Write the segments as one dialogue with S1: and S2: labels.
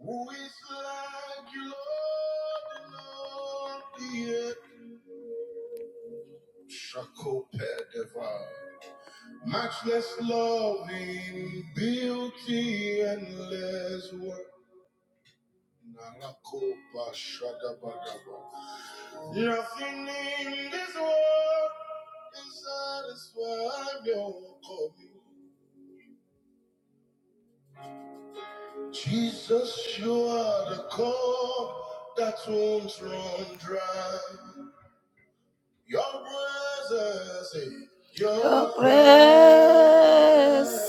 S1: Who is like you, Lord, Lord, the earth? Shakopedeva. Matchless love in beauty, endless work. Narakopa Shadabadaba. Nothing in this world can satisfy your coming. Jesus, you are the cup that won't run dry. Your presence, is- your presence is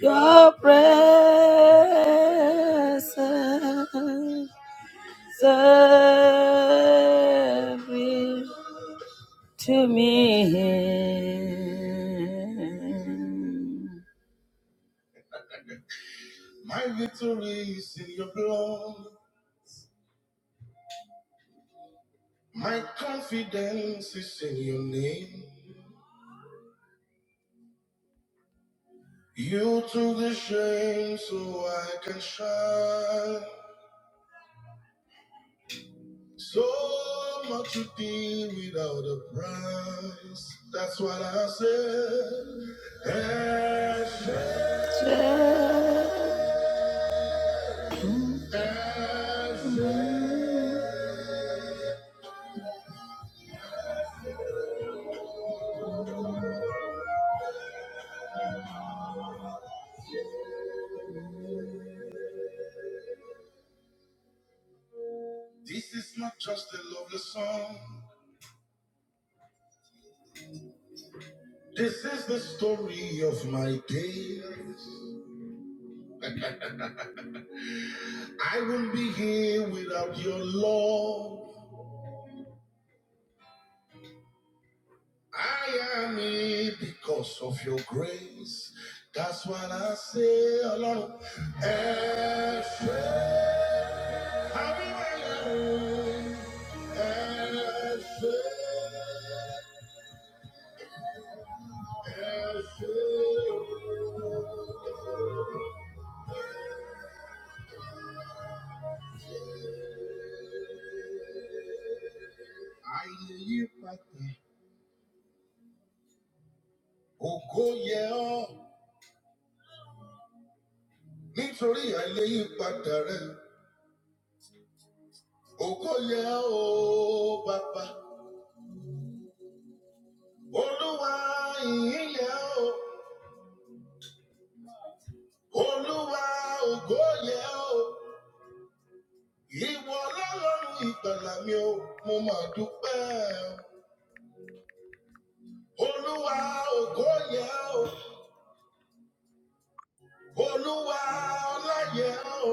S1: Your presence every to me. My victory is in your blood. My confidence is in your name. You took the shame so I can shine. So much to be without a price. That's what I said. Ashes, ashes. This is not just a lovely song. This is the story of my days. I wouldn't be here without your love. I am here because of your grace. That's what I say, Lord. El Shaddai, Adonai, El Shaddai, El Shaddai. Ayé yí padà, ògo yẹ ọ́, nítorí ayé yí padà rẹ. Ògo yẹ ọ́, bàbá. Olúwa ìyìn yẹ ọ́. olúwa ògo yẹ o ìwọ lọ́lọ́run ìgbàlà mi o mo mà dúpẹ́ olúwa ògo yẹ o olúwa ọlá yẹ o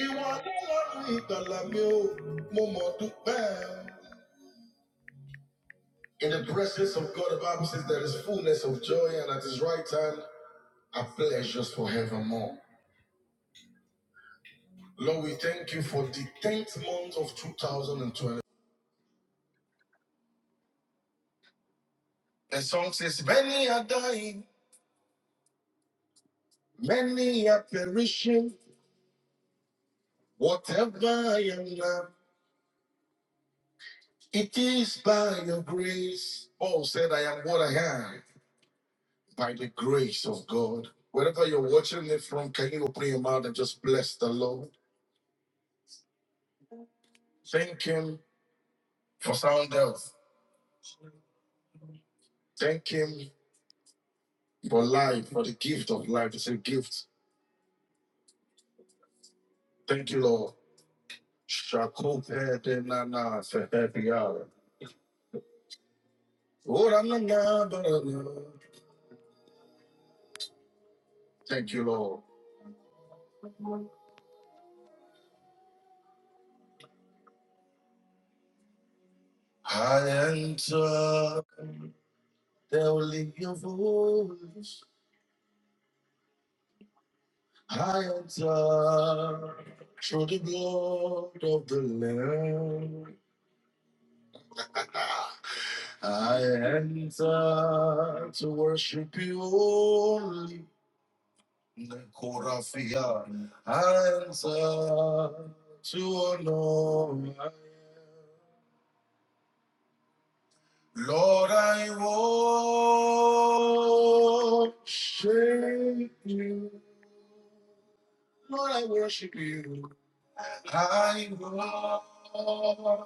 S1: ìwọ lọ́lọ́run ìgbàlà mi o mo mà dúpẹ́ In the presence of God, the Bible says there is fullness of joy, and at His right hand are pleasures forevermore. Lord, we thank you for the 10th month of 2020. The song says, Many are dying Many are perishing, whatever I am, it is by your grace. Paul said, I am what I am by the grace of God. Wherever you're watching it from, can you open your mouth and just bless the Lord? Thank Him for sound health. Thank Him for life, for the gift of life. It's a gift. Thank you, Lord. Shakopedenana sepebiara. Oranana barana. Thank you, Lord. I enter. They'll lift your voice high and tall through the blood of the Lamb. I enter to worship you only. Korafia. I enter to honor. you. Lord, I worship you. Lord, I worship you. I worship,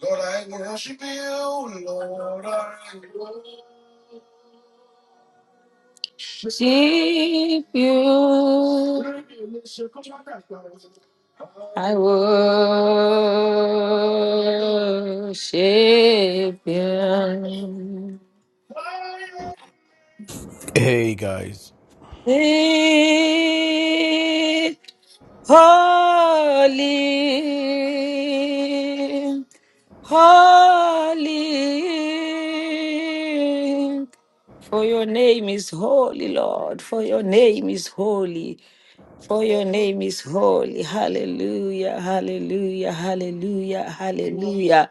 S1: Lord, I worship you. Lord, I Worship you. I worship you.
S2: Hey guys.
S1: worship. Holy, holy, for your name is holy, Lord, for your name is holy. For your name is holy. Hallelujah. Hallelujah. Hallelujah. Hallelujah.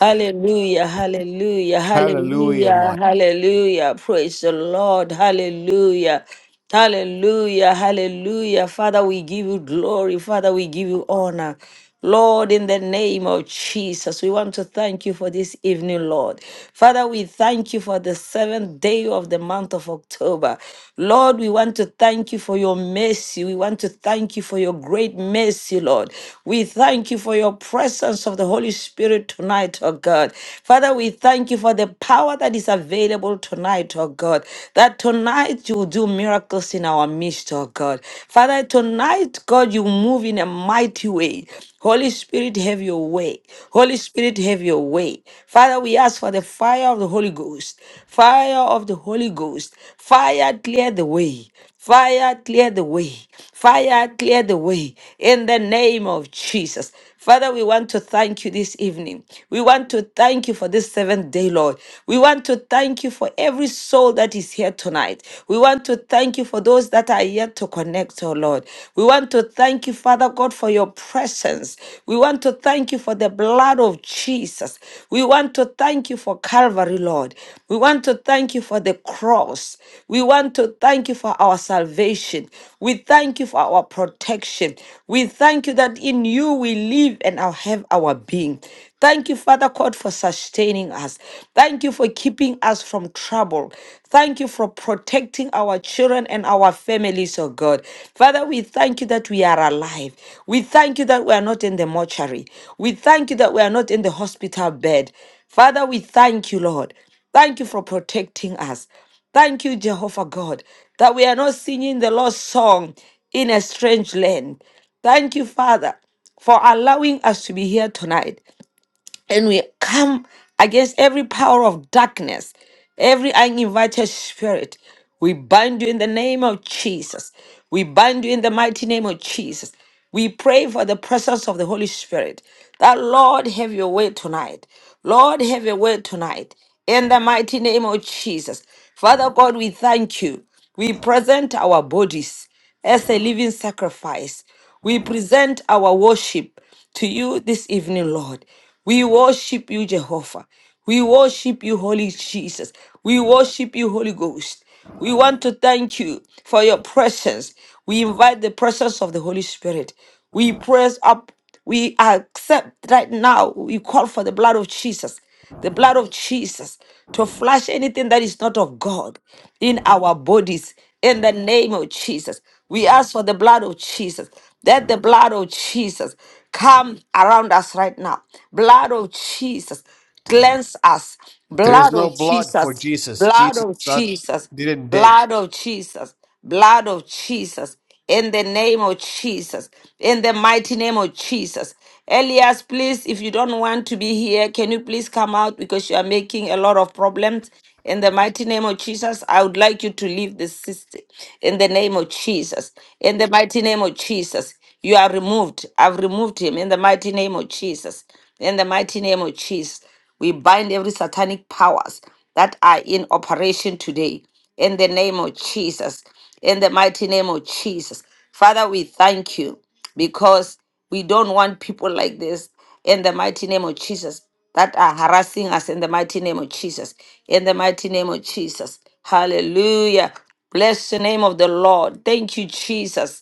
S1: Hallelujah. Hallelujah.
S2: Hallelujah,
S1: Hallelujah.
S2: Mike.
S1: Hallelujah. Praise the Lord. Hallelujah. Hallelujah. Hallelujah. Father, we give you glory. Father, we give you honor. Lord, in the name of Jesus, we want to thank you for this evening, Lord. Father, we thank you for the seventh day of the month of October. Lord, we want to thank you for your mercy. We want to thank you for your great mercy, Lord. We thank you for your presence of the Holy Spirit tonight, oh God. Father, we thank you for the power that is available tonight, oh God. That tonight you will do miracles in our midst, oh God. Father, Father, tonight, God, you move in a mighty way. Holy Spirit, have your way. Holy Spirit, have your way. Father, we ask for the fire of the Holy Ghost. Fire of the Holy Ghost. Fire, clear the way. Fire, clear the way. Fire, clear the way. In the name of Jesus. Father, we want to thank you this evening. We want to thank you for this seventh day, Lord. We want to thank you for every soul that is here tonight. We want to thank you for those that are yet to connect, oh Lord. We want to thank you, Father God, for your presence. We want to thank you for the blood of Jesus. We want to thank you for Calvary, Lord. We want to thank you for the cross. We want to thank you for our salvation. We thank you for our protection. We thank you that in you we live and our- have our being. Thank you, Father God, for sustaining us. Thank you for keeping us from trouble. Thank you for protecting our children and our families, oh God. Father, we thank you that we are alive. We thank you that we are not in the mortuary. We thank you that we are not in the hospital bed. Father, we thank you, Lord. Thank you for protecting us. Thank you, Jehovah God, that we are not singing the lost song in a strange land. Thank you, Father, for allowing us to be here tonight and we come against every power of darkness, every uninvited spirit. We bind you in the name of Jesus. We bind you in the mighty name of Jesus. We pray for the presence of the Holy Spirit. That Lord have your way tonight. Lord have your way tonight. In the mighty name of Jesus. Father God, we thank you. We present our bodies as a living sacrifice. We present our worship to you this evening, Lord. We worship you, Jehovah. We worship you, Holy Jesus. We worship you, Holy Ghost. We want to thank you for your presence. We invite the presence of the Holy Spirit. We press up. We accept right now. We call for the blood of Jesus the blood of Jesus to flush anything that is not of God in our bodies in the name of Jesus. We ask for the blood of Jesus. Let the blood of Jesus come around us right now. Blood of Jesus, cleanse us.
S2: There is
S1: Blood
S2: no
S1: of
S2: blood for
S1: Jesus,
S2: Jesus.
S1: blood
S2: Jesus
S1: of
S2: not
S1: Jesus,
S2: didn't dead.
S1: blood of Jesus, blood of Jesus. In the name of Jesus, in the mighty name of Jesus, Elias, please, if you don't want to be here, can you please come out because you are making a lot of problems. In the mighty name of Jesus, I would like you to leave the system. In the name of Jesus. In the mighty name of Jesus. You are removed. I've removed him. In the mighty name of Jesus. In the mighty name of Jesus. We bind every satanic powers that are in operation today. In the name of Jesus. In the mighty name of Jesus. Father, we thank you because we don't want people like this in the mighty name of Jesus that are harassing us in the mighty name of Jesus. In the mighty name of Jesus. Hallelujah. Bless the name of the Lord. Thank you, Jesus.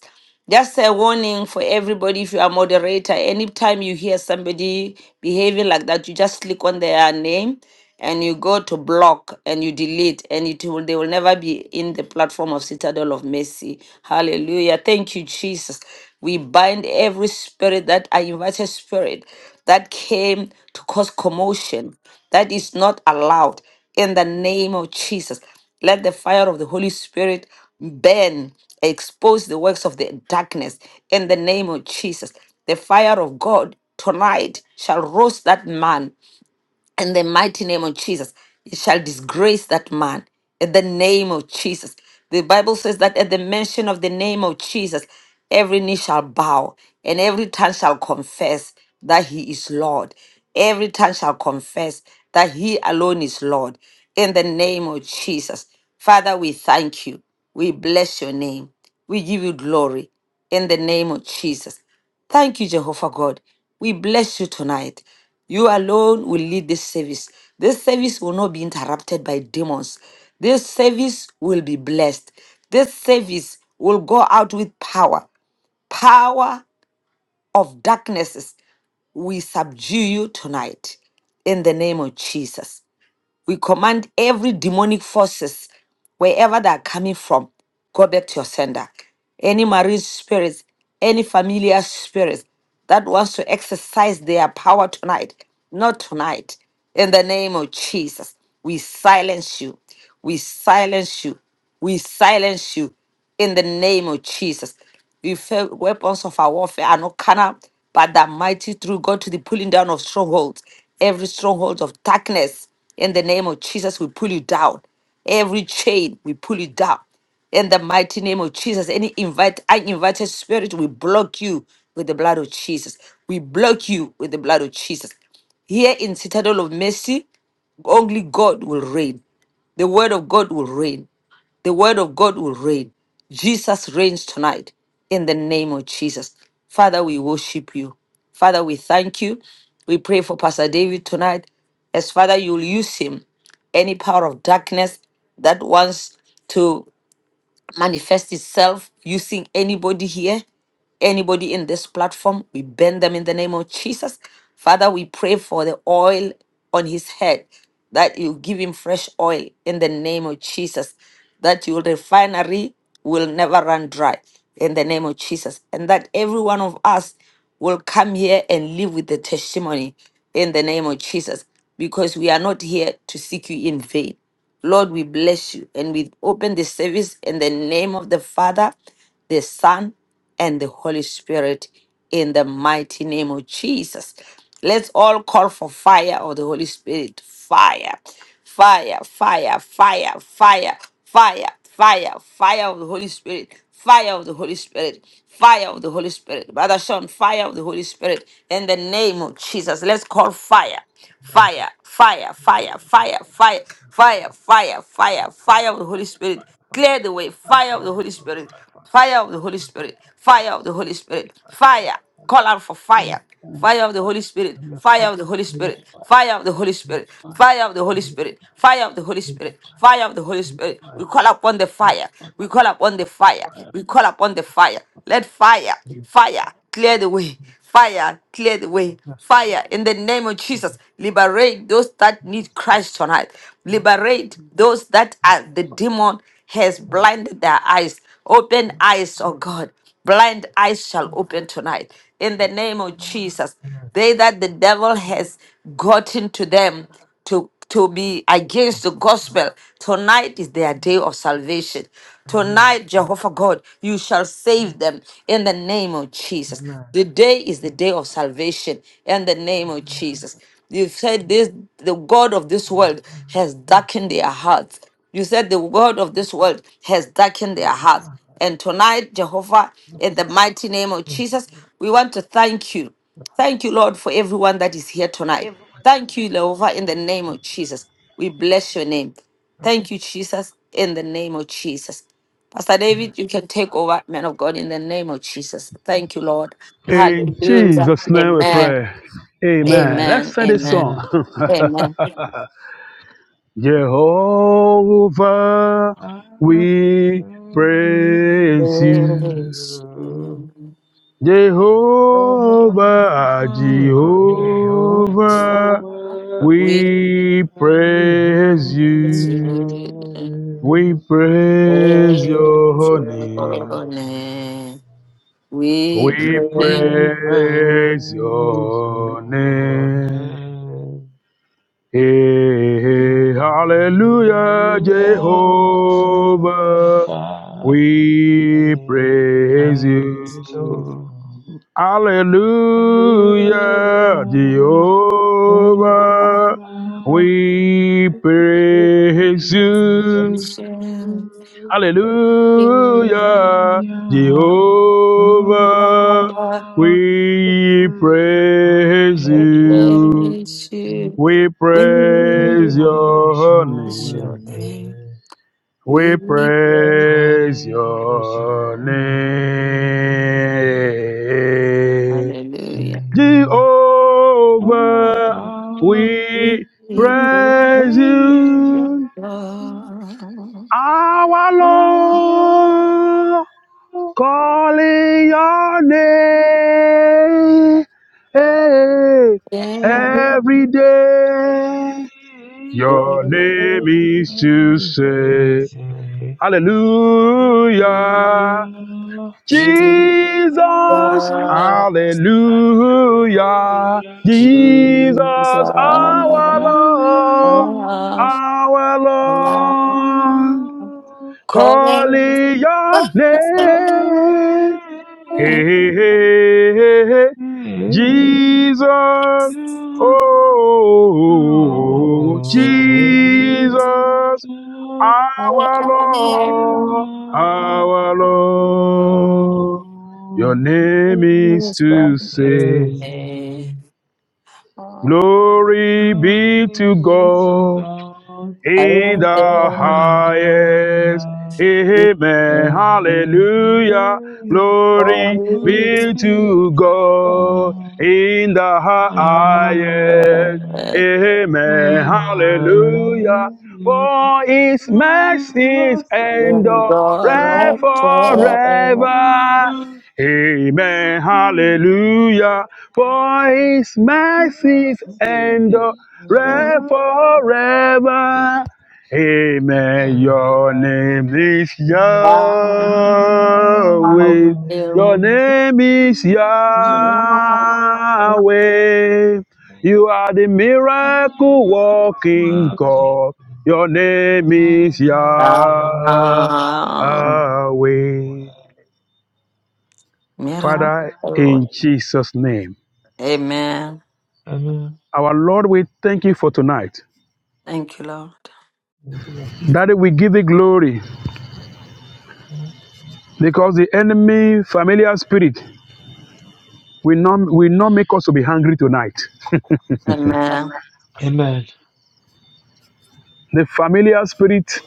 S1: Just a warning for everybody if you are a moderator, anytime you hear somebody behaving like that, you just click on their name and you go to block and you delete and it will they will never be in the platform of citadel of mercy hallelujah thank you jesus we bind every spirit that I invited spirit that came to cause commotion that is not allowed in the name of Jesus. Let the fire of the Holy Spirit burn, expose the works of the darkness in the name of Jesus. The fire of God tonight shall roast that man in the mighty name of Jesus. It shall disgrace that man in the name of Jesus. The Bible says that at the mention of the name of Jesus, every knee shall bow and every tongue shall confess that he is Lord. Every tongue shall confess that he alone is Lord in the name of Jesus. Father, we thank you. We bless your name. We give you glory in the name of Jesus. Thank you, Jehovah God. We bless you tonight. You alone will lead this service. This service will not be interrupted by demons. This service will be blessed. This service will go out with power, power of darknesses. We subdue you tonight in the name of Jesus. We command every demonic forces, wherever they are coming from, go back to your sender. Any marine spirits, any familiar spirits that wants to exercise their power tonight, not tonight. In the name of Jesus, we silence you. We silence you. We silence you in the name of Jesus. We felt weapons of our warfare are not carnal, but that mighty through God to the pulling down of strongholds. Every stronghold of darkness, in the name of Jesus, we pull you down. Every chain, we pull you down. In the mighty name of Jesus, any invite, uninvited spirit, we block you with the blood of Jesus. We block you with the blood of Jesus. Here in Citadel of Mercy, only God will reign. The word of God will reign. The word of God will reign. Jesus reigns tonight in the name of Jesus. Father, we worship you. Father, we thank you. We pray for Pastor David tonight as Father, you'll use him. Any power of darkness that wants to manifest itself using anybody here, anybody in this platform. We bend them in the name of Jesus. Father, we pray for the oil on his head, that you give him fresh oil in the name of Jesus, that your refinery will never run dry in the name of Jesus, and that every one of us will come here and live with the testimony in the name of Jesus, because we are not here to seek you in vain. Lord, we bless you. And we open the service in the name of the Father, the Son, and the Holy Spirit in the mighty name of Jesus. Let's all call for fire of the Holy Spirit. Fire, fire, fire, fire, fire, fire, Fire, fire of the Holy Spirit, fire of the Holy Spirit, fire of the Holy Spirit. Brother Sean, fire of the Holy Spirit in the name of Jesus. Let's call fire fire, fire, fire, fire, fire, fire, fire, fire, fire of the Holy Spirit. Clear the way, fire of the Holy Spirit, fire of the Holy Spirit, fire of the Holy Spirit, fire. Call out for fire. Fire of the Holy Spirit. Fire of the Holy Spirit. Fire of the Holy Spirit. Fire of the Holy Spirit. Fire of the Holy Spirit. Fire of the Holy Spirit. We call upon the fire. We call upon the fire. We call upon the fire. Let fire, fire clear the way. Fire clear the way. Fire in the name of Jesus. Liberate those that need Christ tonight. Liberate those that are the demon has blinded their eyes. Open eyes, oh God blind eyes shall open tonight in the name of Jesus. They that the devil has gotten to them to, to be against the gospel, tonight is their
S3: Amen.
S1: day of salvation.
S3: Amen.
S1: Tonight, Jehovah God, you shall save them in the name of Jesus.
S3: Amen.
S1: The day is the
S3: Yes,
S1: day of
S3: Lord.
S1: salvation in the name
S3: Amen.
S1: of
S3: I get
S1: Jesus. You said
S3: you.
S1: this the God of this
S3: Amen.
S1: world has
S3: Yes,
S1: darkened their hearts. You said the God of this world has darkened their hearts.
S3: Lord.
S1: And tonight, Jehovah,
S3: Yes, Lord.
S1: in
S3: Yes,
S1: the
S3: Lord.
S1: mighty name of
S3: Yes, Lord.
S1: Jesus, we want to thank you.
S3: Yes,
S1: Thank you, Lord, for everyone that is here tonight. Thank you, Jehovah, in the name of Jesus. We bless your name.
S3: Lord. Yes,
S1: Thank you, Jesus, in the name of Jesus. Pastor
S3: Lord.
S1: David, you can take over, man of God, in the name of Jesus. Thank you, Lord.
S4: In
S1: Hallelujah.
S4: Jesus' name we
S1: Amen.
S4: pray. Amen.
S3: Amen.
S4: Let's
S1: Amen.
S4: sing this
S1: Amen.
S4: song.
S3: Amen.
S1: Amen.
S4: Jehovah,
S3: Amen.
S4: we praise you.
S1: Praise you.
S4: Jehovah, Jehovah,
S3: Amen.
S1: We worship.
S4: we praise
S1: praise your
S4: you. We praise
S3: praise
S4: your
S3: your
S4: name.
S3: name.
S1: name. We
S4: We
S1: praise
S3: We
S4: praise
S3: praise
S4: your
S3: your
S4: name.
S3: name.
S4: Hey, hey, hallelujah,
S3: You are
S4: Jehovah.
S3: faithful.
S4: We praise
S3: Praise you.
S4: you. Hallelujah,
S3: Hallelujah.
S1: I
S4: Jehovah.
S3: Oh, I
S4: We praise
S3: praise you.
S4: you.
S1: worship you.
S4: Hallelujah,
S3: Hallelujah.
S4: Jehovah.
S1: God,
S3: Oh,
S4: We
S1: We
S3: We
S4: praise
S1: worship.
S3: praise
S1: We
S4: you.
S1: praise
S3: you,
S4: We praise
S3: praise
S4: your
S3: your
S1: your
S4: name.
S1: name.
S3: name.
S1: We
S4: We
S3: We
S1: praise.
S4: praise
S3: praise
S4: your
S3: your name.
S4: name.
S1: Hallelujah.
S3: Oh,
S4: Jehovah,
S3: Father,
S1: We
S4: we
S3: we
S1: praise.
S4: praise
S3: praise your
S4: you.
S1: Jesus,
S4: Our
S3: name.
S4: Lord, calling your name Hey, every day. Your name is to say,
S3: Praise you,
S4: Hallelujah,
S3: praise
S4: Jesus,
S3: you.
S4: Hallelujah, Jesus,
S1: Jesus,
S4: our Lord,
S1: of
S4: our
S1: love,
S4: Lord,
S1: calling Jesus,
S4: calling your name. Hey, hey, hey, hey, hey. Jesus. Oh, oh, oh, Jesus.
S1: I
S4: Our
S1: am
S4: Lord. Our Lord. Your name is
S1: lost.
S4: to say,
S1: I am
S4: Glory be to God in the highest.
S3: Oh,
S4: Amen. Hallelujah.
S3: Hallelujah,
S4: Glory
S3: glory
S4: be
S3: be
S4: to
S3: to
S4: God
S3: God.
S4: in the highest.
S3: Hallelujah,
S4: Amen.
S1: Lord.
S3: glory be
S4: Hallelujah.
S3: to
S4: For
S3: God.
S4: his
S3: Hallelujah,
S4: mercies
S3: glory be to
S1: Amen. Thank
S4: endure
S1: you,
S3: God.
S4: forever. Amen. Hallelujah. For his mercies
S3: Hallelujah, glory be
S4: endure reign
S3: to
S4: forever. Amen. Your name is Yahweh. Your name is Yahweh. You are the
S3: Amen. Amen. Amen.
S4: miracle walking God. Your name
S3: Amen.
S4: is
S3: Amen.
S4: Yahweh. Father, in Jesus' name.
S3: Amen.
S4: Our Lord, we thank you for tonight.
S1: Lord.
S4: Daddy, we give you glory. because the enemy familiar spirit will not will not make us to be hungry tonight
S1: Amen.
S3: Amen. Amen.
S4: the familiar spirit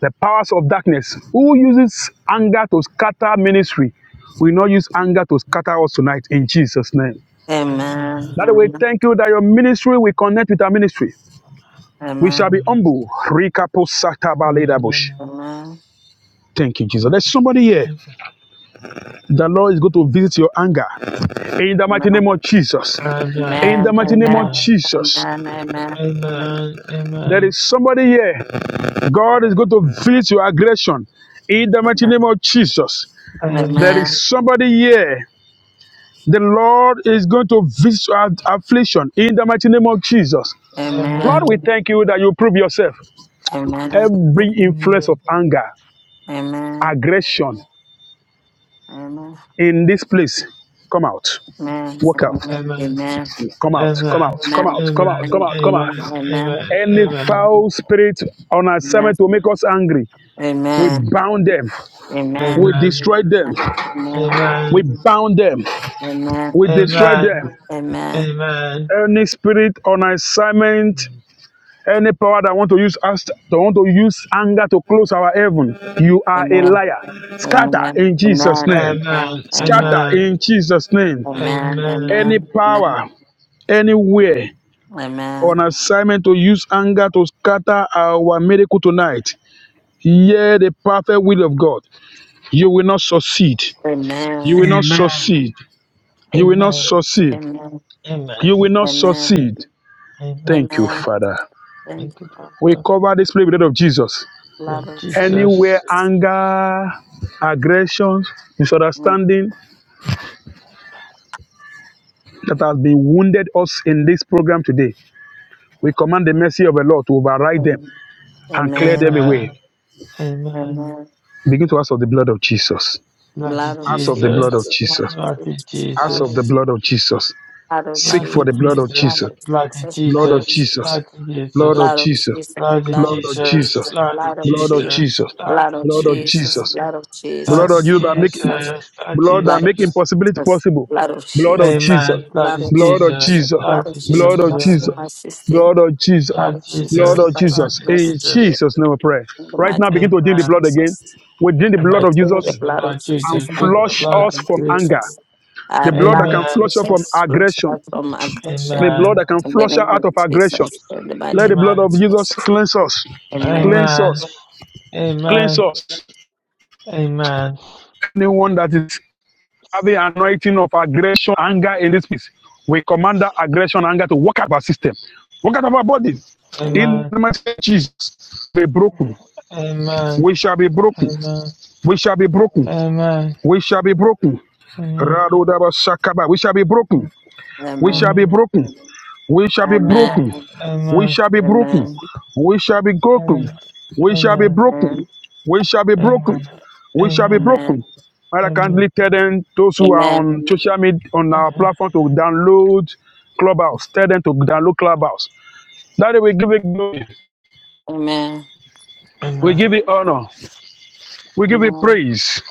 S4: the powers of darkness who uses anger to scatter ministry will not use anger to scatter us tonight in jesus name
S3: Amen.
S4: that way
S1: Amen.
S4: thank you that your ministry will connect with our ministry we shall
S1: Amen.
S4: be humble
S3: Amen.
S1: Amen.
S4: thank you jesus there's somebody here
S3: Amen.
S4: the lord is going to visit your anger in the mighty name
S1: Amen. Amen.
S4: of jesus
S3: Amen. Amen. Amen.
S4: in
S1: Amen.
S4: the
S1: Amen.
S4: mighty name
S1: Amen.
S4: of Jesus. There is somebody here. God is going to visit your aggression in the mighty name of Jesus.
S3: Amen. Amen.
S4: There is somebody here. The Lord is going to visit your affliction in the mighty name of Jesus.
S1: Amen. Amen. Amen. Amen. Amen.
S4: Lord, we thank you that you prove yourself. Every influence of anger,
S1: Amen.
S4: aggression
S1: Amen.
S4: in this place, come out.
S1: Amen. Amen.
S4: Walk out.
S1: Amen. Amen.
S4: Come out. Come out. Come
S1: Amen.
S4: out. Come out. Come
S1: Amen.
S4: out. Come
S1: Amen.
S4: out.
S1: Amen.
S4: Any foul spirit on
S1: Amen.
S4: assignment to make us angry,
S1: Amen.
S4: we
S1: Amen.
S4: bound them. We
S1: Amen.
S4: destroy them.
S3: Amen.
S1: Amen.
S4: We bound them.
S1: Amen.
S4: We
S3: Amen.
S4: destroy
S3: Amen.
S4: them.
S3: Amen.
S4: Any spirit on
S3: Amen.
S4: assignment, any power that want to use us, that want to use anger to close our heaven, you
S1: Amen.
S4: are a
S1: Amen.
S4: liar. Scatter
S1: Amen. Amen.
S4: in Jesus' name.
S3: Amen.
S4: Scatter
S1: Amen.
S3: Amen.
S4: in Jesus'
S1: Amen. Amen. Amen.
S4: name. Any
S3: Amen.
S1: Amen.
S4: power, anywhere on assignment to use anger to scatter our miracle tonight. Hear the perfect will of God. You will not succeed. You will not
S3: Amen.
S4: succeed. You will not
S3: Amen.
S4: succeed.
S1: Amen.
S3: Amen.
S4: You will not
S1: Amen.
S4: succeed.
S3: Amen.
S4: Thank you,
S1: Amen.
S4: Father.
S1: Thank
S3: Thank you,
S1: God.
S4: We
S3: Father.
S4: cover this prayer with the blood of Jesus.
S1: Blood
S3: Lord
S1: of Jesus.
S4: Anywhere
S3: Jesus.
S4: anger, aggression, misunderstanding that has been wounded us in this program today, we command the mercy of the Lord to override them
S1: Amen.
S4: and clear them
S1: Amen.
S3: Amen.
S4: away.
S3: Amen.
S1: Amen.
S4: Begin to ask of the blood of Jesus.
S1: Blood
S3: Bloody
S1: of
S4: Ask of the blood of
S1: Jesus.
S3: Jesus.
S1: Blood of
S4: Jesus.
S3: Bloody
S1: Jesus.
S4: Ask
S1: Blood
S4: of
S1: of
S4: the
S3: Jesus.
S4: blood
S1: Jesus.
S4: of Jesus.
S1: Blood of
S4: Seek for
S3: Bloody
S4: the blood
S1: Jesus,
S4: of
S1: blood
S3: Jesus.
S4: Jesus.
S1: of
S3: Bloody
S1: Jesus,
S4: Blood
S1: blood
S4: of
S1: of
S3: Jesus.
S1: Jesus,
S4: Jesus.
S3: Bloody
S4: Blood of
S3: Jesus.
S1: blood of
S4: Jesus.
S1: Jesus,
S3: Bloody
S1: blood of
S4: Blood of
S3: Jesus.
S4: Jesus.
S1: Jesus,
S3: Bloody
S1: blood of
S4: Blood of
S1: Jesus,
S3: Jesus.
S4: Jesus.
S1: blood
S3: Bloody
S1: of
S4: Blood of
S3: Jesus.
S1: Jesus,
S4: Jesus.
S1: blood of
S4: Blood
S1: Jesus,
S4: of
S3: Bloody
S4: you that make
S1: Jesus,
S3: Jesus. Bloody
S4: Blood that
S1: blood of
S4: make
S3: Jesus.
S4: impossibility
S1: Jesus,
S4: possible.
S1: blood of
S4: Blood of
S1: Jesus,
S4: Jesus.
S3: Amen.
S1: blood
S3: Bloody
S1: of
S4: Blood of
S1: Jesus,
S3: Jesus.
S4: Jesus.
S1: blood of
S3: Bloody
S1: Jesus,
S4: Blood
S1: blood
S4: of
S1: of
S4: Jesus.
S1: my
S3: Jesus.
S1: sister,
S4: Blood of Jesus.
S1: blood
S3: Blood
S1: of Jesus
S4: Blood of
S3: Jesus,
S1: Christ,
S3: blood
S4: Jesus.
S1: my
S3: of
S4: In
S1: sister,
S3: Jesus.
S1: in
S4: Jesus' name we pray.
S1: the
S4: Right now,
S1: mighty
S4: begin
S3: Amen.
S4: to
S1: name of
S4: drink the blood again.
S1: Jesus,
S4: We drink the blood
S1: I
S3: Amen.
S4: of
S1: plead the
S4: Jesus
S3: Drink the
S1: blood of
S3: blood,
S4: and
S1: Jesus.
S3: Jesus.
S1: I
S3: Drink
S1: plead
S3: the
S4: flush
S1: the
S3: blood,
S1: blood
S4: us
S1: of
S4: from
S3: Jesus.
S4: anger.
S1: Jesus. I
S4: The blood that
S1: blood
S3: Amen.
S4: can
S1: of
S4: flush us from
S1: Jesus brings
S4: aggression.
S1: us from
S4: The
S1: aggression.
S4: blood
S3: Amen.
S4: that can
S1: In the
S4: flush us
S1: name
S4: out
S1: of
S4: of aggression.
S1: Jesus, in the mighty
S4: Let the
S1: name
S3: Amen.
S4: blood
S1: of
S4: of Jesus
S1: Jesus.
S4: cleanse us.
S1: Amen.
S4: Cleanse
S3: Amen.
S4: us.
S1: Amen.
S4: Cleanse
S3: Amen.
S4: us.
S3: Amen.
S4: Anyone that is have the anointing of aggression, anger in this place. We command that aggression, anger to work out of our system, work out of our bodies.
S1: Amen.
S4: In
S3: Amen.
S4: the name of Jesus, be broken.
S3: Amen.
S4: We shall be broken.
S3: Amen.
S4: We shall be broken.
S3: Amen.
S4: We shall be broken.
S3: Amen.
S4: Radodabashakaba. We shall be broken.
S3: Amen.
S4: We shall be
S3: Amen.
S4: broken. We shall be
S3: Amen.
S1: Amen.
S3: Amen.
S4: broken. We
S3: Amen.
S4: shall be
S1: Amen.
S4: broken.
S1: Amen.
S4: We shall be
S3: Amen.
S4: broken.
S3: Amen. Amen.
S4: We shall be
S3: Amen.
S4: broken. We shall be broken. We shall be broken.
S1: Amen.
S4: And I kindly tell them those who are
S1: Amen.
S4: on social media on our platform to download Clubhouse. Tell them to download Clubhouse. That we give it glory.
S1: Amen.
S4: We give it honor. We
S1: Amen.
S4: give it
S1: Amen.
S4: praise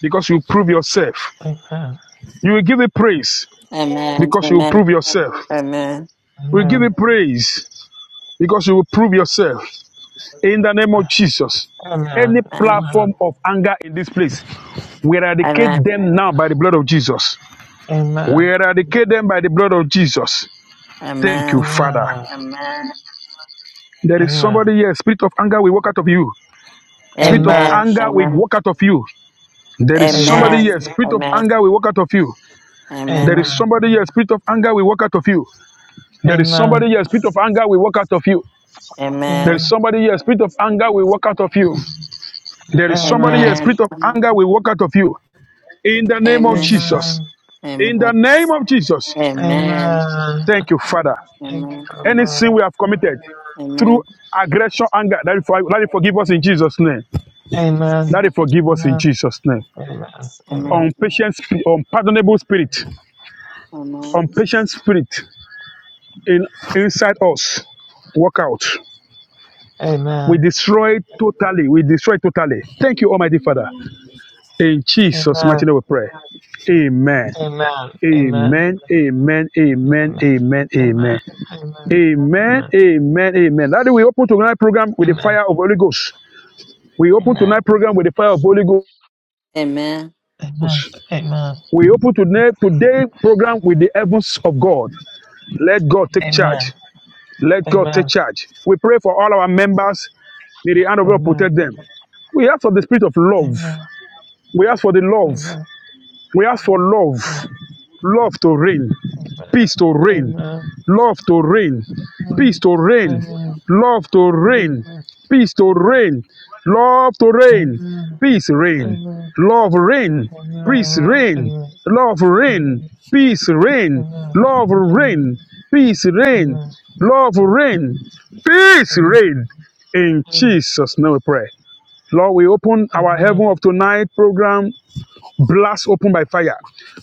S4: because you prove yourself.
S3: Amen.
S4: You will give it praise
S1: Amen.
S4: because you
S1: Amen.
S4: prove yourself.
S1: Amen.
S4: We give it praise because you will prove yourself. In the name of Jesus,
S3: Amen.
S4: any
S3: Amen.
S1: Amen.
S4: platform
S3: Amen.
S4: of anger in this place, we eradicate
S1: Amen.
S4: them now by the blood of Jesus.
S3: Amen.
S4: We eradicate them by the blood of Jesus. Thank you, Father.
S3: Amen.
S4: There is
S3: Amen.
S4: somebody here, spirit of anger we walk out of you. Spirit of
S1: Amen.
S3: Amen.
S4: anger we walk out of you. There is
S5: Mm,
S4: somebody
S3: Amen.
S1: Amen.
S5: Jesus,
S4: here, spirit of
S1: Amen.
S4: anger we walk out of you. There is
S1: Amen. Amen.
S3: Amen.
S5: mm,
S4: somebody here, spirit of anger we walk out of you. There is
S3: Amen.
S4: somebody here, spirit of anger we walk out of you. There
S1: Amen.
S4: is
S3: Amen.
S4: somebody here, spirit of anger we walk out of you. There is somebody here, spirit
S1: Amen.
S4: of
S1: Amen.
S4: anger we walk out of you. In the name of
S1: Amen.
S5: Jesus,
S4: Jesus. In the
S1: Amen.
S4: name of Jesus.
S3: Amen. Amen.
S1: Amen.
S3: Amen.
S4: Thank you, Father.
S3: Thank you,
S1: Amen.
S4: Any
S3: Father.
S4: sin we have committed through
S1: Amen.
S4: aggression, anger, that you for- that you forgive us in Jesus' name.
S5: Jesus,
S4: That
S3: Amen.
S4: you forgive us in
S3: Amen.
S4: Jesus' name.
S3: Amen. Amen.
S1: Amen.
S4: Unpatient, spi- unpardonable spirit,
S1: Amen.
S4: unpatient
S5: Jesus.
S4: spirit in inside us, walk out. We destroy it totally. We destroy it totally. Thank you, Almighty Father.
S5: Mm, Jesus.
S4: In Jesus' mighty
S3: Amen.
S4: name we pray. Amen.
S3: Amen. Amen.
S4: Amen. Amen. Amen.
S3: Amen.
S4: Amen. Amen.
S3: Amen. Amen.
S4: Amen.
S3: Amen.
S4: Amen. Amen. That day we open tonight program with the fire of Holy Ghost. We open
S3: Amen.
S4: tonight
S3: Amen.
S4: program with the fire of Holy
S1: Amen.
S4: Ghost.
S3: Amen. Amen.
S4: We open today today program with the heavens of God. Let God take charge. Let God take
S3: Amen. Amen. Amen.
S4: charge. We pray for all our members. May the hand of God
S3: Amen. Amen.
S4: protect them. We ask for the spirit of love.
S3: Amen.
S4: We ask for the love. We ask for love. Love to reign.
S3: Amen.
S4: peace to reign,
S3: Amen.
S4: love to reign, peace
S3: Amen.
S4: to reign,
S3: Amen.
S4: love to reign,
S3: Amen.
S4: peace to reign, love to reign,
S3: Amen.
S4: peace reign,
S3: Amen.
S4: love reign,
S3: Amen.
S4: peace reign,
S3: Amen.
S4: love reign, peace reign,
S3: Amen.
S4: love
S3: Amen.
S4: reign, peace reign,
S3: Amen.
S4: love reign, peace
S3: Amen.
S4: reign. In
S3: Amen.
S4: Jesus' name we pray. Lord, we open our
S3: Amen.
S4: heaven of tonight program Blast open by fire.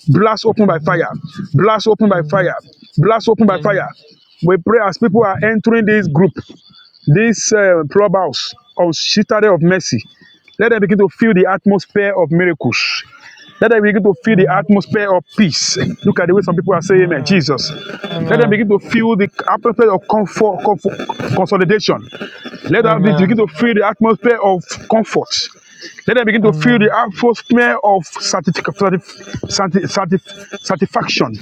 S4: Blast open by fire. Blast open by
S3: Amen. Amen.
S4: fire. Blast open by
S3: Amen.
S4: fire. We pray as people are entering this group this uh, clubhouse of Citadel of Mercy. Let them begin to feel the atmosphere of miracles. Let them begin to feel the atmosphere of peace. Look at the way some people are saying, Amen, Jesus.
S3: Amen. Amen. Amen.
S4: Let them
S3: Amen.
S4: begin to feel the atmosphere of comfort, comfort consolidation. Let them begin to feel the atmosphere of comfort. Let them begin to feel the atmosphere of certification sati- sati- satisfaction.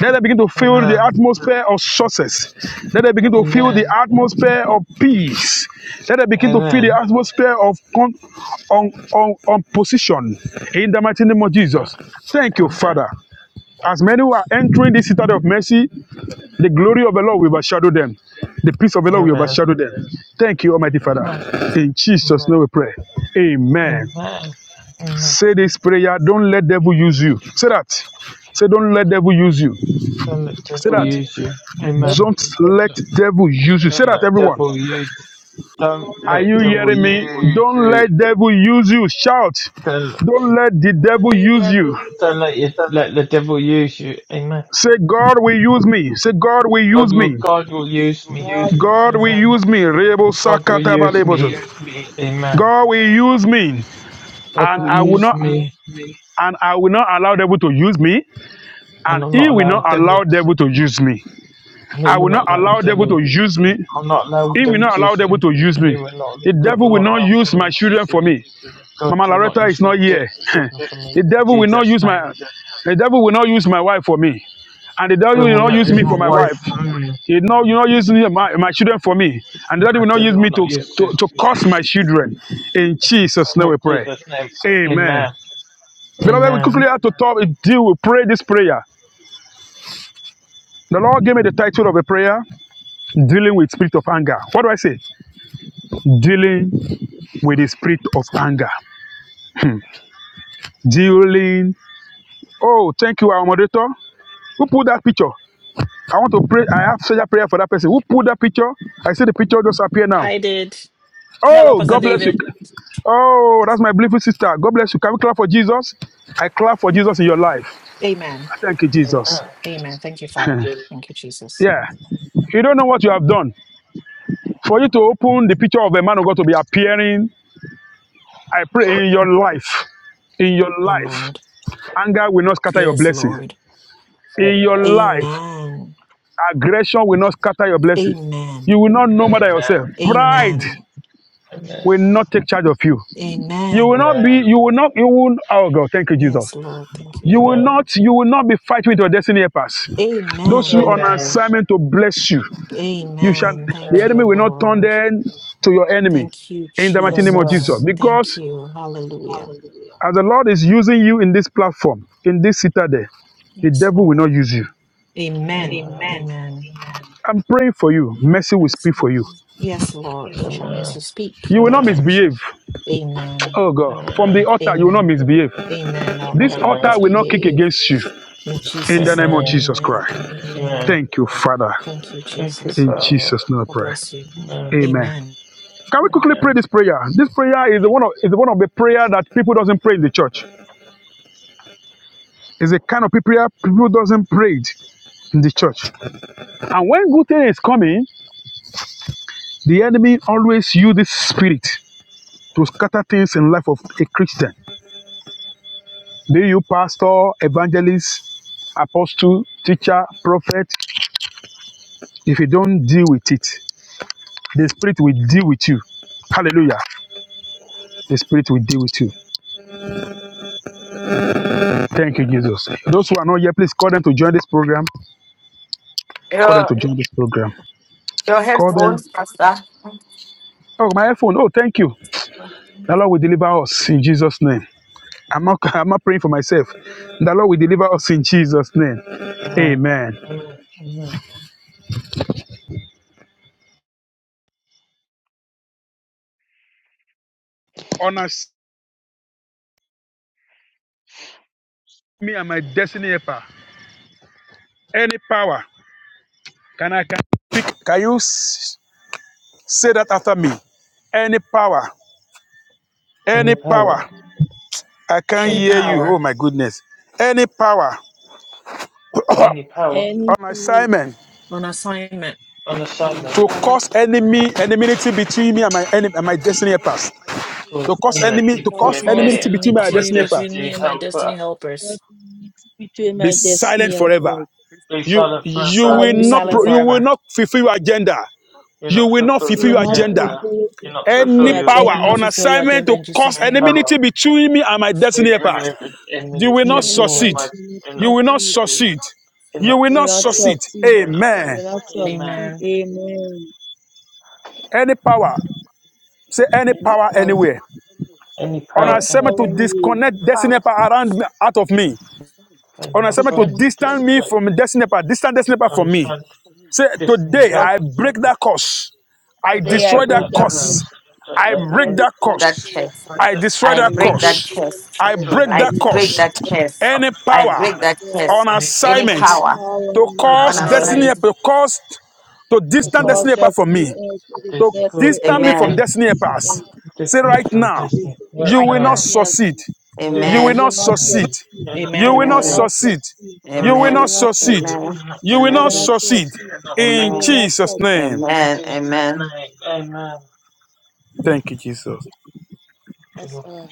S4: Let them begin to feel the
S3: Amen.
S4: atmosphere of success. Let them begin to feel
S3: Amen.
S4: the atmosphere of peace. Let them begin to feel the
S3: Amen.
S4: atmosphere of con- on, on, on position. In the mighty name of Jesus. Thank
S3: Amen. Amen. Amen.
S4: you, Father. As many who are entering this city of mercy, the glory of the Lord will overshadow them. The peace of the Lord
S3: Amen.
S4: will
S3: Amen.
S4: overshadow them. Thank you, Almighty Father. In Jesus' name we pray. Amen.
S3: Amen. Amen. Amen.
S4: Say this prayer, don't let devil use you. Say that. Say, don't let devil use you.
S3: Don't let
S4: Say
S3: devil
S4: that.
S3: use
S5: Good
S3: you. Amen.
S4: Don't
S6: Follow
S4: let devil use you. Say
S3: Don't
S4: that,
S3: let
S4: everyone.
S3: devil use Don't
S4: Are
S5: morning,
S3: let
S4: you
S5: good
S3: devil
S4: hearing me?
S3: use
S4: Don't
S3: you.
S4: let devil use you. Shout.
S3: Don't,
S4: Don't let the devil
S5: morning,
S4: use
S5: good
S4: you.
S5: morning.
S3: don't let you let the devil use you. Amen.
S4: Say, God will use me. Say, God will
S3: God
S4: use
S3: will
S4: me.
S3: God will use
S5: How
S3: me.
S5: are
S4: God will
S3: Amen.
S4: use me. Rebo
S3: God will use me.
S4: sakatabalebozo.
S5: you?
S3: Amen.
S4: God will use me.
S3: God
S4: And
S5: How
S3: will
S5: are
S4: I will
S3: use
S4: not
S5: you?
S3: me,
S4: and I will not allow devil to use me. And
S3: and I'll not
S4: he will
S3: allow
S4: not
S3: the
S5: Mm,
S3: devil.
S4: allow devil to use me.
S3: And he
S4: I
S3: will
S4: will not
S3: not allow the
S4: allow devil
S3: devil.
S4: to use me.
S3: I'll not allow the
S4: He will
S3: devil
S4: not
S3: to
S4: allow
S3: use
S4: the devil
S3: me.
S4: to use
S3: And he
S4: me.
S3: will not.
S4: The
S3: God
S4: devil
S3: will
S4: will
S3: not
S4: not
S3: allow the
S4: use
S3: devil
S4: my
S3: to
S4: children
S3: use
S4: for
S3: me.
S4: me.
S3: God
S4: Mama
S3: will not
S4: Loretta is
S3: use my
S4: not
S3: de-
S4: here.
S3: children for
S4: the
S3: me. In
S4: devil will not
S3: Jesus'
S4: use
S3: name.
S4: my the devil will not use my wife for me. And the devil will
S3: Devil will
S4: not
S3: not
S4: use
S3: use
S4: me
S3: my
S4: for my
S3: wife
S4: wife.
S3: for me,
S4: He will not, will not use
S3: and
S4: me, my, my children for me. And the devil will
S3: the
S4: not use
S3: devil
S4: me
S3: will not
S4: to,
S3: use you.
S4: to, to curse my children. In Jesus' name
S3: In
S4: we pray.
S3: Jesus' name.
S4: Amen.
S3: Amen.
S4: Beloved, we quickly
S3: Amen.
S4: have to talk, deal, we pray this prayer. The Lord gave me the title of a prayer, Dealing with Spirit of Anger. What do I say? Dealing with the Spirit of Anger. during oh thank you our moderator who put that picture i want to pray i have special prayer for that person who put that picture i see the picture just appear now
S7: I did. Hello,
S4: oh
S7: Pastor
S4: god bless you
S7: David.
S4: oh that's my beautiful sister god bless you can we clap for jesus i clap for jesus in your life thank you jesus
S3: Amen. Jesus.
S4: yeah you don't know what you have done for you to open the picture of a man of god to be appearing i pray in your life in your life anger will not scatter your blessing in your
S3: Amen.
S4: life Aggression will not scatter your blessings. You will not know more than
S3: Amen.
S4: yourself. Pride
S3: Amen.
S4: will not take charge of you. You will not be,
S3: Amen.
S4: you will not, you will, oh God, thank you, Jesus. You will
S3: Amen.
S4: not, you will not be fighting with your destiny helpers. Those
S3: Amen.
S4: who are on
S3: Amen.
S4: assignment to bless you, you shall, the enemy
S3: Amen.
S4: will not turn them to your enemy in the mighty name of
S3: Amen.
S4: Jesus. Because as the Lord is using you in this platform, in this citadel, the devil will not use you.
S3: Amen.
S4: I'm praying for you. Mercy will speak for you.
S3: Amen.
S4: You will not misbehave. Oh God, from the
S3: Amen.
S4: altar, you will not misbehave. This altar
S3: Amen.
S4: will not kick against you. In the name of
S3: Amen.
S4: Jesus Christ.
S3: Amen.
S4: Thank you, Father.
S3: Thank you,
S4: In
S3: Father.
S4: Jesus' name I pray.
S3: Amen.
S4: Amen. Can we quickly pray
S3: Amen.
S4: this prayer? This prayer is the one of is the one of the prayer that people doesn't pray in the church. It's a kind of prayer people doesn't pray it in the church. And when good thing is coming, the enemy always use this spirit to scatter things in life of a Christian. Be you pastor, evangelist, apostle, teacher, prophet. If you don't deal with it, the spirit will deal with you. Hallelujah. The spirit will deal with you. Thank you, Jesus. Those who are not here, please call them to join this program. Call them to
S1: Your
S4: join this program.
S1: your
S4: Call them.
S1: headphones, Pastor.
S4: Oh, my iPhone. Oh, thank you. The Lord will deliver us in Jesus' name. I'm not, I'm not praying for myself. The Lord will deliver us in Jesus' name.
S3: Amen.
S4: Amen.
S3: Amen. Amen.
S4: Honor me and my destiny helper. Any power. Can I can, I speak? can you s- say that after me? Any power. Any
S3: Any
S4: power.
S3: power.
S4: I can't
S3: Any
S4: hear you.
S3: power.
S4: Oh my goodness. Any power
S3: Any
S4: on
S3: power.
S5: Anything
S4: assignment
S3: On
S5: I
S3: assignment.
S5: was
S4: to
S5: from
S4: cause enemy enmity between me and my enemy and my destiny helpers. To
S3: course,
S4: cause
S3: I'm going to
S4: enemy
S3: tip
S4: to
S5: what
S3: to
S4: cause
S3: him, mate.
S4: enmity between me and my
S3: I'm a
S4: destiny helper.
S3: destiny helper.
S5: needs between
S4: Be
S5: my
S4: silent
S5: destiny of
S4: forever.
S5: God,
S3: Be
S4: You
S3: silent
S5: is
S4: you
S3: forever.
S4: will
S5: silent.
S4: not pro,
S5: of
S4: you will not fulfill your agenda.
S3: You're
S4: You
S3: not
S4: will not
S3: fulfill
S5: you
S4: fulfill
S5: will
S3: your
S4: your
S5: not
S4: agenda.
S3: agenda.
S5: fulfill
S3: You're not
S5: to the
S3: fulfill
S4: Any
S3: your
S4: power
S5: agenda.
S4: on
S3: agenda.
S4: assignment to cause
S3: New power.
S4: enmity between me and my
S3: I've
S4: destiny
S3: seen
S4: helpers.
S3: eminent
S4: You will
S3: enmity
S4: not
S3: within
S4: succeed.
S3: my you're
S4: You
S3: not
S4: will
S3: to
S4: not
S5: Anything
S3: see.
S4: succeed.
S3: You're
S4: You
S3: not
S4: will
S5: You will
S4: not
S5: not
S3: succeed.
S4: succeed.
S5: talk thief.
S3: You're not
S5: You
S4: Amen.
S5: will
S3: succeed.
S5: not talk
S3: Amen.
S5: thief. Amen.
S4: Any power, say any
S5: Any
S4: power
S5: power,
S4: anywhere.
S3: Any
S4: On
S3: power,
S5: any
S3: any
S4: assignment
S5: power
S4: to
S5: in you
S4: disconnect destiny power around me, out of me.
S3: any
S4: On
S5: to
S4: assignment to
S3: authority to
S5: convict
S4: distance me
S3: disconnect.
S4: from destiny power, distance destiny power
S3: I'm a
S4: from me.
S3: silent
S4: Say
S3: destiny
S4: today
S5: death,
S3: helper
S4: I break
S3: to,
S4: that curse. I
S3: to
S5: today I
S3: divert
S4: destroy that
S3: that
S5: break up with
S4: curse.
S3: curse. Break
S4: I
S3: that
S5: today I
S4: break
S3: curse.
S4: that
S5: destroy
S1: That
S5: the
S4: curse.
S5: church.
S1: curse.
S3: Break
S4: I
S3: that
S4: destroy
S1: I
S5: I
S4: that
S1: break
S5: rebuke
S1: that
S4: curse.
S5: the
S1: curse.
S3: curse.
S4: I
S5: influence.
S3: Destroy
S4: break
S5: I
S3: that.
S1: I
S4: that
S5: rebuke
S1: break
S4: curse.
S1: that
S5: the
S1: curse.
S3: Break
S4: Any
S1: I
S3: that
S5: I
S4: power
S1: break that
S3: curse.
S5: destroy
S4: on
S1: curse.
S3: Any
S1: Any
S3: power.
S5: any
S4: assignment
S1: power
S5: power
S4: to
S5: in your
S3: And I'm
S4: cause
S1: on our
S3: I
S4: destiny,
S1: side.
S5: assignment
S4: to cause to
S5: to
S3: was
S4: distance
S5: cause
S4: destiny
S3: those
S4: apart from
S5: destiny
S4: me
S5: earth to the
S3: that
S4: to
S3: school did
S4: distance me
S5: destiny,
S4: from
S1: Amen.
S3: them
S4: destiny
S5: destiny to
S4: pass.
S5: end.
S4: Say
S3: diss me
S4: right
S3: from
S5: And
S4: now,
S3: Disney.
S5: destiny
S3: Right
S4: you
S5: from
S6: right
S4: will not
S6: now.
S3: now,
S5: destiny.
S4: succeed.
S6: You
S3: you're
S6: will
S4: You
S3: not
S6: not
S5: You
S4: will
S1: Amen.
S4: not
S5: will not
S4: succeed.
S3: succeeding.
S5: succeed.
S3: You're not
S4: You
S6: do
S4: will
S5: You
S4: not
S6: enough.
S5: will
S1: Amen.
S3: succeeding.
S5: not
S4: succeed.
S5: succeed.
S4: You
S3: You're
S4: will
S5: You
S6: You
S3: not
S4: not
S5: will
S1: Amen.
S5: not
S4: succeed.
S3: succeeding.
S1: Amen.
S5: succeed.
S3: You're not
S4: You will
S5: You will
S4: not
S6: will
S1: Amen.
S6: not.
S5: not
S3: succeeding.
S4: succeed.
S5: succeed.
S3: You're not
S5: You
S4: In
S1: Amen.
S5: will not
S3: succeeding.
S4: Jesus'
S5: succeed.
S4: name.
S3: In
S1: Amen.
S3: Jesus'
S1: Amen.
S3: name, amen.
S4: Thank you, Jesus.
S6: That's all.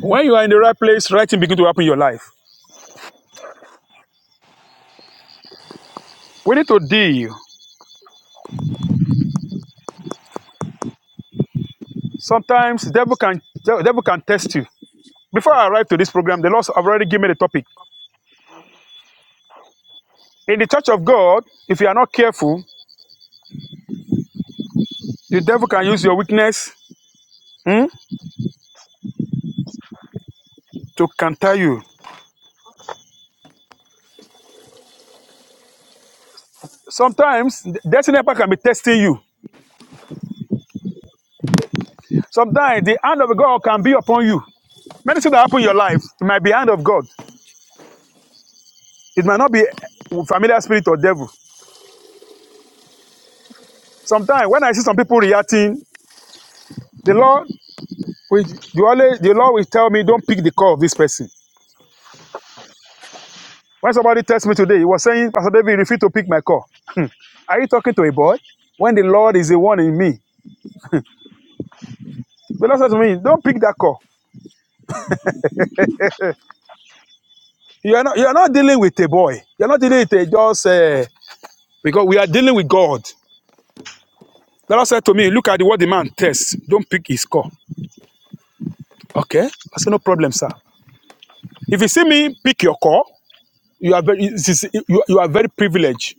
S4: When you are in the right place, right thing begin to happen in your life. We need to deal. Sometimes the devil can the devil can test you. Before I arrived to this program, the Lord have already given me the topic. In the church of God, if you are not careful, the devil can use your weakness. Hmm. to counter you. Sometimes the destiny helper can be testing you. Sometimes the hand of God can be upon you. Many things that happen in your life, it might be hand of God. It might not be familiar spirit or devil. Sometimes when I see some people reacting, the Lord will you always the Lord will tell me, don't pick the call of this person. When somebody texts me today, he was saying, Pastor David, refuse to pick my call. Are you talking to a boy? When the Lord is the one in me. The Lord says to me, don't pick that call. You are not, you are not dealing with a boy. You are not dealing with a just uh, Because we are dealing with God. The Lord said to me, Look at what the man tests. Don't pick his call. Okay? I said, No problem, sir. If you see me pick your call, you are very, you, you are very privileged.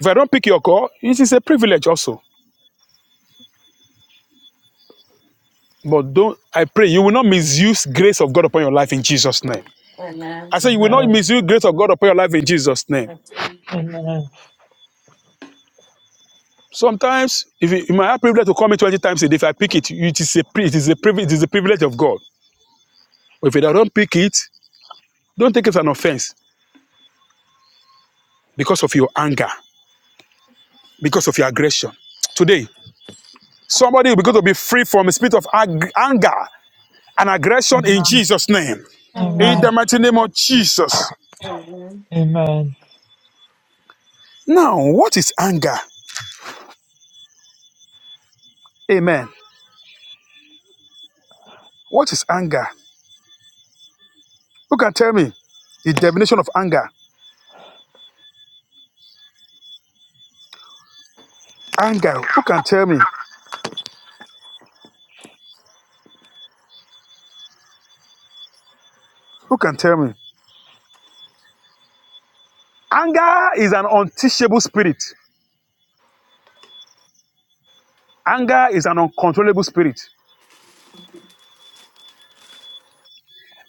S4: If I don't pick your call, it is a privilege also. But don't I pray you will not misuse grace of God upon your life in Jesus' name.
S1: Amen.
S4: I say you will not
S3: Amen.
S4: misuse grace of God upon your life in Jesus' name.
S3: Amen.
S4: Sometimes, if you, you might have privilege to call me 20 times a day, if I pick it, it is a it is a privilege, it is a privilege of God. But if I don't pick it, don't take it as an offense because of your anger. because of your aggression. Today, somebody will be going to be free from a spirit of ag- anger and aggression in
S3: Amen.
S4: Jesus' name. In
S1: Amen.
S3: Amen.
S4: the mighty name of Jesus.
S1: Amen.
S3: Amen.
S4: Now, what is anger? Amen. What is anger? Who can tell me the definition of anger? Anger. Who can tell me? Who can tell me? Anger is an unteachable spirit. Anger is an uncontrollable spirit.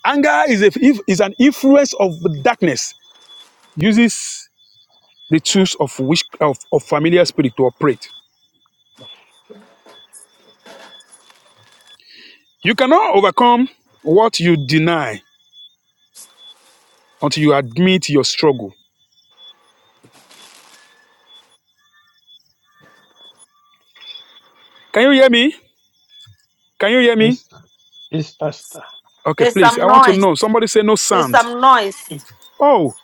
S4: Anger is, a, is an influence of darkness, uses the tools of, wish, of, of familiar spirit to operate. You cannot overcome what you deny until you admit your struggle. Can you hear me? Can you hear me?
S3: Yes, yes, Pastor.
S4: Okay,
S1: There's
S4: please. I
S1: some
S4: want to
S1: noise.
S4: know. Somebody say no
S1: There's
S4: sand.
S1: some noise.
S4: Oh,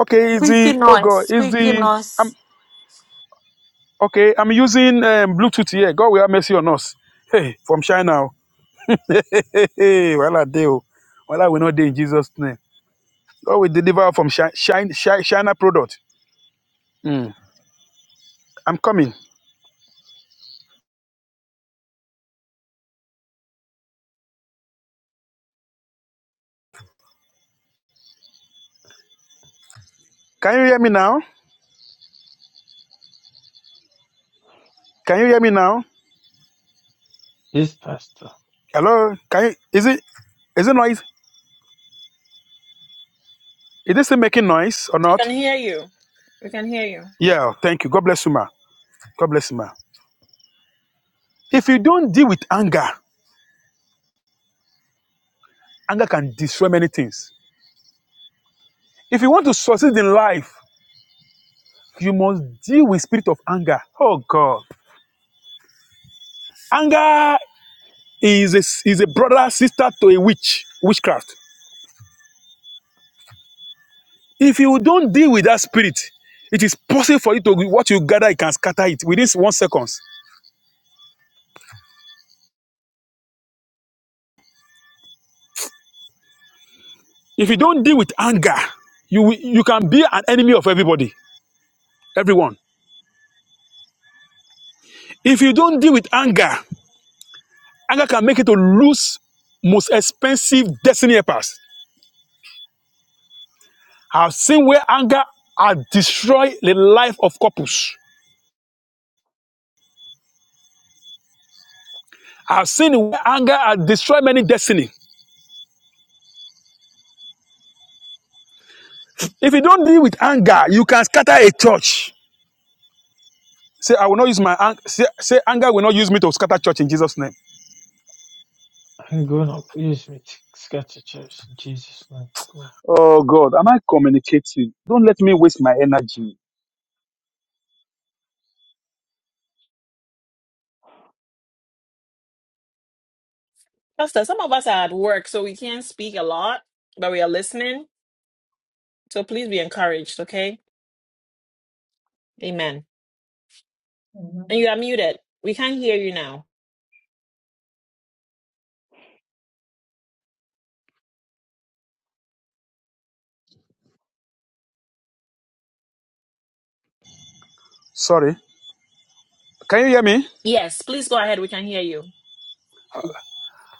S4: okay. Is
S1: Squeaky
S4: the oh
S1: noise.
S4: God? Is
S1: Squeaky
S4: the I'm
S1: noise.
S4: okay? I'm using um, Bluetooth here. God will have mercy on us. Hey, from China. Hey, hey, hey. Well, I do. Well, I will not do in Jesus' name. God will deliver from Chi- Chi- Chi- China product. Hmm. I'm coming. Can you hear me now? Can you hear me now?
S3: Yes, Pastor.
S4: Hello? Can you? Is it? Is it noise? Is this still making noise or
S7: I
S4: not?
S7: can hear you. We can hear you.
S4: Yeah, thank you. God bless you, ma. God bless you, ma. If you don't deal with anger, anger can destroy many things. If you want to succeed in life, you must deal with spirit of anger. Oh God, anger is a, is a brother sister to a witch witchcraft. If you don't deal with that spirit, it is possible for you to what you gather, you can scatter it within one seconds. If you don't deal with anger, you will- you can be an enemy of everybody, everyone. If you don't deal with anger, Anger can make you to lose most expensive destiny helpers. I've seen where anger has destroyed the life of couples. I've seen where anger has destroyed many destiny. If you don't deal with anger, you can scatter a church. Say, I will not use my anger. Say, say, anger will not use me to scatter church in Jesus' name.
S3: I'm going to use me to scatter church in Jesus' name.
S4: Oh God, am I communicating? Don't let me waste my energy.
S7: Pastor, some of us are at work, so we can't speak a lot, but we are listening. So please be encouraged, okay? Amen. And
S8: Amen.
S7: you are muted. We can hear you now.
S4: Sorry. Can you hear me?
S7: Yes, please go ahead. We can hear you.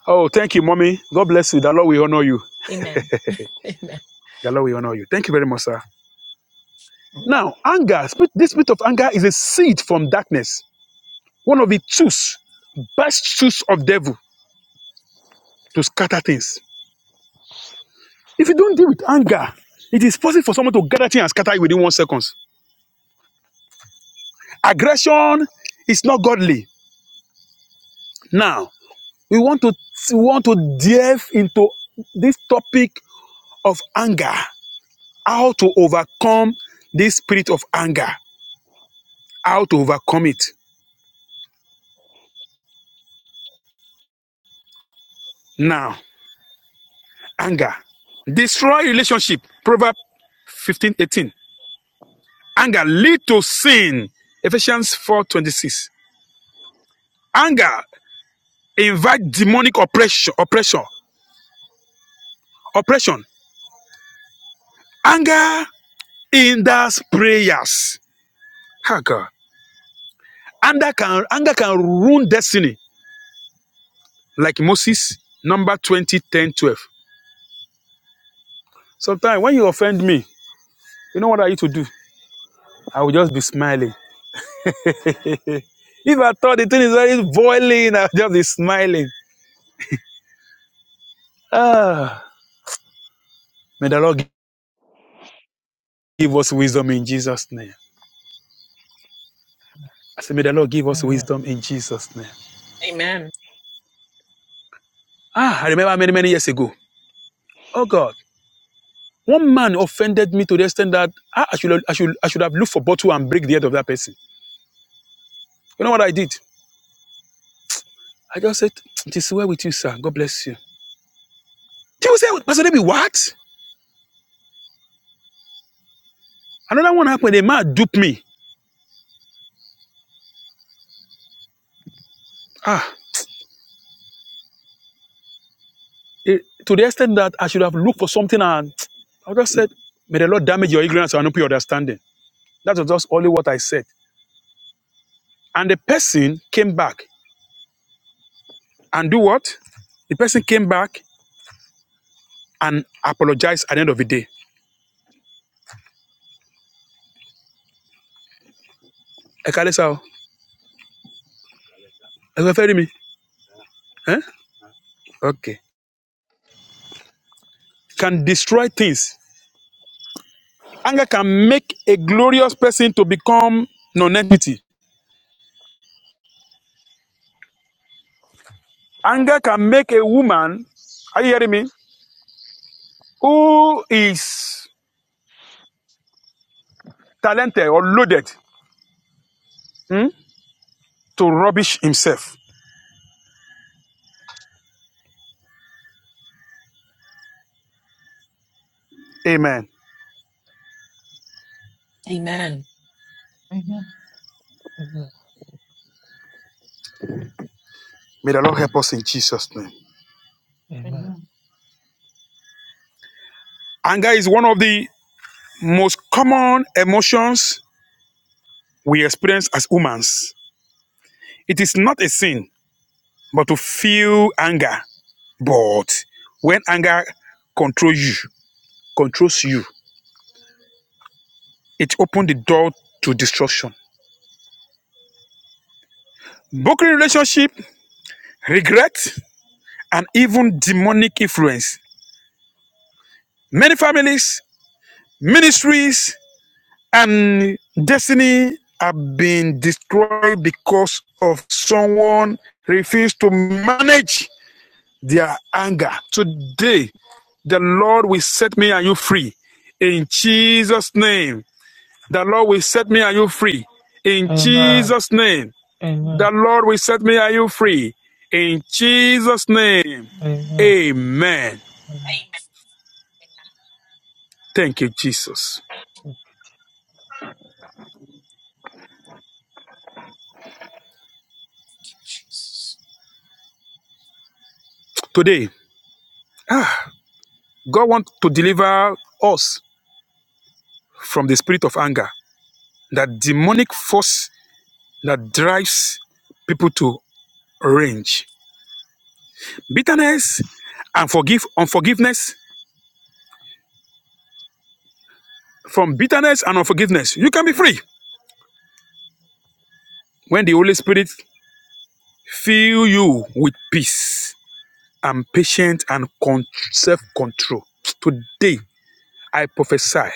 S4: Oh, thank you, mommy. God bless you. The Lord will honor you. The Lord will honor you. Thank you very much, sir. Now, anger, this spirit of anger is a seed from darkness. One of the tools, best tools of devil to scatter things. If you don't deal with anger, it is possible for someone to gather things and scatter you within one seconds. Aggression is not godly. Now, we want to we want to delve into this topic of anger, how to overcome this spirit of anger, how to overcome it. Now, anger destroy relationship. Proverb 15:18. Anger lead to sin. Ephesians 4:26. Anger invite demonic oppression, oppression, oppression. Anger hinders prayers. Ah, God. Anger can anger can ruin destiny, like Moses, number 20, 10, 12. Sometimes when you offend me, you know what I need to do? I will just be smiling. If I thought the thing is very boiling, I'll just be smiling. Ah, may the Lord give us wisdom in Jesus' name. I say, may the Lord give us
S3: Amen.
S4: wisdom in Jesus' name. Ah, I remember many, many years ago. Oh God, one man offended me to the extent that ah, I, should, I should, I should have looked for bottle and break the head of that person. You know what I did? I just said, "It is well with you, sir. God bless you." People say, "Pastor David, what?" Another one happened. A man duped me. Ah, eh, to the extent that I should have looked for something and I just said, "May the Lord damage your ignorance and open your understanding." That was just only what I said. And the person came back and do what? The person came back and apologized at the end of the day. Ekalesa, Are you referring me? Eh? Okay. Can destroy things. Anger can make a glorious person to become non-entity. Anger can make a woman, are you hearing me? Who is talented or loaded hmm, to rubbish himself. Amen.
S8: Amen.
S3: Amen.
S4: May the Lord help us in Jesus' name.
S3: Amen.
S8: Amen.
S4: Anger is one of the most common emotions we experience as humans. It is not a sin, but to feel anger. But when anger controls you, controls you. It opens the door to destruction. Broken relationship, regret, and even demonic influence. Many families, ministries, and destiny have been destroyed because of someone refused to manage their anger. Today, the Lord will set me and you free. In Jesus' name, the Lord will set me and you free. In
S3: Amen.
S4: Jesus' name,
S8: Amen.
S4: The
S3: Amen.
S4: Lord will set me and you free. In Jesus' name.
S3: Amen.
S4: Amen.
S3: Amen.
S4: Thank you, Jesus. Today, ah, God wants to deliver us from the spirit of anger, that demonic force that drives people to rage, bitterness, and forgive unforgiveness. From bitterness and unforgiveness, you can be free when the Holy Spirit fills you with peace and patience and self-control. Today, I prophesy.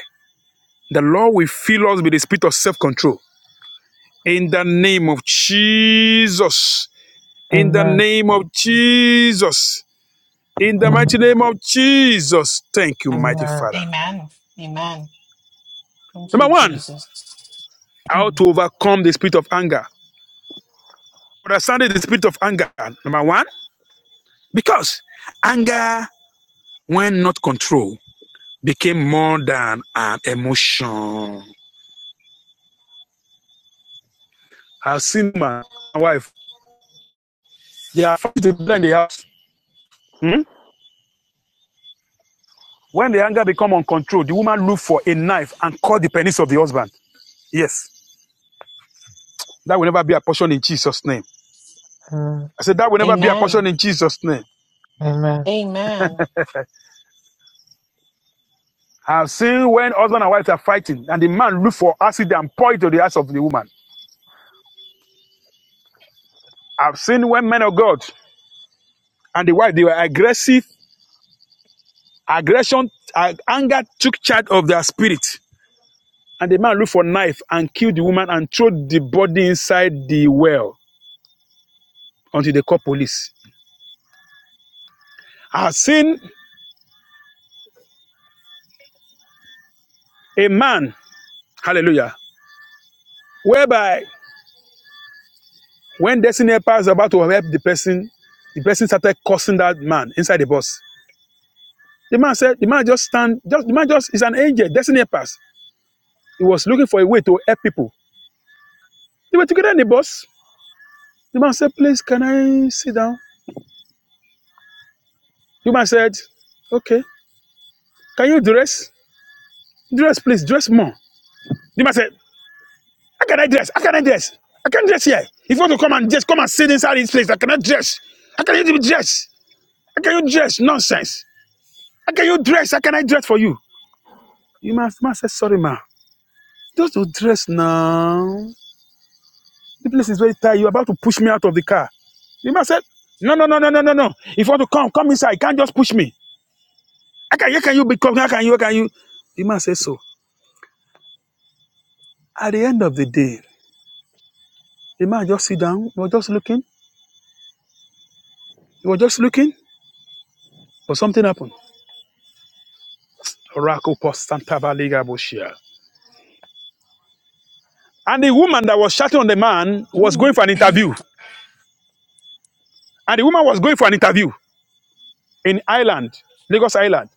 S4: The Lord will fill us with the spirit of self control. In the
S8: Amen.
S4: name of Jesus. In the
S3: Amen.
S4: name of Jesus. In the
S8: Amen.
S4: mighty name of Jesus. Thank you,
S3: Amen.
S4: mighty Father. Number one, how to overcome the spirit of anger. Understanding the spirit of anger. Number one, because anger, when not controlled, became more than an emotion. I've seen my wife. They are fighting in the house. Hmm? When the anger become uncontrolled, the woman look for a knife and cut the penis of the husband. Yes, that will never be a portion in Jesus' name. I said that will never be a portion in Jesus' name.
S3: Amen.
S4: I've seen when husband and wife are fighting and the man look for acid and pour it to the eyes of the woman. I've seen when men of God and the wife they were aggressive, aggression, uh, anger took charge of their spirit, and the man look for a knife and kill the woman and throw the body inside the well until they call police. I've seen a man, hallelujah, whereby when destiny helper is about to help the person, the person started cursing that man inside the bus. The man said, the man just stand, just the man just is an angel, destiny helper. He was looking for a way to help people. They were together in the bus. The man said, please, can I sit down? The man said, okay. Can you dress? Dress, please, dress more. The man said, how can I dress? How can I dress? I can't dress here. If you want to come and dress, come and sit inside this place. I cannot dress. How can you dress? How can you dress? Nonsense. How can you dress? How can I dress for you? You must, must say, sorry, ma. Just to dress now. The place is very tight. You're about to push me out of the car. The man said, No, no, no, no, no, no, no. If you want to come, come inside. You can't just push me. How can, how can you become? How can you? How can you? The man said so. At the end of the day, the man just sit down. He was just looking. He was just looking. But something happened. And the woman that was shouting on the man was going for an interview. And the woman was going for an interview in Ireland, Lagos Island.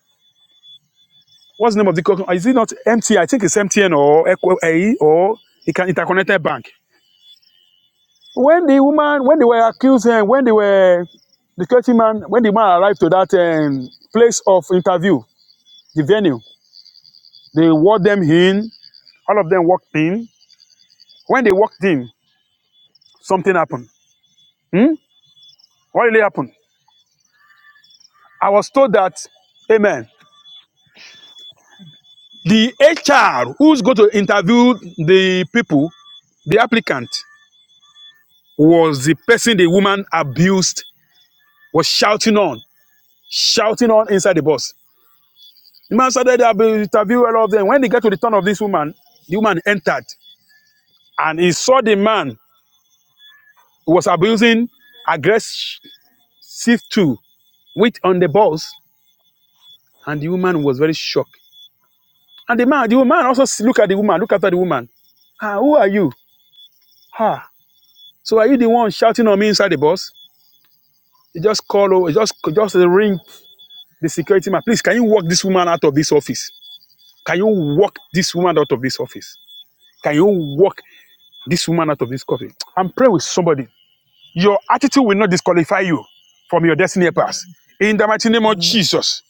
S4: What's the name of the company? Is it not MTN? I think it's MTN or Equ- AE or it can interconnected bank. When the woman, when they were accusing, and when they were the security man, when the man arrived to that um, place of interview, the venue, they walked them in. All of them walked in. When they walked in, something happened. Hmm? What really happened? I was told that, Amen. The HR who's going to interview the people the applicant was the person the woman abused was shouting on, shouting on inside the bus. The man started to interview all of them. When they get to the turn of this woman, the woman entered and he saw the man who was abusing aggressive too with on the bus. And the woman was very shocked. And the man, the woman also s- look at the woman, look after the woman. Ah, who are you? Ah, so are you the one shouting on me inside the bus? He just call over, he just just ring the security man. Please, can you walk this woman out of this office? Can you walk this woman out of this office? Can you walk this woman out of this coffin? And pray with somebody. Your attitude will not disqualify you from your destiny path.
S8: Amen.
S4: In the mighty name of
S3: Amen.
S4: Jesus.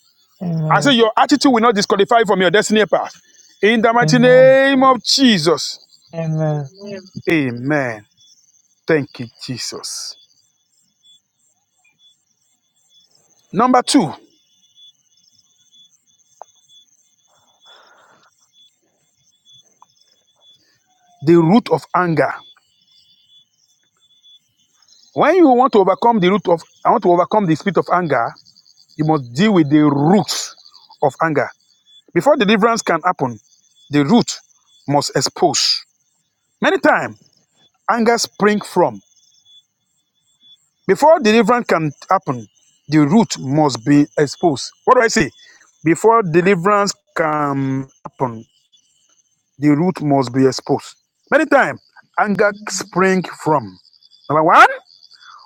S4: I say
S3: Amen.
S8: Amen.
S4: your attitude will not disqualify you from your destiny path. In the mighty
S3: Amen.
S8: Amen.
S4: name of Jesus.
S3: Amen. Amen.
S4: Amen. Thank you, Jesus. Number two, the root of anger. When you want to overcome the root of, I want to overcome the spirit of anger, you must deal with the root of anger. Before deliverance can happen, the root must expose. Many times, anger springs from. Before deliverance can happen, the root must be exposed. What do I say? Before deliverance can happen, the root must be exposed. Many times, anger
S8: Amen.
S4: springs from. Number one,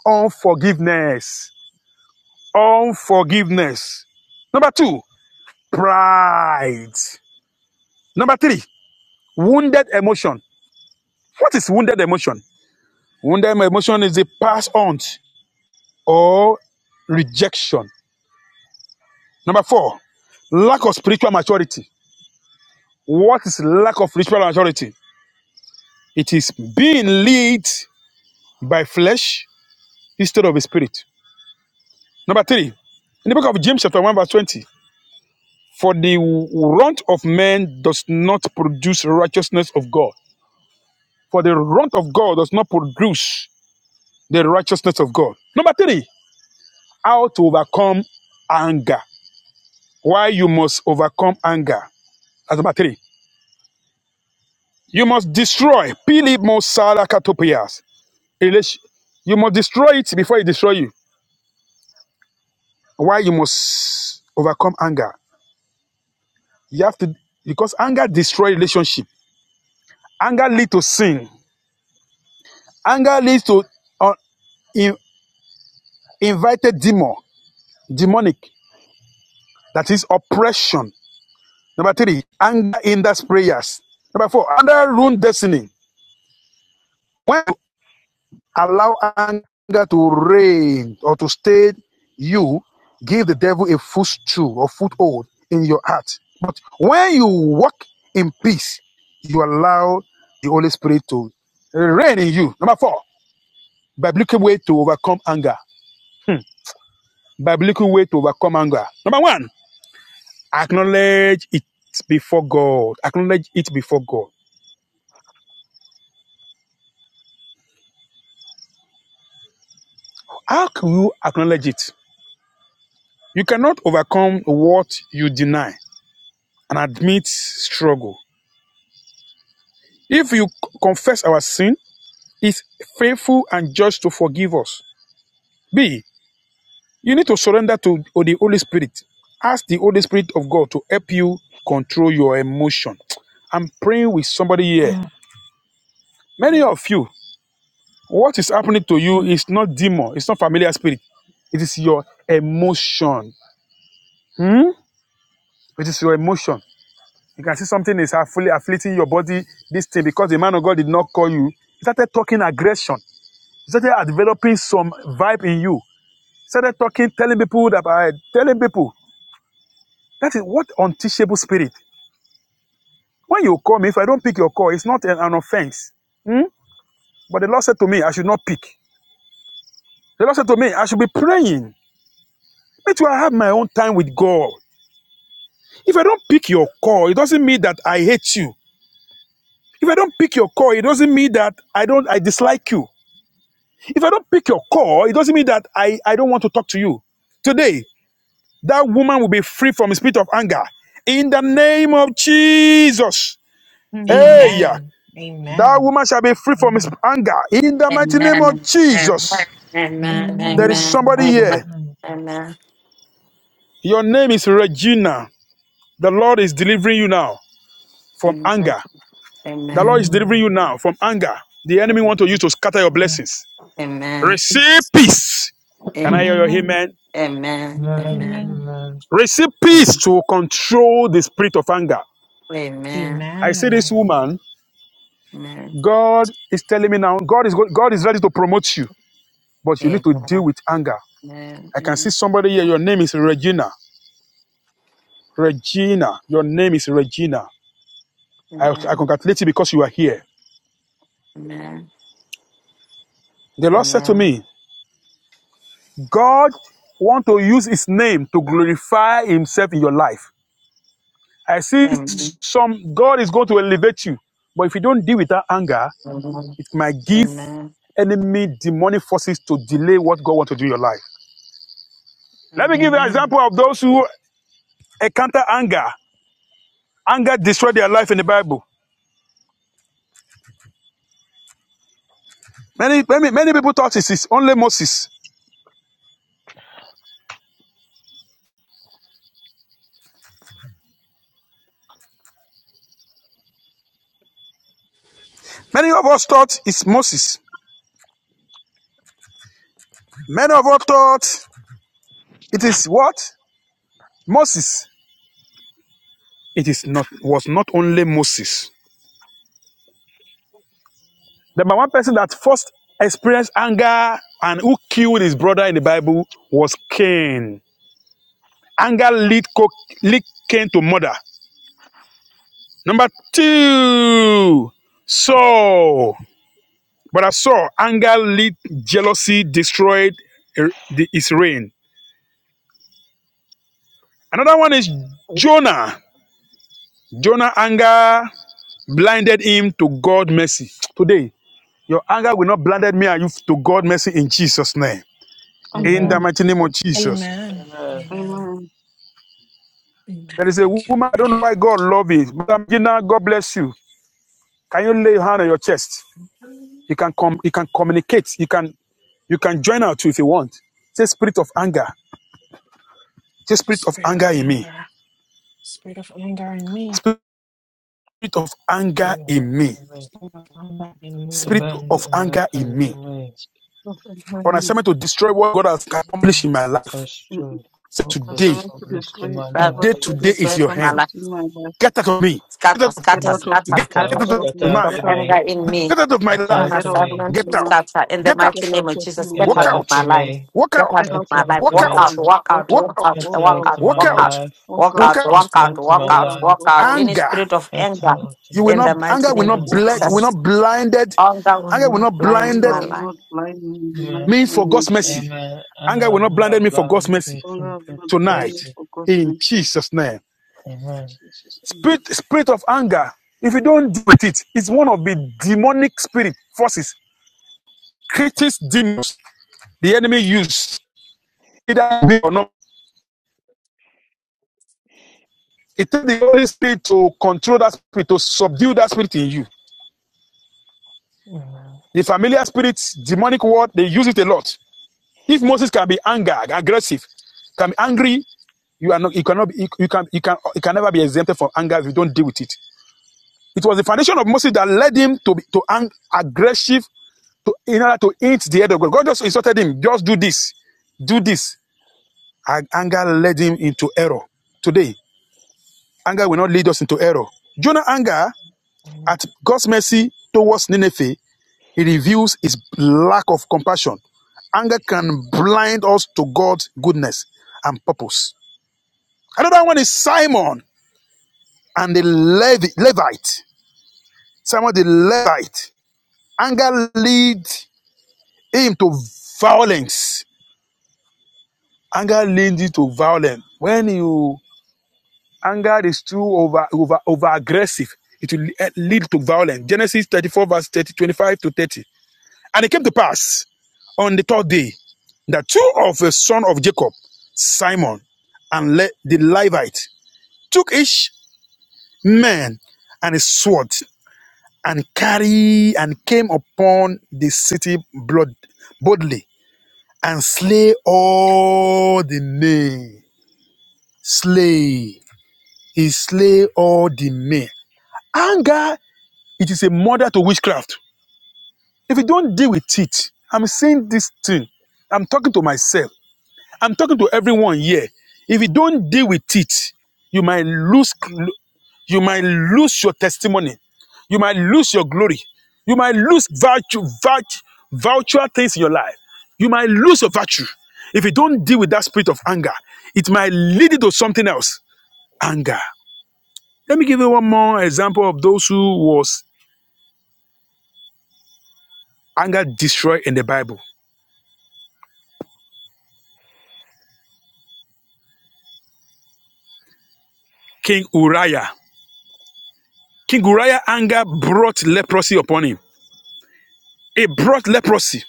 S4: unforgiveness. Unforgiveness. Number two, pride. Number three, wounded emotion. What is wounded emotion? Wounded emotion is a past on or rejection Number four, lack of spiritual maturity. What is lack of spiritual maturity? It is being led by flesh instead of the spirit. Number three, in the book of James, chapter 1, verse 20, for the runt of men does not produce righteousness of God. For the runt of God does not produce the righteousness of God. Number three, how to overcome anger. Why you must overcome anger. That's number three. You must destroy Pilimosala relation. You must destroy it before it destroy you. Why you must overcome anger? You have to because anger destroy relationship. Anger leads to sin. Anger leads to uh, in, invited demon, demonic. That is oppression. Number three, anger hinders prayers. Number four, anger ruins destiny. When Allow anger to reign or to stay you. Give the devil a footstool or foothold in your heart. But when you walk in peace, you allow the Holy Spirit to reign in you. Number four, biblical way to overcome anger. Biblical way to overcome anger. Number one, acknowledge it before God. Acknowledge it before God. How can you acknowledge it? You cannot overcome what you deny and admit struggle. If you confess our sin, He's faithful and just to forgive us. B. You need to surrender to the Holy Spirit. Ask the Holy Spirit of God to help you control your emotion. I'm praying with somebody here. Many of you, what is happening to you is not demon, it's not familiar spirit. It is your emotion. Hmm? It is your emotion. You can see something is affli- afflicting your body, this thing, because the man of God did not call you. He started talking aggression. You started developing some vibe in you. Started talking, telling people that I telling people. That is what unteachable spirit. When you call me, if I don't pick your call, it's not an, an offense. Hmm? But the Lord said to me, I should not pick. The Lord said to me, I should be praying. Me too, I have my own time with God. If I don't pick your call, it doesn't mean that I hate you. If I don't pick your call, it doesn't mean that I don't I dislike you. If I don't pick your call, it doesn't mean that I, I don't want to talk to you. Today, That woman will be free from the spirit of anger. In the name of Jesus. Hey, yeah. that woman shall be free from
S3: Amen.
S4: anger. In the mighty name of
S1: Amen. Amen.
S4: Jesus.
S1: Amen. Amen.
S4: There
S3: Amen.
S4: is
S8: Amen.
S1: Amen.
S3: Amen.
S4: somebody here.
S1: Amen.
S3: Amen.
S1: Amen.
S4: Your name is Regina. The Lord is delivering you now from
S1: Amen.
S4: anger. The Lord
S1: Amen.
S4: is delivering you now from anger. The enemy want to use
S1: Amen.
S4: to scatter your blessings.
S1: Amen. Amen.
S4: Receive peace. Can I
S1: Amen.
S4: hear your amen?
S8: Amen.
S4: Receive peace to control the spirit of anger. I see this woman. God is telling me now, God is go- God is ready to promote you, but you need to
S1: Amen.
S4: deal with anger.
S1: Amen. Amen.
S4: I can see
S1: Amen.
S4: somebody here. Your name is Regina. Regina, your name is Regina. I,
S1: Amen.
S4: I congratulate you because you are here.
S1: Amen.
S4: The Lord said to
S1: Amen.
S4: me, God want to use His name to glorify Himself in your life. I see
S1: Amen.
S4: some God is going to elevate you, but if you don't deal with that anger,
S1: Amen.
S4: it might give
S1: Amen.
S4: enemy demonic forces to delay what God wants to do in your life. Let me give
S1: Amen.
S4: you an example of those who encounter anger. Anger destroyed their life in the Bible. Many, many, many people thought it is only Moses. Many of us thought it's Moses. Many of us thought it is what? Moses. It is not was not only Moses. The one person that first experienced anger and who killed his brother in the Bible was Cain. Anger lead, lead Cain to murder. Number two, Saul. But I saw anger lead jealousy destroyed eh, his reign. Another one is Jonah. Jonah anger blinded him to God mercy. Today, your anger will not blinded me and you to God mercy in Jesus' name. In the
S8: Amen.
S4: mighty name of Jesus.
S3: Amen.
S8: Amen.
S4: There is a woman, I don't know why God loves you. Madam Gina, God bless you. Can you lay your hand on your chest? You can com- you can communicate. You can you can join out too if you want. Say spirit of anger. Say spirit of anger in me. Spirit of anger
S3: Amen.
S4: in me.
S3: Amen.
S4: Spirit of
S3: Abandon my
S4: anger in me
S3: anger, me
S8: Lord, help
S4: on
S8: me.
S4: assignment to destroy what God has accomplished in my life.
S3: as true
S4: Say
S8: As
S3: focus
S4: today,
S8: I
S3: from
S8: could
S3: least in
S8: describe
S3: my
S1: Well,
S8: what
S4: today,
S3: life.
S1: you
S8: God
S4: today
S8: has
S4: is
S1: said
S4: your
S1: in my
S4: hand.
S1: life,
S8: accomplished in my life.
S4: Get out of me.
S1: scatter,
S4: Get out.
S8: Get
S1: scatter,
S3: Amen.
S8: out of
S1: scatter,
S8: me,
S4: Get,
S3: Get
S1: scatter.
S8: get
S3: out,
S8: out
S4: out
S1: Every
S8: of
S3: get
S8: me,
S4: of
S1: book
S3: out
S1: of
S4: my.
S3: to
S8: get out
S1: anger
S3: me,
S8: of me,
S1: in me,
S4: Get out of my
S3: get
S1: an
S4: life.
S3: out
S8: get
S3: to
S8: out of
S3: me.
S1: assignment
S8: me
S4: Get
S1: to
S8: now,
S4: out.
S1: scatter. In the
S4: Get
S8: get
S1: mighty
S4: out.
S8: out
S1: name of
S8: of me
S1: Jesus, get
S3: Get
S8: now,
S4: Walk
S1: out of
S3: out to
S4: out.
S1: my life.
S3: me.
S4: Walk
S1: Get
S8: get
S4: out.
S1: out of
S8: out
S3: Get
S1: my
S8: of,
S3: out
S1: life.
S3: to
S4: Walk
S1: Walk
S8: walk
S1: out,
S3: me.
S4: out.
S8: out,
S1: walk
S8: walk
S1: out,
S4: Walk
S8: out,
S1: walk out,
S4: out.
S3: Get
S8: walk
S1: walk
S8: out.
S3: out to
S1: out,
S4: Walk
S3: my
S1: walk out,
S4: out.
S3: life.
S8: Oh
S1: walk
S8: God,
S4: Walk
S1: out,
S4: out.
S1: walk
S3: Get
S8: oh
S1: out,
S3: out
S8: God,
S3: to
S1: walk
S3: my
S8: oh
S1: out,
S8: God,
S3: life.
S1: walk
S8: oh
S1: out.
S8: God,
S1: Any
S4: Anger.
S1: spirit of
S3: Get
S1: anger,
S3: out to
S4: You will
S1: in
S4: not.
S1: the mighty
S4: Anger will
S1: name
S8: England,
S1: of
S4: not
S3: Amen.
S8: oh
S4: blind.
S8: God,
S4: Will
S3: Amen.
S4: not
S1: Jesus,
S4: blinded.
S1: anger will
S4: Anger will
S1: not
S4: not
S8: oh
S1: blind
S4: blinded
S1: my
S8: no, not
S1: life.
S8: blind me in the mighty
S3: Amen.
S4: me for
S8: name of
S4: God's mercy.
S8: Jesus.
S3: Amen. And
S4: Anger will not
S3: I'm not
S4: blinded me for God's
S3: blind
S4: mercy
S3: me
S8: Oh
S3: from
S8: no,
S3: God's
S8: not blind
S4: tonight.
S8: me
S3: mercy.
S8: for God's
S4: In
S8: mercy.
S4: Jesus' name.
S8: In
S3: Amen.
S8: Jesus' name.
S4: Spirit, spirit of anger. If you don't deal with it, it's one of the demonic spirit forces, creates demons the enemy uses either or not. It takes the Holy Spirit to control that spirit, to subdue that spirit in you.
S3: Amen.
S4: The familiar spirit, demonic word, they use it a lot. If Moses can be angry, aggressive, can be angry, you are not you cannot be, you, you can you can you can never be exempted from anger if you don't deal with it it was the foundation of moses that led him to be to ang- aggressive to, in order to hint the head of God. God just instructed him, just do this, do this. And anger led him into error. Today, anger will not lead us into error. Jonah's anger at God's mercy towards Nineveh, he reveals his lack of compassion. Anger can blind us to God's goodness and purpose. Another one is Simon and the Levi- Levite. Simon the Levite. Anger leads him to violence Anger leads you to violence. When you anger is too over over over aggressive, it will lead to violence. Genesis 34, verse 30, 25 to 30. And it came to pass on the third day that two of the sons of Jacob, Simon, and Le- the Levite, took each man and his sword and carry and came upon the city blood boldly and slay all the men. Slay. He slay all the men. Anger, it is a mother to witchcraft. If you don't deal with it, I'm saying this thing. I'm talking to myself. I'm talking to everyone here. If you don't deal with it, you might lose you might lose your testimony. You might lose your glory. You might lose virtue, virtue, virtual things in your life. You might lose your virtue. If you don't deal with that spirit of anger, it might lead you to something else. Anger. Let me give you one more example of those who was anger destroyed in the Bible. King Uriah. King Uriah anger brought leprosy upon him. It brought leprosy.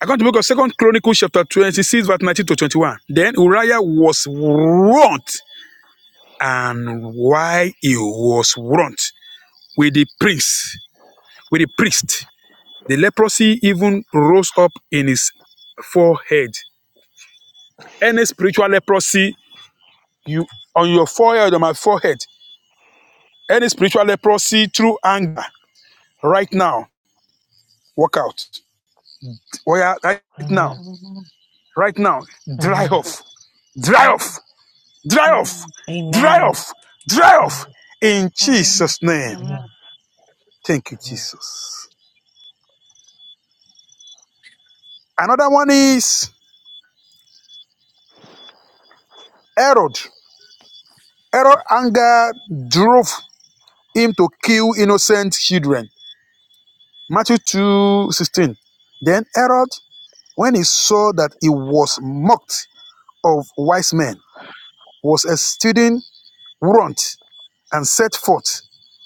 S4: According to the book of Second Chronicles chapter 26, verse 19 to 21. Then Uriah was wroth, and why he was wroth with the prince, with the priest. The leprosy even rose up in his forehead. Any spiritual leprosy, you on your forehead, on my forehead, Any spiritual leprosy through anger, right now, walk out. Oh yeah, right now,
S3: Amen.
S8: Amen.
S4: right now, dry
S3: Amen.
S4: off, dry off,
S8: Amen.
S4: dry off,
S8: Amen.
S4: dry off, dry off.
S3: Amen.
S4: In
S8: Amen.
S4: Jesus' name.
S3: Amen.
S8: Amen.
S4: Thank you,
S3: Amen.
S4: Jesus. Another one is Herod. Herod anger drove him to kill innocent children. Matthew two sixteen. Then Herod, when he saw that he was mocked of wise men, was a student and set forth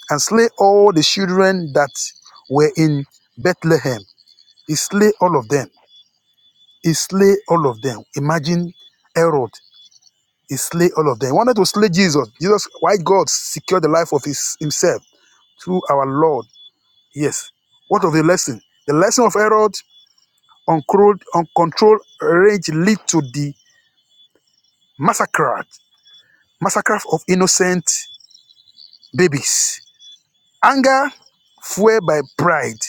S4: and slay all the children that were in Bethlehem. He slay all of them. He slay all of them. Imagine Herod. He slay all of them. He wanted to slay Jesus. Jesus, why God secured the life of his, himself through our Lord. Yes. What of the lesson? The lesson of Herod, uncontrolled, uncontrolled rage lead to the massacre, massacre of innocent babies Anger fueled by pride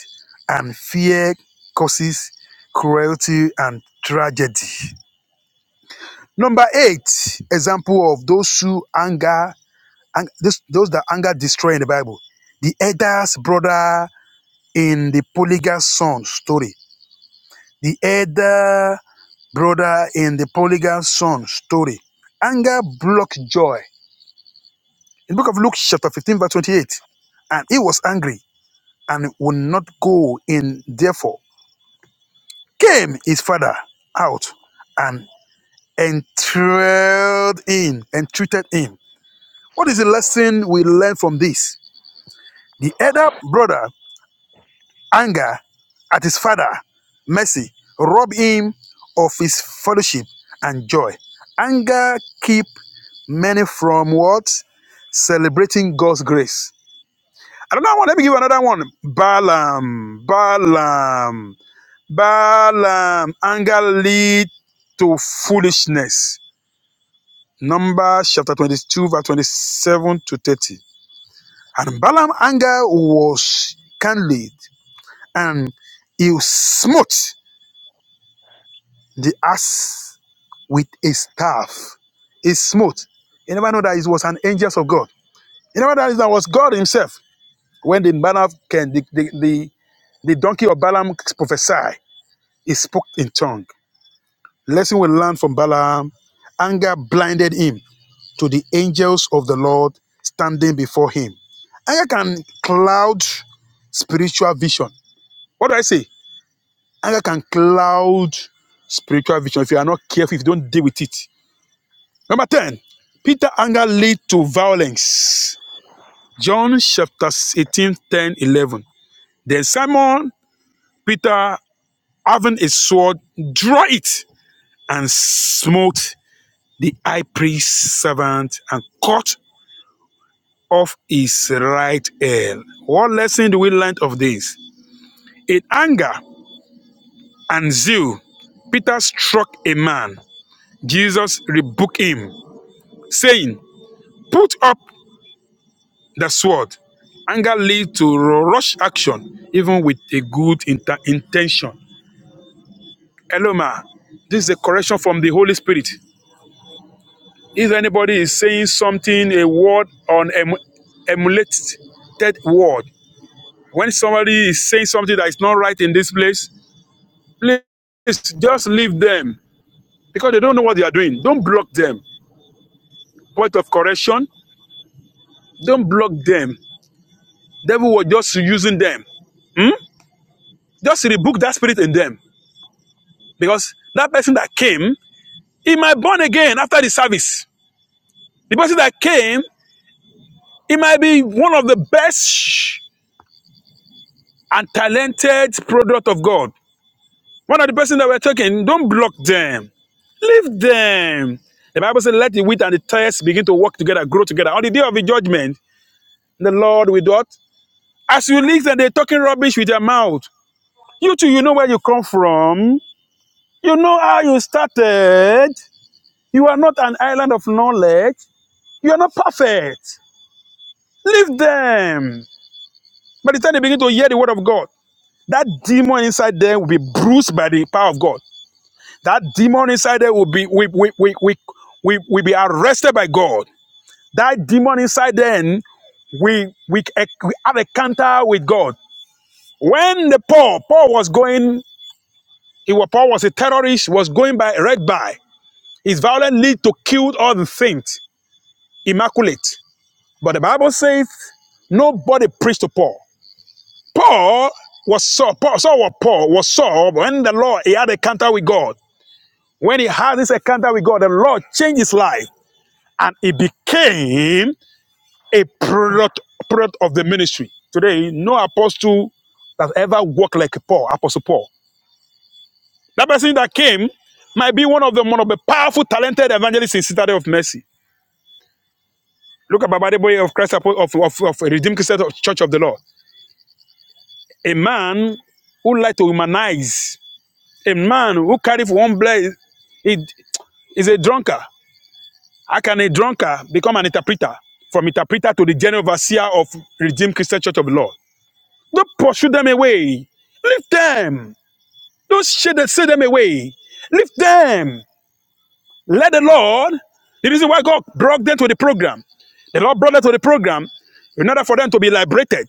S4: and fear causes cruelty and tragedy. Number eight, example of those who anger, ang- those, those that anger destroy in the Bible. The elder's brother in the polygamous son story. The elder brother in the polygamous son story. Anger blocked joy. In the book of Luke, chapter 15, verse 28, and he was angry and would not go in, therefore. came his father out and entreated him, entreated him. What is the lesson we learn from this? The elder brother anger at his father mercy rob him of his fellowship and joy. Anger keep many from what? Celebrating God's grace. Another one, let me give you another one. Balaam, Balaam. Balaam anger lead to foolishness. Numbers chapter 22, verse 27 to 30. And Balaam anger was kindled, and he smote the ass with a staff. He smote. You never know that it was an angel of God. You never know that it was God himself. When the Balaam can the, the, the, the donkey of Balaam prophesied, he spoke in tongue. Lesson we learn from Balaam, anger blinded him to the angels of the Lord standing before him. Anger can cloud spiritual vision. What do I say? Anger can cloud spiritual vision if you are not careful, if you don't deal with it. Number 10, Peter anger lead to violence. John chapter 18, 10, eleven. Then Simon Peter, having a sword, drew it and smote the high priest's servant and cut of his right hand. What lesson do we learn of this? In anger and zeal, Peter struck a man. Jesus rebuked him, saying, Put up the sword. Anger leads to rush action, even with a good inter- intention. Hello, ma. This is a correction from the Holy Spirit. If anybody is saying something, a word on em- emulated word, when somebody is saying something that is not right in this place, Please just leave them because they don't know what they are doing. Don't block them. Point of correction. Don't block them. Devil was just using them. Hmm? Just rebuke that spirit in them. Because that person that came, he might born again after the service. The person that came, he might be one of the best and talented product of God. One of the person that we're talking, don't block them. Leave them. The Bible says, let the wheat and the tares begin to work together, grow together. On the day of the judgment, The Lord will do what? As you listen, they're talking rubbish with their mouth. You too, you know where you come from. You know how you started. You are not an island of knowledge. You are not perfect. Leave them. By the time they begin to hear the word of God, that demon inside them will be bruised by the power of God. That demon inside them will be will, will, will, will, will, will be arrested by God. That demon inside them we we, we have a counter with God. When the Paul Paul was going Iwa Paul was a terrorist, was going by right by. His violent lead to kill all the saints, immaculate. But the Bible says nobody preached to Paul. Paul was Saul. Paul, Saul was Paul was Saul when the Lord he had a encounter with God. When he had this encounter with God, the Lord changed his life and he became a product, product of the ministry. Today, no apostle that ever walked like Paul, Apostle Paul. That person that came might be one of the one of the powerful, talented evangelists in Citadel of Mercy. Look at Baba Boy of Christ Apo- of, of, of Redeemed Christian Church of the Lord. A man who likes to humanize, a man who carries for one blade he is a drunkard. How can a drunkard become an interpreter? From interpreter to the general overseer of Redeemed Christian Church of the Lord. Don't pursue them away. Leave them. Don't shade them, say them away. Leave them. Let the Lord, the reason why God brought them to the program, the Lord brought them to the program in order for them to be liberated.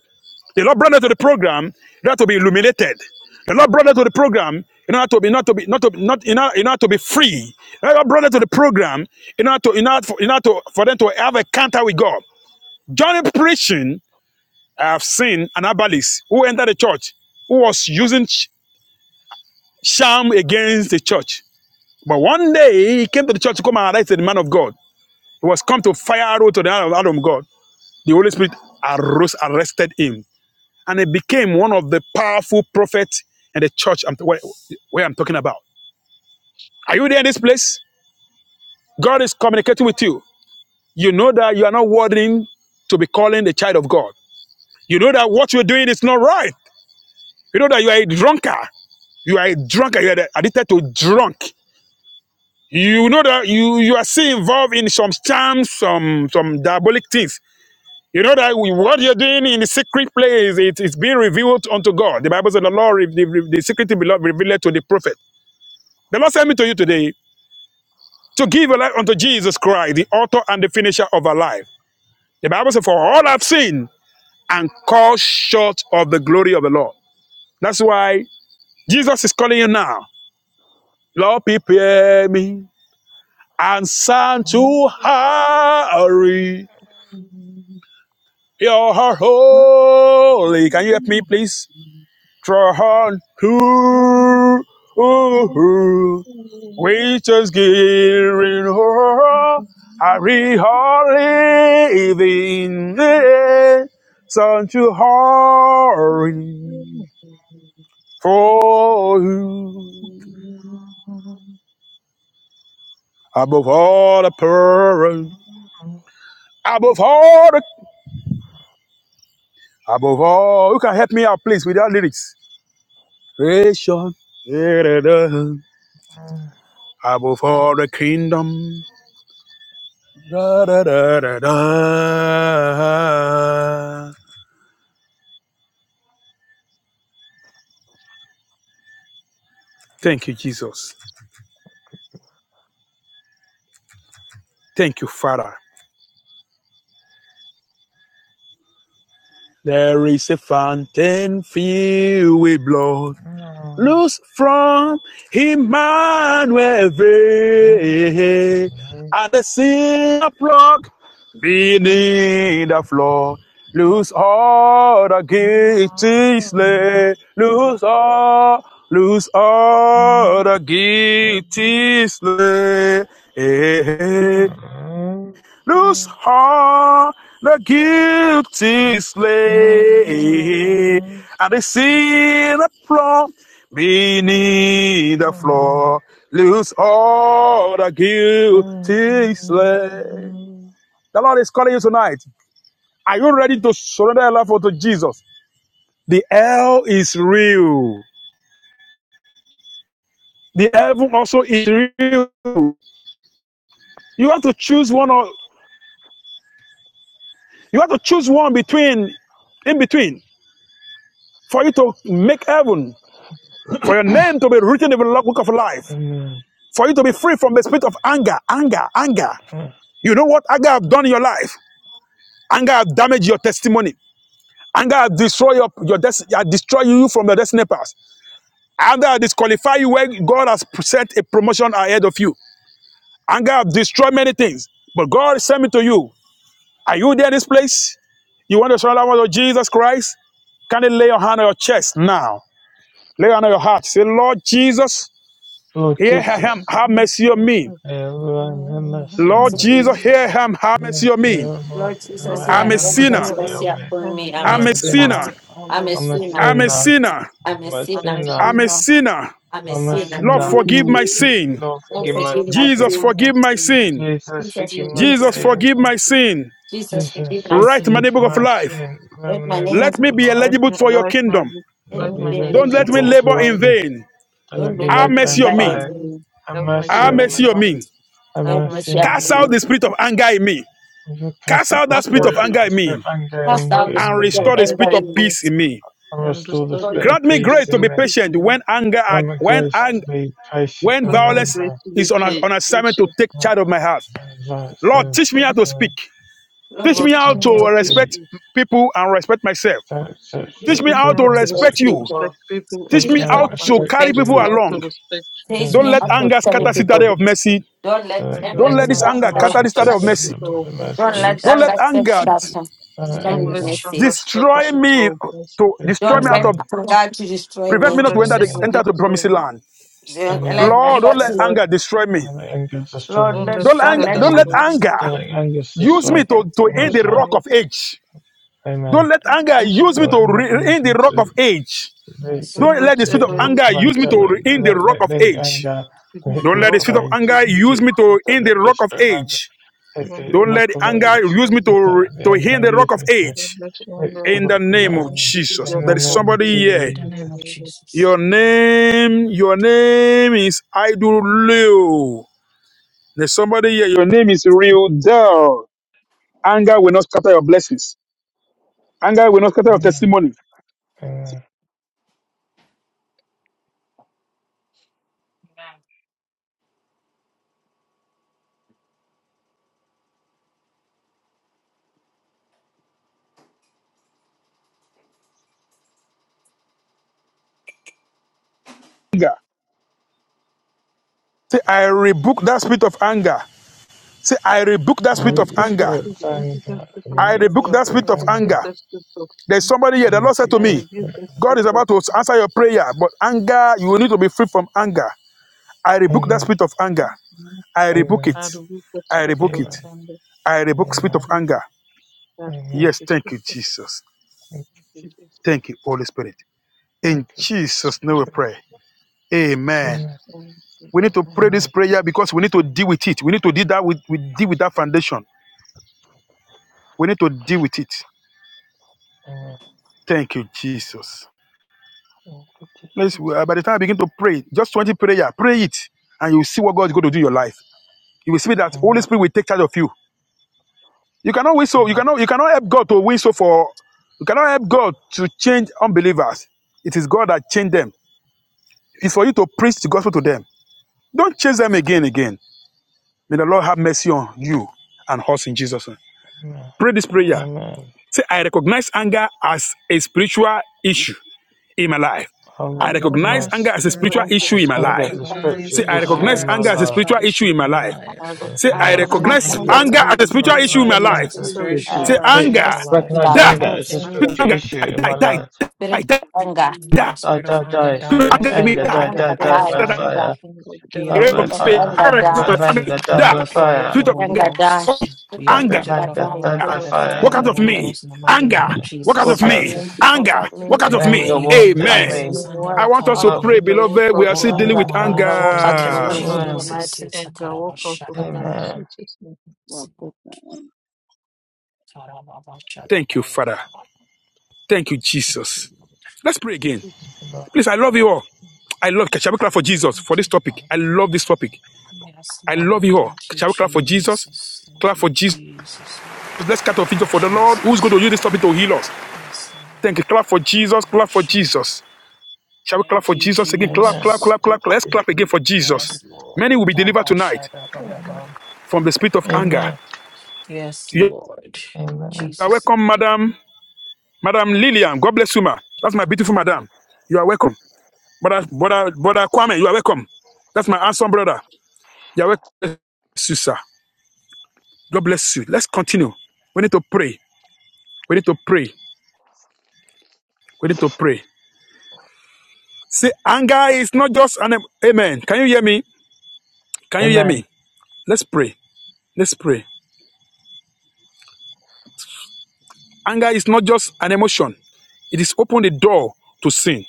S4: The Lord brought them to the program in order to be illuminated. The Lord brought them to the program in order to be not to be not to be, not in order, in order to be free. The Lord brought them to the program in order to in order, for, in order to, for them to have a counter with God. Johnny preaching, I have seen an herbalist who entered the church who was using sh- sham against the church. But one day he came to the church to come and arrest the man of God. He was come to fire arrow to the hand of Adam God. The Holy Spirit arose, arrested him, and he became one of the powerful prophets in the church I'm, where, where I'm talking about. Are you there in this place? God is communicating with you. You know that you are not worthy to be calling the child of God. You know that what you're doing is not right. You know that you are a drunkard. You are a drunkard. You are addicted to drunk. You know that you, you are still involved in some charms, some some diabolic things You know that we, what you're doing in the secret place, it is being revealed unto God. The Bible says the Lord, re- the, the secret be lo- revealed to the prophet. The Lord sent me to you today to give a life unto Jesus Christ, the author and the finisher of our life. The Bible says, for all have sinned and fall short of the glory of the Lord. That's why Jesus is calling you now. Lord, prepare me and send to hurry. You're holy. Can you help me, please? Tron, who,
S8: Amen.
S4: who, we just getting on. I really living in such a hurry for you.
S8: Amen.
S4: Above all the parents, above all the, above all, who can help me out, please, with that lyrics? Ration, above all the kingdom. Da-da-da-da-da. Thank you, Jesus. Thank you, Father. There is a fountain filled with blood. Loose from Emmanuel Vey, and the sin plug
S3: Amen.
S4: beneath the floor. Loose all the guilty
S3: Amen.
S4: slave. Loose all, loose all
S3: Amen.
S4: the guilty slave. Eh, eh, whose heart the guilty slay, and they see the sinner from beneath the floor, lose all the guilty slay. The Lord is calling you tonight. Are you ready to surrender your life unto Jesus? The hell is real. The heaven also is real. You have to choose one or you have to choose one between, in between, for you to make heaven for your name to be written in the book of life, for you to be free from the spirit of anger, anger, anger. You know what anger have done in your life? Anger have damaged your testimony. Anger have destroyed your, your destiny, destroy you from your destiny path. Anger have disqualified you where God has set a promotion ahead of you. Anger have destroyed many things. But God sent me to you. Are you there in this place? You want to surrender to Jesus Christ? Can you lay your hand on your chest now? Lay your hand on your heart. Say, Lord Jesus,
S3: Lord
S4: here I am.
S3: Jesus,
S4: Have mercy on
S8: Amen.
S4: me.
S3: Lord, have
S8: Lord
S3: mercy on
S4: Lord
S3: me.
S4: Jesus, hear him. am. Have mercy
S3: Lord,
S4: on me.
S3: dear Lord,
S1: Lord Jesus,
S3: have
S1: yeah,
S4: I'm a
S1: Lord
S8: Jesus, Here,
S4: sinner.
S8: are
S3: mercy
S1: Jesus,
S3: on
S1: yeah,
S3: me.
S8: in
S1: for
S8: heaven,
S1: me, I'm
S8: heaven
S3: I'm
S1: a
S4: I'm
S3: a
S4: a
S8: is
S1: sinner.
S3: sinner.
S4: sinner.
S8: me. I'm
S1: I'm
S8: a
S1: a
S3: I'm a
S8: sinner.
S1: sinner.
S4: I'm a
S3: sinner.
S4: sinner.
S1: I'm a
S3: I'm a
S8: I'm
S1: sinner.
S8: a
S3: sinner.
S4: I'm a
S8: sinner.
S4: sinner.
S1: I'm a
S3: I'm a
S8: I'm
S1: sinner.
S8: a
S5: You
S4: Lord,
S5: will
S3: sinner.
S8: sinner.
S4: forgive my sin.
S3: Lord,
S1: Lord,
S3: forgive my
S8: Lord,
S1: forgive my
S8: forgive me
S4: Jesus,
S3: sin.
S1: sin.
S8: my
S4: forgive my
S8: sins.
S4: sin.
S3: Jesus,
S1: Jesus,
S3: forgive
S8: Jesus,
S3: my
S1: forgive
S4: Jesus,
S8: forgive
S1: me.
S3: sin.
S8: me
S4: forgive
S8: my
S4: my
S8: sins.
S4: sin.
S1: Jesus,
S3: Jesus,
S1: forgive my
S8: Jesus,
S4: Write
S1: sin.
S4: my
S3: forgive
S8: forgive me
S4: book of
S3: my
S8: my
S4: life.
S8: sins.
S3: sin,
S1: Lord, my
S3: remember the
S1: name
S3: book
S4: Let
S1: is
S4: me be
S8: Write,
S3: alive.
S4: eligible
S8: me,
S4: for your
S8: write, my,
S4: kingdom.
S8: book,
S1: Let
S3: Let
S1: me
S8: write
S3: me
S8: my
S1: be
S8: name
S4: Don't
S8: in the
S4: let
S3: worship
S8: book
S4: me
S1: blameless.
S3: of
S8: of
S4: labor
S3: your
S4: in
S8: life.
S3: king,
S4: vain.
S3: and let
S1: Don't
S3: me
S8: Don't
S1: let
S4: Have
S1: me
S8: let
S3: lay
S1: be
S8: me
S4: mercy
S3: burn
S4: on
S1: by
S8: labor
S4: me.
S3: fire.
S8: in
S1: anything.
S8: vain.
S3: Have
S8: Have mercy
S1: Don't
S3: mercy
S4: Have
S1: let me
S3: on
S8: on
S4: mercy
S8: me.
S4: on
S3: me,
S1: want.
S4: me.
S3: have
S8: Have
S1: Have
S3: mercy
S8: mercy
S1: mercy
S3: on
S8: on
S4: Cast
S1: upon
S8: me.
S3: me.
S1: me.
S4: out the spirit of anger in me.
S3: If you
S4: Cast
S3: cast out
S4: out
S3: the
S4: that
S8: Cast
S4: spirit
S8: out
S4: of
S3: spirit,
S8: the,
S4: anger
S3: the
S4: in
S3: spirit
S4: me
S3: of anger and
S8: cast
S1: Cast
S8: out
S1: out
S3: anger
S1: the
S8: the
S3: in
S4: and
S1: spirit
S8: spirit
S1: of
S8: of
S4: restore
S3: me,
S4: the
S1: anger
S8: anger
S4: spirit of
S1: in
S8: in me
S1: me.
S4: peace in me.
S3: and
S8: and
S3: restore the
S8: restore the
S3: spirit
S1: Lord,
S4: Grant
S3: of
S4: me
S8: spirit
S4: grace
S3: peace
S4: to
S3: in
S4: be
S8: of
S3: me.
S8: peace
S4: patient
S8: in me.
S4: when anger
S3: Grant me
S4: when
S3: grace
S4: ang-
S3: to be patient
S4: When
S8: Grant
S3: when
S8: me
S4: violence
S8: grace
S3: anger
S8: to be
S4: is on, a,
S8: pa-
S4: on assignment to
S8: patient
S4: take
S3: my
S4: charge of my heart, Lord,
S8: Mm,
S4: teach me how
S8: um,
S3: advances,
S4: to
S3: uh,
S4: speak.
S1: Lord,
S4: Teach me
S8: Lord,
S1: teach
S3: victory
S4: how
S8: teach
S3: of
S1: me
S8: me
S3: the
S4: to
S8: how to
S3: speech.
S4: respect
S8: speak.
S4: people and respect myself.
S3: Don't such
S4: Teach me
S8: Teach
S4: how
S8: me
S1: to
S4: to
S8: how
S3: people
S8: to res-
S3: respect,
S1: respect
S4: respect you.
S8: respect
S1: people.
S8: people
S3: don't
S4: Teach
S8: and
S1: Teach
S4: me
S1: me
S3: show
S1: how
S4: how
S8: respect
S1: to
S4: to
S8: myself.
S3: respect
S4: carry
S8: Teach
S1: respect
S4: people
S3: to,
S8: me
S1: you.
S8: how to
S4: along.
S8: respect you.
S1: Teach
S4: Don't
S3: don't
S1: me
S4: let
S1: how
S3: show
S1: to
S4: anger scatter
S1: celebrate.
S3: the
S4: citadel of
S3: people.
S1: birthday.
S4: mercy.
S1: Don't let
S8: And let
S4: Don't
S1: anger
S4: let this
S3: anger
S8: anger
S1: stop
S4: anger
S8: anger
S4: scatter the
S3: scatters
S4: citadel
S1: her.
S4: of
S8: scatter
S4: mercy.
S8: seeds of
S3: the
S8: mercy.
S1: Don't
S3: mighty.
S1: let
S4: Don't let
S1: anger set
S4: anger
S1: that her.
S3: Thy
S1: Sitting in
S8: Don't
S1: the
S8: let
S3: anger
S1: mercy.
S8: anger scatter
S4: destroy
S8: seeds
S4: me
S8: of mercy.
S4: to destroy
S3: destroy
S4: me
S1: Don't
S4: out
S1: let
S4: of
S3: me.
S1: anger to destroy
S4: prevent me
S1: me.
S8: Don't
S4: not to
S8: let
S3: Destroy
S4: enter the
S8: anger
S3: me.
S4: enter the
S8: destroy
S4: promised
S8: me.
S4: land.
S1: Don't let
S8: Don't
S3: Amen.
S8: let
S4: Lord,
S1: anger
S4: don't let
S1: to
S8: anger.
S4: anger destroy me.
S3: Thy anger destroy
S1: Lord,
S8: Don't
S3: me.
S1: let
S8: let
S4: Don't
S1: don't
S4: anger,
S8: anger
S1: let
S3: Thy
S4: don't let
S3: anger,
S8: destroy
S1: anger
S8: me.
S4: anger
S1: destroy me.
S3: thy anger
S4: use me
S3: destroy
S1: Don't let
S3: the
S4: to, to
S8: Don't
S4: end
S8: let
S3: promised
S4: the
S3: land.
S4: rock
S8: anger
S4: of age. Don't
S3: Amen.
S4: let anger
S8: finish
S4: use
S8: me.
S4: me
S3: Thy
S4: to
S3: anger
S4: re-
S3: leads
S4: in the
S3: me
S4: rock
S3: to,
S4: of age.
S3: to, to
S8: Don't
S4: Don't
S8: let
S4: let the spirit
S3: hit
S4: of
S3: the
S8: anger
S3: rock
S8: use
S4: anger
S3: of
S8: me
S3: age.
S4: use me
S8: to
S4: to re- in the
S3: Let, let,
S4: rock of
S3: the
S4: age.
S3: anger
S8: to hit
S3: hit the
S4: Don't
S8: the
S4: let
S3: rock
S4: the
S8: rock
S3: of
S4: spirit of
S8: of
S3: age.
S4: anger
S8: ages.
S4: use me to in the
S3: the
S4: rock of
S3: spirit of anger
S4: age.
S8: Don't
S3: hit the
S8: let
S4: Don't
S3: rock
S4: let
S3: of
S8: anger
S4: anger
S8: use
S3: age.
S4: use me
S8: me.
S4: to
S3: And
S4: re-
S3: the
S4: to in
S3: anger
S4: the rock
S3: use
S4: of
S3: me to
S4: age.
S3: hit the
S8: Alexander,
S4: In the
S3: rock of
S8: you
S4: name of
S8: to
S3: age.
S8: see
S4: Jesus,
S8: the
S3: In the
S4: there
S8: rope
S4: is
S8: of
S3: name of
S8: faith
S4: somebody here.
S8: in
S3: Jesus.
S8: the name of
S4: Your
S8: Jesus.
S4: name, your name is Idolio. There's somebody here. Your name is Real Del. Anger will not scatter your blessings. Anger will not scatter your testimony.
S3: Uh,
S4: Say, I rebuke that spirit of anger. Say, I rebuke that
S3: I
S8: I
S4: spirit of
S3: read the
S8: rebuke the
S4: anger.
S3: spirit
S8: spirit
S3: of
S8: of every
S3: anger.
S8: justice
S3: I
S8: of
S4: I
S3: read the
S4: rebuke
S8: anger.
S4: that
S3: spirit
S8: I
S4: spirit
S3: of
S4: of
S8: rebuke
S3: anger.
S4: anger.
S8: the spirit of
S4: There's
S8: anger.
S4: somebody here.
S3: I
S4: The Lord said to
S8: I
S3: rebuke the
S4: me,
S8: rebuke
S3: spirit.
S8: the
S4: God
S8: spirit
S4: is
S8: of
S4: about to answer your prayer, but anger, you will need to be free from anger. I rebuke that
S3: Amen.
S4: spirit of anger.
S8: anger.
S4: I rebuke
S3: Amen.
S8: I
S4: it.
S8: rebuke the
S4: I
S8: spirit
S4: rebuke
S8: of
S4: it.
S3: Amen.
S8: anger.
S4: I rebuke
S8: I
S4: spirit of
S3: Amen.
S4: anger.
S8: rebuke, I rebuke
S3: Amen.
S4: Yes,
S8: the
S4: thank
S8: spirit
S4: you,
S8: of anger.
S4: Jesus.
S3: Thank you.
S8: Thank you,
S3: Jesus.
S8: Jesus.
S4: Thank you, Holy Spirit.
S8: Thank
S3: Thank
S4: In
S8: you for the
S4: Jesus' name
S8: spirit.
S3: you.
S4: we pray.
S8: of
S4: Amen.
S3: Amen.
S8: Jesus, name.
S4: We need to
S8: amen.
S4: pray this
S3: Amen.
S4: prayer because we need to deal with it. We need to deal that with we deal with that foundation. We need to deal with it.
S3: Amen.
S4: Thank you, Jesus.
S3: Thank you, Jesus.
S4: Let's,
S8: Thank
S4: by
S8: you.
S4: the time I begin to pray, just 20 prayer, pray it, and you'll see what God is going to do in your life. You will see that Holy
S3: Amen.
S4: Spirit will take charge of you. You cannot win so, you cannot, you cannot help God to win so for, you cannot help God to change unbelievers. It is God that changed them. It's for you to preach the gospel to them. Don't change them again, again. May the Lord have mercy on you and us in Jesus' name.
S3: Amen.
S4: Pray this
S1: anger
S3: Amen.
S4: prayer.
S8: Amen.
S3: Amen.
S4: Say, I recognize anger as a spiritual issue in my life.
S3: I
S8: I
S3: will
S4: I recognize
S8: recognize
S4: anger
S3: recognize
S4: as a
S5: not
S8: anger
S4: spiritual
S1: stop
S8: as the
S4: issue
S3: as
S4: in my
S8: almost
S3: anger
S4: life.
S8: the
S1: me.
S3: the
S1: I give
S8: spirit
S5: succeed.
S3: spiritual
S4: Say,
S1: you
S4: I
S8: in
S1: my
S8: my
S3: issue
S1: life.
S8: life.
S4: recognize
S3: in my
S4: anger as a
S3: life.
S4: spiritual issue in my life.
S8: as a
S4: Say,
S1: I
S4: I
S5: I
S3: Recognize
S5: will
S1: recognize
S8: faithfulness
S4: recognize
S8: in
S1: anger.
S5: recognize
S8: the
S3: anger.
S5: to
S4: anger
S8: ex-
S3: as-
S4: as
S5: you
S4: a spiritual
S5: respect
S4: issue
S8: in
S4: in
S3: Recognize
S4: my
S8: the
S5: and it's
S4: life.
S3: anger
S5: true
S3: as
S8: essential
S5: mommy.
S8: is
S1: I
S3: spiritual.
S8: in
S4: Say,
S8: my life,
S4: anger,
S1: recognize
S3: Recognize
S1: anger.
S4: die,
S3: anger as
S1: Yes.
S8: in
S3: a
S5: I will
S8: the
S3: spiritual
S4: anger,
S3: issue
S4: die,
S3: in
S4: die,
S3: my
S4: die,
S3: life.
S1: A
S4: die,
S1: spirit
S4: die,
S1: of
S5: commit
S1: anger.
S4: die.
S3: Die, die, die, spirit
S4: anger
S8: in,
S4: in
S1: Spirit
S4: me,
S3: anger,
S1: of
S4: die,
S3: die,
S8: in the
S3: die,
S1: anger
S4: die.
S3: die
S8: Gerard
S1: die.
S3: by
S8: of God,
S1: Yeah.
S3: fire,
S8: in the Gerard
S3: die by
S8: of
S1: Spirit of
S8: my
S4: me,
S3: fire,
S4: I
S1: anger
S8: God,
S1: die.
S3: spirit
S4: my
S3: of
S4: family,
S3: anger,
S8: in the
S3: die
S4: die.
S3: by
S8: Gerard of
S3: fire,
S4: Spirit
S8: my
S4: of
S8: God,
S1: Yangadai. Gift of
S3: spirit of anger,
S8: in
S1: Yangadai.
S8: the
S3: die
S4: anger,
S3: by
S8: Gerard of
S3: fire,
S4: walk out
S8: my
S4: of
S8: God,
S4: me. Anger,
S8: and
S4: walk out of
S3: walk
S1: Of me,
S3: out
S4: me.
S1: walk
S8: and
S4: Anger,
S1: out me.
S4: walk out
S3: of
S8: and
S4: of
S8: the
S4: me.
S3: anger,
S8: work
S3: walk
S8: out
S3: out
S1: God
S3: to
S8: of
S4: Amen.
S1: will be
S8: me,
S3: me.
S8: and and
S4: I
S1: reward.
S4: want us
S1: Oh,
S4: to
S3: Oh,
S4: pray,
S8: the work
S4: beloved. We
S8: out
S4: are
S8: of
S4: still dealing
S8: me,
S4: with
S1: Yanga, Yanga, walk
S8: and
S1: out
S8: the
S1: of me
S4: anger.
S8: work out
S1: in the
S8: of
S3: amen,
S8: me,
S1: mighty.
S8: and the work out of me in
S3: amen,
S8: Jesus' name.
S4: Thank you, Father. Thank you, Jesus. Let's pray again.
S3: amen,
S4: Please, I love you all. I love. Shall we clap for Jesus for this topic? I love this topic. I love you all. Shall we clap for Jesus? Clap for Jesus.
S8: Every
S4: Let's clap off Jesus for the Lord. Who's going to use this topic to heal us? Thank you. Clap for Jesus. Clap for Jesus. Shall we clap for Jesus again? Clap, clap, clap, clap. Let's clap again for Jesus. Many will be delivered tonight from the spirit of anger.
S3: amen,
S4: You
S3: amen,
S4: are welcome, Madam. Madam Lillian. God bless you, ma. That's my beautiful madam. You are welcome. Brother, brother, brother Kwame, you are welcome. That's my handsome brother. You are welcome. God bless you, sir. God bless you. Let's continue. We need to pray. We need to pray. We need to pray. See, anger is not just an amen. Can you hear me? Can you hear
S3: amen.
S4: me? Let's pray. Let's pray. Anger is not just an emotion. It is open the door to sin.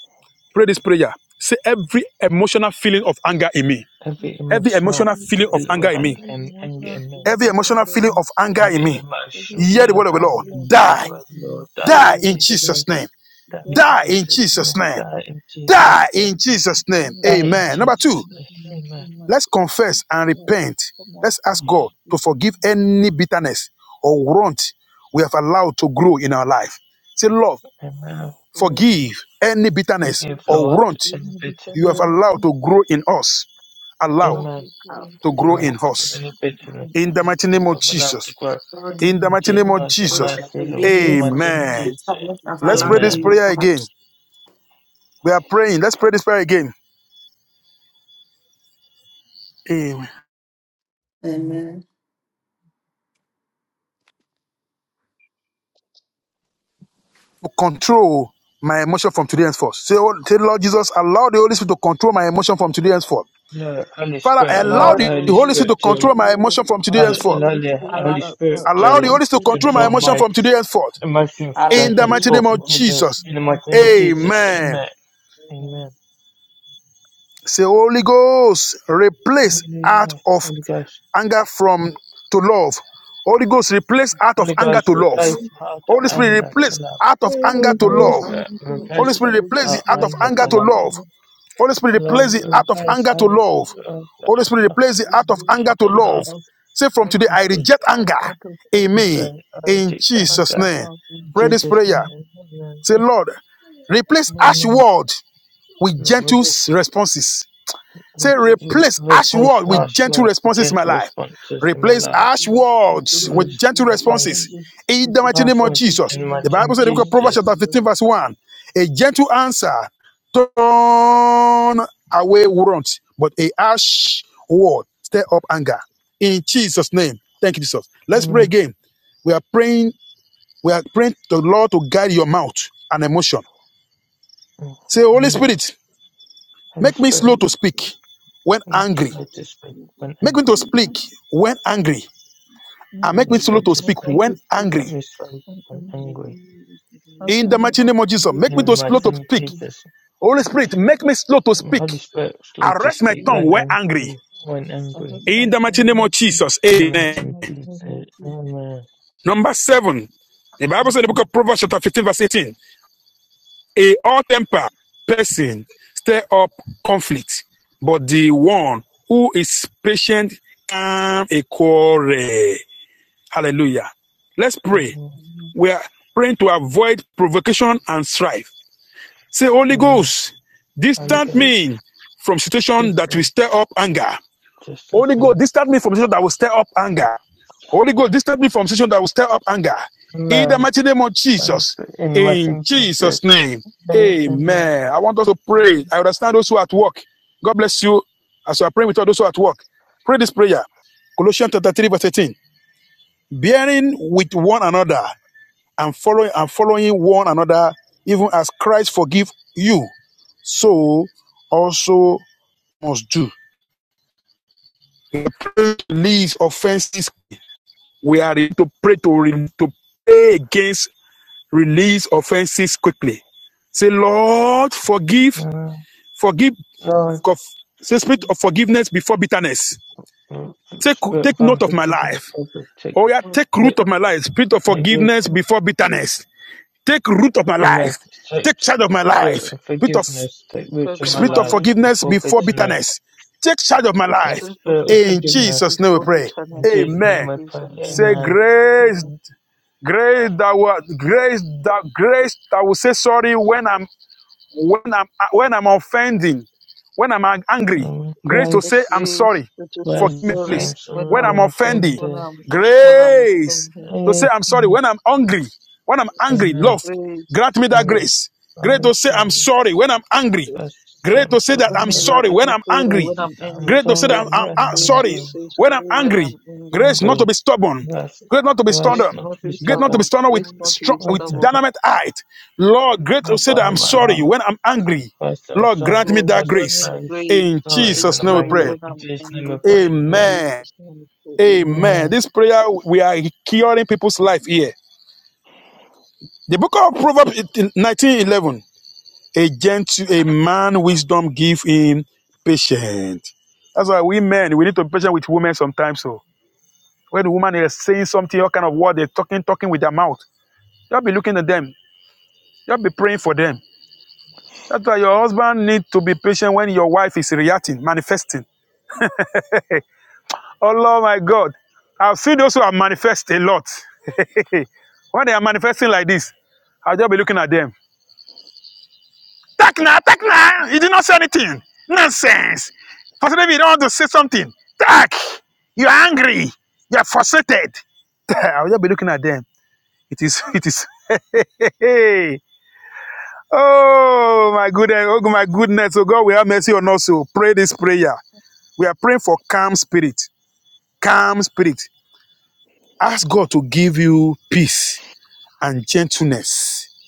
S4: Pray this prayer. Say every emotional feeling of anger in me.
S3: Every
S4: Every
S3: emotional
S4: emotional feeling
S8: every-
S4: of
S3: feel
S4: anger
S3: of
S4: in me.
S8: every
S3: anger, anger
S8: emotional
S3: in me,
S8: feeling
S4: Every
S8: of
S4: emotional
S8: anger
S4: feeling of anger in
S3: every
S4: me.
S8: The
S3: emotional
S8: great
S4: Hear the
S3: feel
S8: Lord
S4: word
S3: of
S4: of the
S8: God
S3: anger,
S4: Lord.
S8: bless and
S3: it
S4: Die
S8: will
S3: will
S8: be
S3: Lord die
S8: hear the
S4: Die
S3: in
S8: word
S4: in
S8: of
S3: Jesus'
S8: the Lord
S3: name.
S4: Jesus' name.
S3: Die in
S8: today
S4: Die
S8: in
S4: in
S8: Jesus'
S3: Jesus'
S8: name.
S4: Jesus'
S3: name.
S4: name.
S3: Die in
S4: Die
S3: Jesus'
S8: Guidance you
S4: in
S3: name.
S4: Jesus' name.
S8: and
S3: Die in
S4: Amen. Number
S8: management
S4: two,
S3: Jesus'
S8: and that
S3: name.
S8: you do
S3: Amen.
S8: not
S4: let's
S8: pass on.
S4: confess and
S8: Yes,
S4: repent.
S8: come on
S4: Let's
S8: and
S4: ask
S8: that
S4: God to
S8: Jesus.
S4: forgive
S8: name.
S4: any bitterness or want we have allowed to grow in our life. Say, Lord,
S3: Amen.
S8: Lord,
S4: forgive any bitterness
S3: Forgive,
S8: forgive
S4: or
S3: Lord,
S4: want
S8: bring
S3: any
S8: me
S4: you have
S8: bitterness,
S1: name.
S3: bitterness.
S4: allowed to grow in us.
S8: but
S4: Allow
S1: of
S3: Amen.
S8: take
S1: our
S8: away
S4: to
S8: to
S4: grow
S1: Lord,
S3: Amen.
S8: do
S4: in
S3: Forgive
S4: us.
S3: any
S8: it
S3: bitterness
S8: from
S4: In the
S8: us.
S4: mighty
S3: that
S4: name of
S3: we've allowed to
S4: Jesus.
S3: grow.
S1: Lord,
S8: And the
S4: In the
S3: In
S8: mighty
S4: mighty
S3: Jesus'
S4: name
S8: name
S4: of
S3: name,
S8: of
S3: have
S8: Jesus,
S4: Jesus.
S1: Lord,
S3: mercy, Lord.
S8: in
S1: forgive
S8: the
S3: In
S1: me
S3: my
S1: for
S8: mighty
S3: name of
S8: name
S4: Amen.
S8: of
S1: the
S3: Jesus.
S1: sadness
S8: Jesus.
S1: of
S4: Let's pray this
S8: Amen.
S1: allowing
S3: Amen.
S1: me
S4: prayer again.
S1: out.
S4: We are praying. Let's pray this prayer again. Amen.
S3: Amen.
S1: Amen.
S4: To control my emotion from today henceforth. Say, oh, Lord Jesus, allow the Holy Spirit to control my emotion from today henceforth.
S3: Lord, Holy
S4: Father,
S3: Spirit, allow
S4: allow
S1: Lord,
S3: the
S4: the
S3: Holy
S8: Oh
S4: Holy
S8: Lord,
S4: Spirit to
S3: Spirit to
S8: oh
S4: control my
S8: Lord,
S4: emotion from today
S3: al-
S8: allow the
S4: henceforth.
S3: allow
S8: Holy
S3: the
S1: I
S8: Spirit
S1: love
S3: Holy
S8: to act
S3: Spirit
S8: out
S3: to
S8: to
S4: Allow the
S1: you.
S4: Holy Spirit
S8: control
S4: to
S8: my
S4: control my
S3: control
S4: emotion
S8: emotions
S3: my
S4: from today henceforth.
S3: emotions
S1: I
S8: from
S4: In
S3: today
S4: the
S8: today
S4: mighty
S8: and
S4: name
S3: henceforth. In
S4: of
S8: from
S3: Jesus,
S4: Jesus.
S3: in
S8: the
S3: the
S8: mighty
S3: mighty name of
S8: name of
S3: Jesus.
S4: Amen.
S8: Jesus.
S3: Amen.
S8: Amen.
S3: Amen.
S4: Say, Holy Ghost, replace
S8: Holy
S3: Holy
S8: Ghost,
S4: out
S3: Ghost,
S4: of
S3: Holy Ghost,
S4: anger from to love. Holy Ghost, replace out of
S3: Holy
S4: anger to
S3: Ghost,
S4: love.
S3: replace the heart of
S4: Holy Spirit,
S3: anger to
S4: replace
S8: um,
S3: love.
S4: out of anger to
S8: replace
S3: Holy
S4: love.
S8: that,
S3: Spirit,
S8: uh,
S4: Holy
S8: Holy
S3: replace
S4: Spirit,
S8: Ghost,
S4: replace the
S3: heart of
S4: heart of
S8: replace
S3: anger
S8: out
S4: anger
S3: to
S8: of
S4: to
S3: love.
S4: love.
S8: anger,
S4: Holy Spirit,
S8: out
S3: Lord,
S4: replace
S8: to
S4: the heart
S8: love.
S4: of
S3: replace
S4: anger to
S3: heart of
S4: love. Holy Spirit,
S3: heart
S4: replace the
S3: of
S8: Holy
S4: heart of
S8: Spirit,
S3: anger
S4: anger to
S3: to
S8: replace
S4: love.
S3: love.
S8: out,
S4: Say from
S8: out,
S4: today,
S3: In
S4: I reject
S3: Jesus,
S4: anger.
S3: name, I
S8: out of anger,
S4: Amen.
S3: reject I
S4: In
S3: reject
S8: out
S4: Jesus'
S8: of
S3: anger.
S4: name.
S8: love, in
S3: In
S4: Pray this
S3: Jesus'
S8: Jesus'
S4: prayer.
S8: name.
S3: name, amen.
S4: Say, Lord, replace
S8: Amen.
S4: harsh
S3: Amen.
S4: words with
S3: Lord,
S4: gentle
S3: release-
S4: responses. Say,
S3: re-
S4: replace harsh
S3: replace
S4: words with
S3: harsh
S4: gentle
S3: work with
S4: responses in my
S3: gentle
S4: life.
S3: responses in my
S4: Replace
S3: life.
S4: harsh
S5: to
S4: words with
S3: Re-
S8: Replace
S4: gentle
S8: it,
S5: you
S8: it, and
S4: responses.
S3: Replace
S8: the
S5: the
S4: In the mighty name
S3: harsh
S4: of
S3: work
S8: responses
S4: Jesus.
S3: in
S8: in the
S3: my
S4: The
S8: mighty
S4: Bible
S3: in
S4: said in the
S8: name
S4: book of
S8: of
S4: Proverbs
S3: Jesus.
S4: chapter
S8: Jesus.
S4: 15, verse 1. A gentle answer turn away warrant, but a harsh word stir up anger. In Jesus' name. Thank you, Jesus. Let's pray
S3: Amen.
S4: again. We are praying, we are praying to the Lord to guide your mouth and emotion.
S3: Mm,
S4: Say, Holy
S3: Amen.
S4: Spirit,
S3: Hence
S4: make me
S3: square
S4: slow
S5: Holy
S4: to speak
S5: Spirit,
S4: when
S3: um, is
S4: angry
S3: largest by
S5: give us
S3: one
S4: Make me
S3: angle.
S4: to
S5: wisdom
S4: speak
S5: and
S4: when angry,
S8: Let
S4: and
S3: Um,
S4: make me
S3: is
S8: help
S4: slow
S8: me
S4: to
S5: discernment.
S8: know
S3: largest
S4: speak
S8: how
S3: by
S4: when
S8: to speak
S4: angry.
S3: um, is by
S8: and
S3: one
S8: anger.
S5: May we
S3: angle.
S5: use the and
S8: Help
S4: In
S8: me
S4: the
S8: know
S4: mighty
S8: how
S5: discernment.
S4: name of
S8: to
S4: Jesus,
S8: speak
S4: make me
S3: In
S4: to
S8: when
S4: slow to speak.
S8: angry.
S3: mathematics,
S4: Holy Spirit, make me slow to
S3: um,
S4: speak.
S3: holy Spirit, square is
S4: Arrest
S3: largest
S4: my
S3: by
S4: tongue
S3: one
S4: when angry.
S3: angle. One
S8: So
S3: angle.
S8: just
S4: In
S8: like
S4: the mighty
S8: someone
S4: name
S8: else
S4: of
S8: in
S4: Jesus,
S3: In
S4: amen.
S8: the next
S3: mathematics, um,
S8: moment,
S3: uh,
S8: you
S3: Amen,
S4: Number seven, the Bible says in the book
S8: can
S4: of Proverbs, chapter 15, verse 18, a hot-tempered person stir up conflict, but the one who is patient calm a quarrel. Hallelujah. Let's pray.
S3: Amen.
S4: We are praying to avoid provocation and strife. Say, Holy
S3: amen.
S4: Ghost,
S8: Take
S3: holy
S4: distant
S3: Ghost,
S4: me from situation that will
S3: system
S4: stir up anger.
S3: just
S4: Holy Ghost,
S3: open.
S4: distant me from situation that will stir up anger. Holy Ghost, distant me from situation that will stir up anger. In the
S3: Amen.
S4: mighty name of
S3: holy
S4: Jesus.
S3: Spirit, in the
S4: In
S3: mathematics,
S4: Jesus' name.
S3: name and Amen,
S4: Amen. I want us to pray. I understand those who are at work. God bless you as you are praying with all those who are at work. Pray this prayer. Colossians chapter 3, verse 18. Bearing with one another and following and following one another, even as Christ forgive you, so also must do. We pray to Release offenses. We are to pray to, re- to pray against release offenses quickly. Say, Lord, forgive,
S3: Amen. amen.
S4: forgive,
S3: Lord,
S4: say spirit of forgiveness before bitterness.
S3: um,
S4: Take
S3: spare
S4: take
S3: from
S4: note of my
S3: forgiveness,
S4: life.
S3: help us take
S4: Oh yeah, take
S3: take.
S4: root of my life. Spirit of
S3: take away
S4: forgiveness
S8: control,
S4: before bitterness. Take root of my
S3: and I
S4: life.
S3: take
S4: Take charge of my life.
S3: spirit of
S4: Spirit of
S3: forgiveness take
S8: take
S3: root
S8: charge
S3: in
S8: of
S3: my
S4: Spirit
S8: my
S4: of
S3: life
S8: life.
S4: forgiveness
S3: before
S8: Take
S4: before
S8: charge of the
S3: bitterness.
S4: bitterness. Take charge of my
S3: That
S4: life.
S8: spirit of
S3: spirit of
S4: In
S8: forgiveness
S4: Jesus'
S3: forgiveness.
S4: name we
S8: before
S4: pray.
S8: bitterness.
S3: In Jesus'
S8: In
S4: Amen.
S3: name I pray,
S8: Jesus' name,
S4: Say
S8: we
S3: Amen.
S8: pray.
S4: grace,
S8: Amen.
S4: grace that will grace that grace that will say sorry when I'm when I'm when I'm offending, when I'm angry.
S3: And with
S4: Grace to
S8: The
S4: say
S3: grace,
S4: I'm
S8: grace
S4: sorry.
S8: that to say
S4: Forgive
S3: grace
S4: me,
S3: the
S8: sorry
S3: same
S4: please.
S8: when
S4: When
S3: sorrow
S4: I'm
S8: I'm
S3: when
S4: offending,
S8: when
S3: offended.
S8: I'm when I'm
S4: grace
S8: offending.
S4: to say I'm sorry.
S3: Amen.
S4: When I'm hungry, when I'm angry,
S8: The
S3: Amen.
S4: love,
S8: grace
S4: grant
S8: to
S4: me that
S3: Amen.
S8: say
S4: grace.
S3: From
S4: Great to
S3: with
S4: say I'm
S3: grace,
S4: sorry when I'm angry.
S3: grace the
S4: Great
S3: same
S4: to say that
S8: forgive
S3: sorrow
S4: I'm
S8: me
S3: when
S8: that
S4: sorry when
S8: because
S4: I'm
S8: sorry
S3: grace
S4: angry.
S8: when
S3: the
S8: I'm
S3: same
S8: angry.
S4: Great to say that
S8: Give
S3: sorry
S4: I'm, I'm,
S8: me the
S3: when I'm
S4: uh,
S8: grace to
S4: sorry
S3: angry.
S8: say
S4: when I'm
S8: sorry when
S4: angry.
S8: I'm angry.
S4: Grace not to
S3: Angry.
S4: be stubborn.
S3: Grace,
S4: Grace not to be
S3: grace
S8: Grace
S4: stubborn.
S3: not to
S8: not
S3: be
S8: to be
S4: Grace not to be
S3: stubborn.
S8: stubborn.
S4: stubborn with
S8: Grace
S5: Grant us
S8: not to
S4: strong,
S8: be
S3: Grace
S4: with
S3: to
S8: stubborn.
S3: be
S4: dynamite height. Lord, great to
S3: not
S4: say that I'm
S3: on my
S8: L-
S4: sorry
S3: heart.
S4: when I'm angry.
S3: First I
S4: Lord, grant
S3: saw,
S4: me
S8: Lord,
S4: that
S3: that's the
S8: grant
S4: grace.
S8: me
S3: same
S8: grace
S4: In
S8: to
S3: story
S8: say
S3: when
S4: Jesus'
S3: I'm
S4: name we
S8: sorry
S4: pray.
S3: angry.
S8: when
S3: In
S8: I'm
S3: Jesus' name I
S8: angry.
S3: pray.
S8: In
S3: Amen.
S4: Amen.
S8: Jesus' name, we pray. amen.
S4: Amen.
S3: Amen.
S5: knowledge,
S4: This prayer, we are curing people's life here. The book of Proverbs 1911, a gentle, a man wisdom give him patience. That's why we men, we need to be patient with women sometimes. So when the woman is saying something, all kind of word, they're talking, talking with their mouth. You'll be looking at them. You'll be praying for them. That's why your husband need to be patient when your wife is reacting, manifesting. Oh Lord, my God. I've seen those who are manifest a lot. when they are manifesting like this, I'll just be looking at them. Talk now, talk now. You did not say anything. Nonsense. Pastor David, you don't want to say something. Talk. You're angry. You're frustrated. I'll just be looking at them. It is, it is. oh, my goodness. Oh, my goodness. So God, we have mercy on us. So pray this prayer. We are praying for calm spirit. Calm spirit. Ask God to give you peace and gentleness.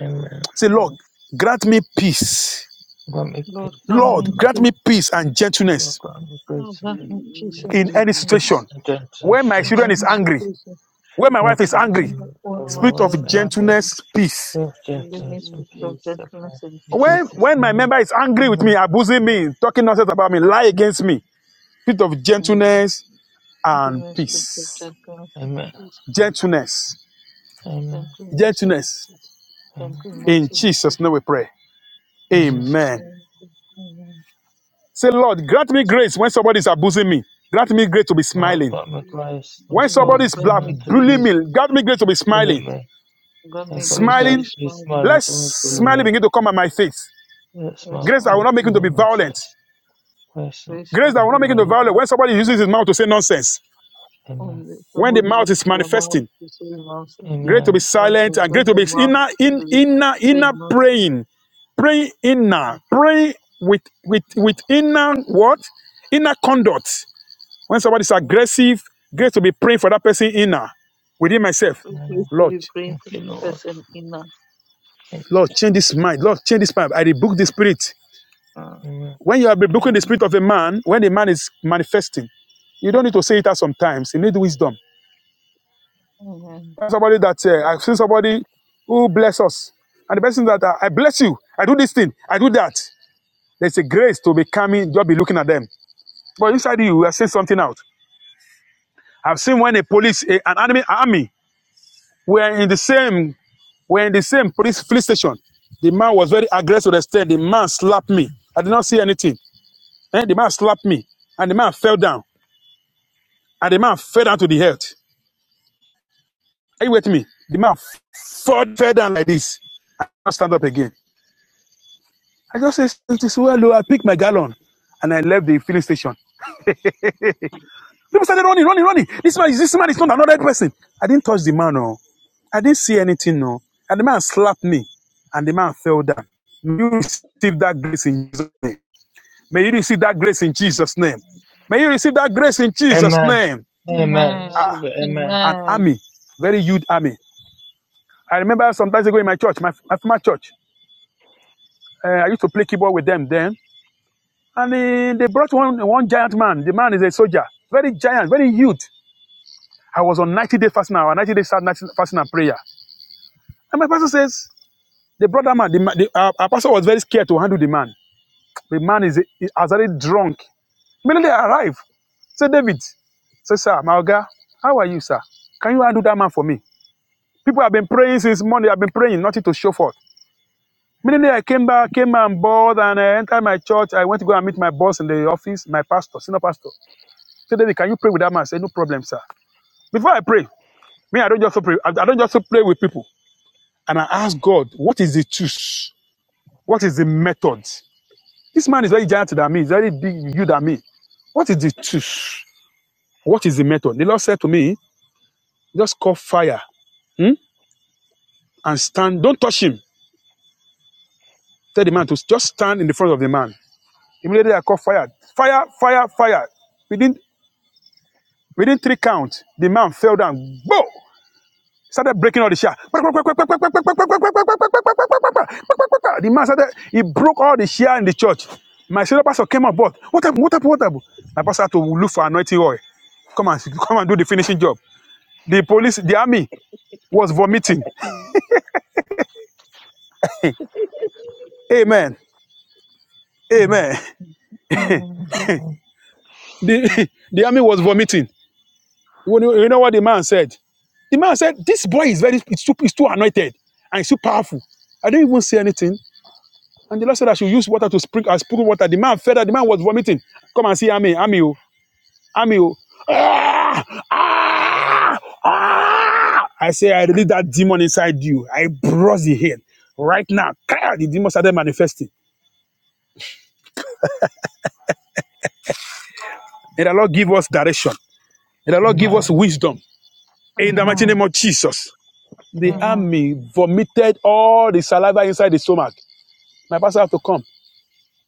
S3: Amen.
S4: Say,
S8: Mm.
S4: Lord, grant me peace.
S3: Grant me peace.
S8: Lord, grant
S4: Lord,
S8: me
S5: guidance,
S4: grant
S8: peace.
S4: me peace and
S3: Lord,
S4: gentleness
S3: grant me
S8: Lord,
S3: grace and
S5: and
S8: grant me peace
S3: peace.
S8: and
S4: in
S5: reason to
S4: any
S8: gentleness.
S3: Grace
S4: situation.
S5: discern.
S3: and gentleness,
S4: When my
S8: In
S4: children is
S8: any
S3: gentleness.
S4: angry,
S8: situation,
S4: when my wife is
S3: Righteous
S5: Grant us
S4: angry,
S8: when
S5: wisdom
S3: name
S8: I find
S3: of my
S4: spirit
S3: life
S4: of
S8: myself
S5: and
S8: not
S3: angry.
S5: discernment,
S4: gentleness,
S8: angry,
S4: peace.
S3: With
S5: and
S8: give me
S3: gentleness and
S5: grant
S8: spirit
S5: us
S8: of
S3: peace I
S5: wisdom,
S3: pray.
S8: gentleness and
S3: In
S4: When
S8: peace.
S3: Jesus'
S4: when my
S3: name.
S4: member is angry with me,
S3: Amen.
S4: abusing me, talking nonsense about me, lie against me, spirit of
S5: guidance, and
S8: Mm.
S5: insight. Grant us
S4: gentleness
S8: Give
S4: and
S8: me
S5: knowledge,
S8: spirit of
S4: peace.
S8: gentleness and
S3: Amen.
S8: peace.
S4: Gentleness,
S3: Amen.
S8: Gentleness and
S4: gentleness.
S8: peace.
S3: Amen.
S5: guidance,
S4: In
S8: Gentleness and
S5: and
S8: peace.
S4: Jesus' name we pray.
S8: In
S3: Amen.
S8: Jesus'
S4: Amen.
S8: name, we pray. Amen.
S4: Say, Lord, grant me grace when somebody is abusing me. Grant me grace to be
S3: Lord,
S4: smiling.
S3: grant me grace to be
S4: When
S3: smiling
S4: somebody
S8: Lord,
S3: when
S4: is
S8: grant
S4: bla-
S3: someone's
S8: me
S4: bullying
S3: abused,
S8: grace,
S4: me, God me grace to be smiling.
S3: bullying me.
S8: grant
S3: And
S8: me
S3: grant me
S8: grace to
S3: grace
S8: be
S4: Smiling,
S3: to be
S8: smiling
S3: smiling when
S4: let
S3: someone's bullying
S8: on
S3: me.
S4: smiling begin to come at my face.
S3: That smile
S8: as
S4: Grace that
S8: I
S4: will
S3: becomes
S4: not make him to be
S3: on
S8: begin
S3: my
S8: to
S4: violent.
S3: face. Place not
S8: grace
S3: let
S4: Grace
S8: not
S4: that
S3: me
S8: to
S4: will not
S8: be
S4: make him to be
S3: violent.
S4: violent.
S8: biting.
S4: When somebody uses his mouth to say nonsense,
S3: Amen.
S8: Only
S4: when the
S8: somebody
S4: mouth
S8: uses
S4: is
S8: their mouth
S4: manifesting,
S8: to say nonsense,
S4: grace to be
S3: Amen.
S4: silent
S8: nonsense.
S4: and grace
S8: When
S4: to
S8: the
S4: be
S8: mouth
S4: inner, in,
S8: to
S4: inner,
S8: say
S4: inner
S8: nonsense,
S4: praying. Pray inner,
S8: it's,
S4: pray with with with inner what? Inner conduct. When somebody is
S8: um,
S4: aggressive, grace to be praying for that person inner within myself.
S8: a- a grace
S3: Amen.
S8: to
S4: Lord.
S8: be praying
S3: Thank
S8: for the
S3: you, Lord.
S8: person inner.
S3: Thank
S4: Lord, change this mind. Lord, change this mind. I rebuke the spirit.
S3: you, Amen.
S4: When you are rebuking the
S8: Amen.
S4: spirit of a man, when a man is manifesting, you don't need to say it out sometimes. You need wisdom.
S8: Amen.
S4: Somebody that uh, I've seen somebody who bless us. And the person that uh, I bless you, I do this thing, I do that. There's a grace to be coming, just be looking at them. But inside you, you are seeing something out. I've seen when a police, a, an enemy army, were in the same were in the same police police station. The man was very aggressive to the extent the man slapped me. I did not see anything. Eh, the man slapped me, and the man fell down, and the man fell down to the earth. Are you with me? The man fell, fell down like this. I can't stand up again. I just said, it is well, oh," I picked my gallon, and I left the filling station. People started running, running, running. This man is this man is not another person. I didn't touch the man, no. I didn't see anything, no. And the man slapped me, and the man fell down. May you receive that grace in Jesus' name. May you receive that grace in Jesus' name. May you receive that grace in Jesus'
S3: Amen.
S4: name.
S3: Amen.
S4: Ah.
S3: Receive it. Amen.
S4: an
S8: Amen.
S4: army, very huge army. I remember some times ago in my church, my, my former church, uh, I used to play keyboard with them then. And uh, they brought one, one giant man. The man is a soldier, very giant, very huge. I was on 90 day fasting hour, 90 day fast- fasting and prayer. And my pastor says, they brought that man, the, the, uh, our pastor was very scared to handle the man. The man is, has already drunk. Immediately I arrived. Say, David, say, sir, my how are you, sir? Can you handle that man for me? People have been praying since Monday. I've been praying, nothing to show forth. Immediately I came back, came on board, and I entered my church. I went to go and meet my boss in the office, my pastor, senior pastor. He Said, David, can you pray with that man? I said, no problem, sir. Before I pray, me, I don't just pray. I don't just pray with people. And I asked God, what is the truth? What is the method? This man is very giant than me. He's very big, you than me. What is the truth? What is the method? The Lord said to me, just call fire hmm, and stand. Don't touch him. Tell the man to just stand in the front of the man. Immediately I call fire. Fire, fire, fire. Within Within three counts, the man fell down. Whoa! Started breaking all the share. The man started, he broke all the share in the church. My senior pastor came on board. What happened? What happened? What happened? My pastor had to look for anointing oil. Come and come and do the finishing job. The police, the army was vomiting. Amen.
S3: Amen.
S4: Amen.
S8: Amen.
S4: The, the army was vomiting. You know you know what the man said? The man said, This boy is very, it's too, it's too anointed and it's too powerful. I didn't even say anything. And the Lord said I should use water to sprinkle. I sprinkled water. The man fed that the man was vomiting. Come and see Ami, Ami, oh, Ami, oh. Ah, ah, ah. I say, I release that demon inside you. I brush the head. Right now, clear the demon started manifesting. And the Lord give us direction. And the Lord give us
S3: Amen.
S8: Amen.
S4: wisdom. In the mighty
S8: Amen.
S4: name of Jesus. The
S8: Amen.
S4: army vomited all the saliva inside the stomach. My pastor had to come.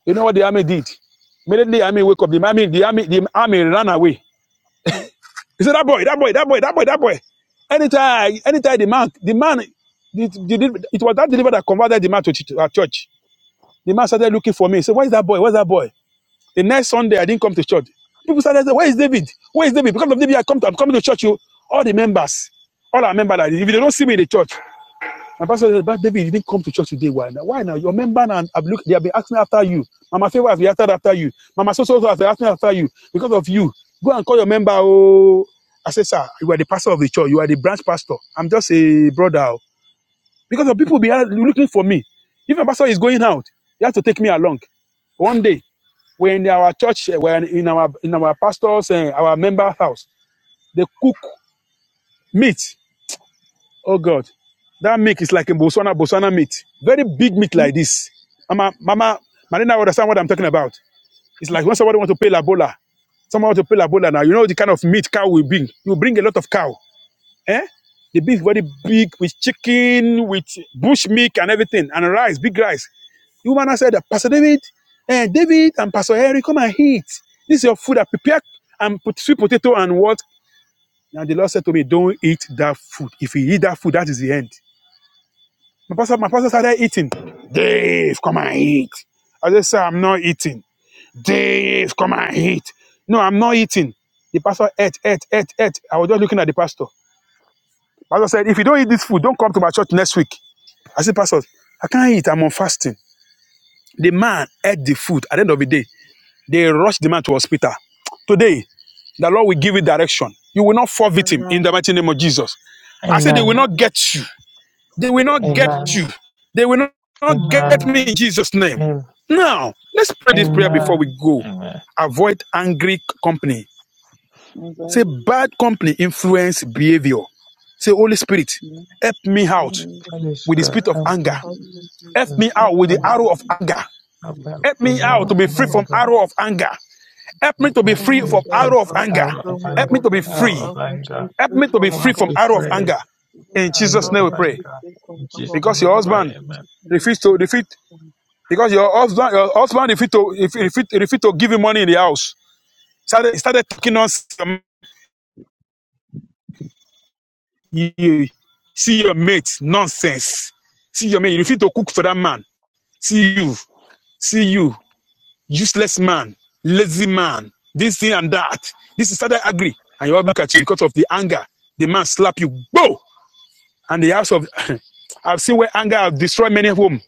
S4: You know what the army did? Immediately, the army wake up. The army, the army, the army ran away He said, that boy, that boy, that boy, that boy, that boy. Anytime, anytime the man, the man, the, the, the- it was that deliverer that converted the man to, to our church. The man started looking for me. He said, where's that boy? Where's that boy? The next Sunday, I didn't come to church. People started saying, where is David? Where is David? Because of David, I come to, I'm coming to church. You, all the members, all our members, like if they don't see me in the church, my pastor said, but David, you didn't come to church today. Why now? Why now? Your member and i have looked, they have been asking after you. Mama Favor has been asking after you. Mama So So has been asking after you because of you. Go and call your member. Oh, I said, sir, you are the pastor of the church. You are the branch pastor. I'm just a brother. oh. Because of people be looking for me. If my pastor is going out, he has to take me along. One day, we're in our church, eh, we're in our in our pastor's, eh, our member house. They cook meat Oh God, that meat is like a Botswana Botswana meat, very big meat like this. Mama, Mama, Marina, will understand what I'm talking about? It's like when somebody want to pay Labola, someone want to pay Labola now. You know the kind of meat cow will bring. You bring a lot of cow, eh? The beef very big with chicken, with bush meat and everything, and rice, big rice. The woman said, Pastor David, eh, David and Pastor Harry, come and eat. This is your food. I prepared and put sweet potato and what? And the Lord said to me, Don't eat that food. If you eat that food, that is the end. My pastor, my pastor started eating. Dave, come and eat. I just said, I'm not eating. Dave, come and eat. No, I'm not eating. The pastor ate, ate, ate, ate. I was just looking at the pastor. Pastor said, if you don't eat this food, don't come to my church next week. I said, Pastor, I can't eat. I'm on fasting. The man ate the food. At the end of the day, they rushed the man to hospital. Today, the Lord will give you direction. You will not fall victim in the
S8: Amen.
S4: mighty name of Jesus. I said, they will
S3: Amen. Amen.
S4: not
S8: Amen.
S4: get you. They will not get
S8: Amen.
S3: Amen.
S4: you. They will not not get
S3: Amen.
S4: me
S8: Amen.
S4: in Jesus' name.
S3: Amen.
S4: Now, let's pray this prayer before
S8: Amen.
S4: we
S5: Amen.
S4: go.
S3: Amen.
S4: Avoid angry company.
S5: My Bible
S4: Say
S5: is
S4: bad company influence behavior. Say, Holy Spirit,
S5: not
S4: help me out
S8: Amen.
S5: closed.
S3: Holy
S4: with the spirit
S3: Spirit,
S4: of
S3: help
S5: I
S3: me
S4: anger.
S3: out
S5: think
S8: Open,
S5: we have to
S4: Help
S5: go
S3: with the
S4: me
S5: to
S3: spirit
S4: out with
S8: open,
S3: of
S5: the
S4: the
S3: anger.
S8: and
S4: arrow of
S5: open.
S4: anger.
S3: Help me out
S4: Help
S3: with
S4: me
S3: the
S4: out to
S8: remove
S3: hour
S4: be
S3: of
S4: free from
S8: arrow
S3: anger.
S8: from
S4: arrow of anger. Help me
S3: Help
S4: to
S3: me
S4: be
S8: the
S3: out to
S4: free
S8: human
S4: from
S3: be
S8: shell
S3: free
S4: arrow of
S3: from
S8: of
S4: anger.
S3: hour of
S8: room
S4: Help
S3: anger.
S4: me
S8: arrow
S4: to be
S8: chamber.
S3: Hour
S4: free.
S3: of
S8: Help me to
S5: Thank
S3: anger.
S8: be
S4: Help
S8: free
S4: me to be
S8: from
S3: Come
S4: free from
S8: arrow
S3: to
S4: arrow of
S8: chamber.
S3: pray
S4: anger. In
S3: and
S4: Jesus'
S8: Help
S4: name
S3: of
S4: we
S8: me
S3: anger,
S8: to
S4: pray.
S8: be
S3: God.
S8: free from
S3: In Jesus'
S8: arrow
S3: name
S4: Because
S3: we
S4: your
S8: chamber in
S4: husband
S3: pray. Amen.
S8: Jesus' name.
S4: refused to refused Because your husband, your husband refused to, if if it refused to give you money in the house. Started started talking nonsense. You- See your mate, nonsense. See your mate. You refuse to cook for that man. See you, see you, useless man, lazy man. This thing and that. This is started angry, and you all look at you because of the anger. The man slap you, go, and the house of. I've seen where anger have destroyed many home.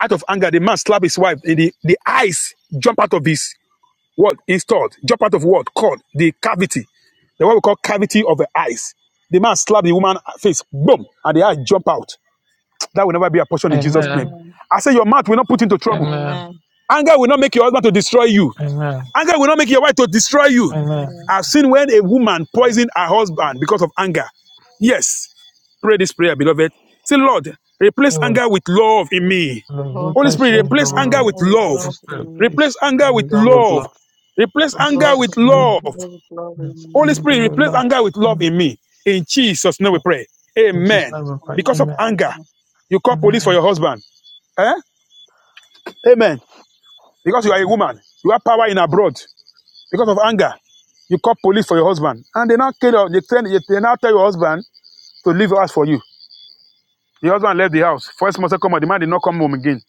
S4: Out of anger, the man slap his wife, and the, the eyes jump out of his What is thought? Jump out of what? Called the cavity. The what we call cavity of the eyes. The man slapped the woman face, boom, and the eye jump out. That will never be a portion in Jesus' name.
S3: Amen.
S8: Amen.
S4: I say your mouth will not put into trouble.
S3: Amen.
S8: Amen.
S4: Anger will not make your husband to destroy you.
S3: Amen.
S4: Anger will not make your wife to destroy you.
S3: Amen.
S8: Amen.
S4: I've seen when a woman poisoned her husband because of anger. Yes. Pray this prayer, beloved. Say, Lord,
S3: So
S4: replace
S3: Lord,
S4: anger with love in me.
S8: Lord,
S4: Holy
S3: replace
S4: Spirit,
S8: replace
S3: anger
S4: replace
S8: an
S4: anger
S3: with
S4: with
S8: arrow with
S4: love.
S3: Holy
S8: love
S3: Spirit,
S8: in me.
S4: Replace
S3: please.
S4: anger with
S3: Anger with
S4: love.
S3: love.
S4: Replace
S3: In
S4: anger
S8: Lord,
S4: with
S3: Jesus'
S8: replace
S3: name.
S4: love.
S8: an arrow with love
S3: It's
S8: in
S4: Holy
S8: me.
S4: Spirit,
S3: anger with
S4: replace
S3: love.
S4: anger with love
S3: Amen.
S4: in
S8: Yes,
S4: me. In Jesus' name we pray.
S8: in
S3: In Jesus'
S4: Amen.
S3: name
S8: Jesus'
S3: we pray.
S8: name.
S4: Because of
S3: Amen.
S4: anger,
S8: Amen.
S4: you call police for
S3: Amen.
S4: your husband. Eh? Amen because you are a woman, you have power in abroad because of anger. You call police for your husband, and they now kill your, they, tell, they now tell your husband to leave your house for you. Your husband left the house. First month, second month, the man did not come home again.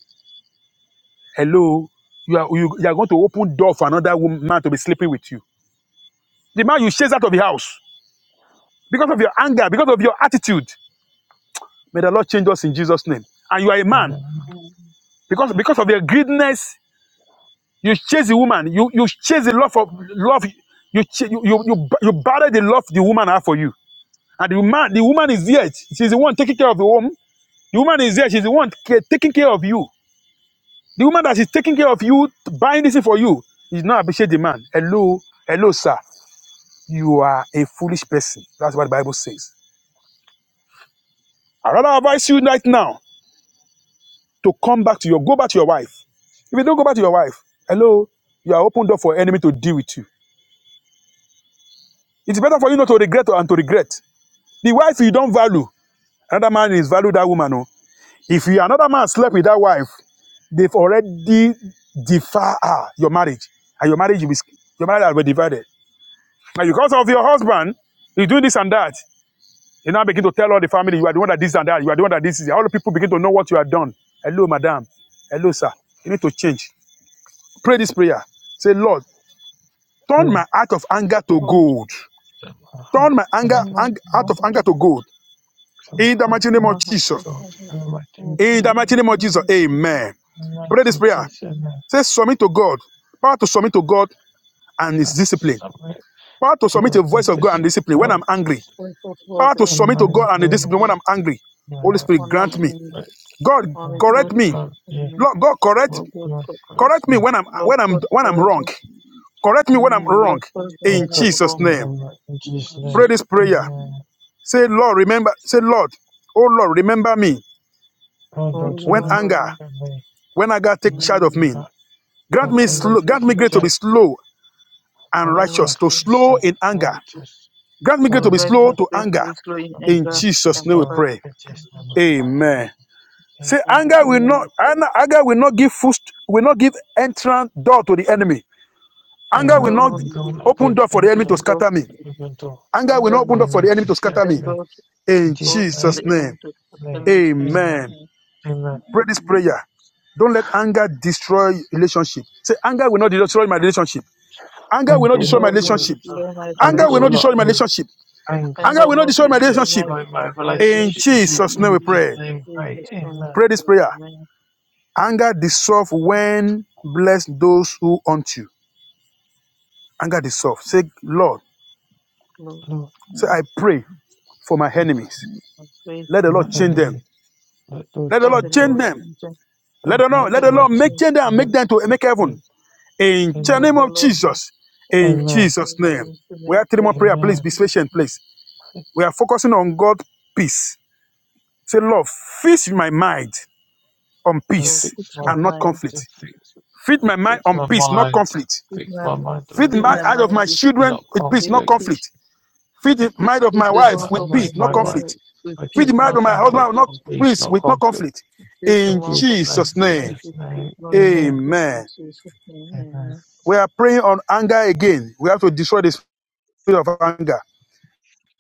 S4: Hello, you are you, you are going to open door for another woman to be sleeping with you. The man you chase out of the house because of your anger, because of your attitude. May the Lord change us in Jesus' name. And you are a man
S3: Amen.
S8: Amen.
S4: because because of your greediness, you chase the woman. You you chase the love of love. You you you you, you battle the love the woman have for you. And the man, the woman is there. She's the one taking care of the home. The woman is there. She's the one ca- taking care of you. The woman that is taking care of you, buying this thing for you, is not appreciate the man. Hello, hello, sir. You are a foolish person. That's what the Bible says. I rather advise you right now to come back to your, go back to your wife. If you don't go back to your wife, hello, you are opened up for enemy to deal with you. It's better for you not to regret and to regret. The wife you don't value, another man is value that woman. oh. If you another man slept with that wife, they've already defiled ah, your marriage, and your marriage will be your marriage will be divided. Now because of your husband, you do this and that. You now begin to tell all the family you are the one that this and that. You are the one that this is. All the people begin to know what you have done. Hello, madam. Hello, sir. You need to change. Pray this prayer. Say, Lord, turn
S3: Lord,
S4: my heart of anger to
S8: Lord,
S4: gold.
S3: set my heart
S4: Turn my
S3: of
S4: anger,
S3: anger
S8: send us
S3: to
S4: ang- heart
S8: help
S3: God.
S4: of anger
S8: us.
S4: to gold.
S3: Set my
S4: In the
S3: heart
S4: mighty
S3: of
S4: name
S8: Send
S3: anger
S4: of
S8: us help
S3: to
S8: us.
S4: Jesus.
S3: go
S8: Send us help
S3: In the mighty name of
S4: In the
S3: Jesus.
S4: mighty
S8: us.
S4: name of Jesus.
S8: Send us help
S4: Amen.
S3: In the mighty name
S4: Pray this
S3: of
S4: prayer.
S3: Jesus.
S8: us.
S3: Amen.
S4: Say submit to God. Power to submit to God and his
S3: Perhaps it's
S4: discipline.
S3: something
S4: Power to
S3: Give
S4: submit to
S8: also
S3: up
S4: the
S3: me
S4: voice of God
S3: this
S4: and
S8: significant
S4: discipline when
S8: work
S4: I'm angry.
S8: with world
S4: Power to
S8: and
S3: on
S4: submit
S3: my
S4: to God and the
S8: discipline
S4: discipline
S8: on
S3: grave,
S4: when
S8: them
S4: I'm angry.
S3: my
S4: Holy Spirit,
S3: house,
S4: grant me.
S8: and
S3: that
S4: God,
S8: on it
S3: all
S4: correct
S3: that
S8: with
S5: you
S4: me.
S3: God be
S8: discipline
S4: Lord, God,
S5: for
S4: correct,
S3: good
S8: for
S3: to
S8: good
S3: my grace
S4: correct me
S3: me.
S4: when I'm
S8: Lord
S4: when I'm
S5: your
S4: when I'm wrong.
S8: corporation
S4: Correct me when I'm
S8: Lord
S4: wrong.
S5: Mm,
S8: person
S5: mm,
S8: local
S3: And
S4: In
S5: mm,
S8: when
S3: cut
S8: I'm
S4: Jesus'
S8: wrong
S4: name.
S3: remember in Jesus'
S8: Lord
S5: in
S3: name.
S4: Pray this
S8: Jesus
S5: Jesus'
S4: prayer.
S8: and
S3: Amen.
S4: Say, Lord, remember, say, Lord, oh Lord, remember me
S3: God
S8: Lord
S3: don't
S5: Hold
S4: when
S5: on,
S3: remember
S8: remember
S4: anger,
S8: me
S3: me
S4: when anger take
S3: when I
S4: charge of
S5: mm,
S3: can
S4: me.
S3: God
S4: Grant
S3: I
S8: on
S4: me
S8: in the
S3: under
S4: slow, grant
S8: face
S4: me
S3: the
S8: of
S4: grace to be
S3: death
S8: God
S4: slow and
S3: of
S8: and me
S4: righteous, to
S3: Christ
S8: please
S4: slow
S3: Islam,
S4: in anger
S3: righteous,
S4: Grant me grace to be
S3: dominant
S8: guide
S4: slow
S8: me
S4: to
S8: pray
S4: anger.
S8: please Lord in
S3: of the
S4: In
S8: anger
S3: Christ
S4: Jesus'
S3: is
S8: and
S4: name we
S3: love,
S8: right
S4: pray.
S3: it
S8: and
S3: is never
S8: hatred
S3: by
S4: Amen.
S3: him.
S4: Say
S8: and
S4: anger will not
S5: mm,
S4: anger will not give foot will not give entrance door to the enemy. Anger
S8: and
S4: will
S8: do
S3: Amen.
S4: not
S8: not
S3: I'm
S5: mm,
S3: going
S8: give
S3: to
S4: open
S3: give an
S4: door for the enemy to
S5: mm.
S3: entrance,
S8: yourself
S4: scatter
S8: to
S4: me.
S8: the
S3: even though
S4: Anger
S8: and
S4: will not
S8: will
S4: open
S3: the
S4: door
S8: not
S4: for
S3: enemy
S4: the enemy to
S3: is scared
S4: scatter
S3: to
S8: open
S4: me.
S3: scatter me.
S8: door to
S3: In
S4: In
S3: Jesus'
S8: go
S3: name.
S8: to
S4: Jesus'
S8: the
S5: mm.
S4: name.
S8: enemy to the
S3: Amen.
S8: means
S3: Amen.
S4: Amen.
S3: Amen.
S4: Pray this
S8: Amen.
S4: prayer. Don't let anger destroy relationship. Say anger will not destroy my relationship. Anger will not
S3: Anger will
S8: And
S4: destroy my
S3: not
S5: I'm
S8: will
S5: gonna
S8: not
S3: angle it.
S4: relationship.
S3: So
S5: do
S8: destroy my
S4: Anger
S3: Anger
S4: will
S3: will
S4: not
S5: this.
S3: not
S4: destroy
S8: relationship.
S4: my
S3: do it.
S4: relationship.
S8: And
S4: Anger
S8: I'll
S4: will not
S8: not
S4: destroy my
S8: destroy
S5: I'm-
S8: my
S4: relationship.
S3: destroy my
S8: my
S4: In
S3: relationship.
S8: relationship
S4: Jesus'
S5: I'm
S4: name we
S3: Jesus'
S5: gonna-
S4: pray.
S8: with
S3: name, pray.
S8: Jesus Christ.
S3: Amen.
S4: Pray this prayer.
S8: Amen.
S4: Anger dissolve when bless those who haunt you. Anger dissolve. Say, Lord,
S8: Lord,
S3: Lord,
S4: say, I pray for my
S3: I pray
S4: enemies.
S8: I pray
S4: Let
S8: for
S4: the
S3: for
S8: my
S3: my
S4: Lord change
S8: enemy.
S4: them.
S3: enemy. Let Lord
S4: Let the
S8: For
S4: Lord
S8: the
S3: change
S4: change
S3: him.
S8: Lord
S4: them.
S8: sends them.
S3: Let
S4: Let the
S3: Lord
S8: For
S4: Lord, let
S8: the
S4: the
S8: Lord
S4: Lord
S3: change
S4: make
S3: him.
S8: sends
S4: change them and
S3: Let,
S4: make them to make
S3: let,
S4: heaven. In
S8: them.
S4: the
S8: For
S4: name
S3: amen.
S8: the
S4: of
S8: Lord make,
S4: Jesus. In
S8: make,
S3: Amen.
S4: Jesus'
S8: make
S4: name.
S8: them to
S4: We
S8: make
S4: have three more
S8: heaven
S4: prayer.
S8: in
S4: Please
S3: Amen.
S4: be
S8: Jesus'
S4: patient,
S8: name.
S4: please. We are focusing on God peace. Say, Lord, feed my mind on
S3: Lord,
S8: Lord,
S4: peace
S3: fix
S8: fix
S3: my,
S8: my
S4: and not
S8: mind.
S3: to
S4: conflict.
S3: fix,
S4: Feed
S3: to
S4: my mind
S3: fix
S4: on
S3: my
S8: Lord,
S4: peace, not
S3: mind.
S4: conflict.
S8: fix
S3: Fix
S8: my,
S3: my mind
S4: Feed
S3: on
S4: the
S8: fix my
S3: peace
S4: mind of my
S8: mind with,
S3: and
S4: children
S3: not
S4: with peace,
S8: with
S4: not
S3: conflict.
S8: peace.
S4: conflict.
S3: I
S4: Feed the
S3: think
S8: Fix
S3: it's,
S4: mind of
S8: fix
S4: my
S8: the
S4: wife
S3: I,
S8: north
S4: with
S8: of my
S3: mind
S4: peace, not
S3: my
S8: children
S3: wife,
S8: with
S4: conflict.
S8: with
S3: my
S4: Feed
S8: peace,
S4: the
S3: children,
S4: mind
S3: my
S4: of
S8: not
S4: my husband
S3: family
S4: with
S8: conflict.
S4: not
S3: on peace,
S4: peace,
S3: not
S4: with no
S3: conflict.
S4: conflict.
S8: Give the
S3: In
S4: In
S8: mouth of
S3: Jesus'
S8: my
S3: name,
S4: Jesus' name,
S8: husband
S3: Jesus'
S8: the truth,
S3: name,
S8: not
S3: amen,
S8: conflict in
S4: Amen.
S8: Jesus' name.
S3: amen,
S8: Amen.
S4: We are praying on anger again. We have to destroy the spirit of anger.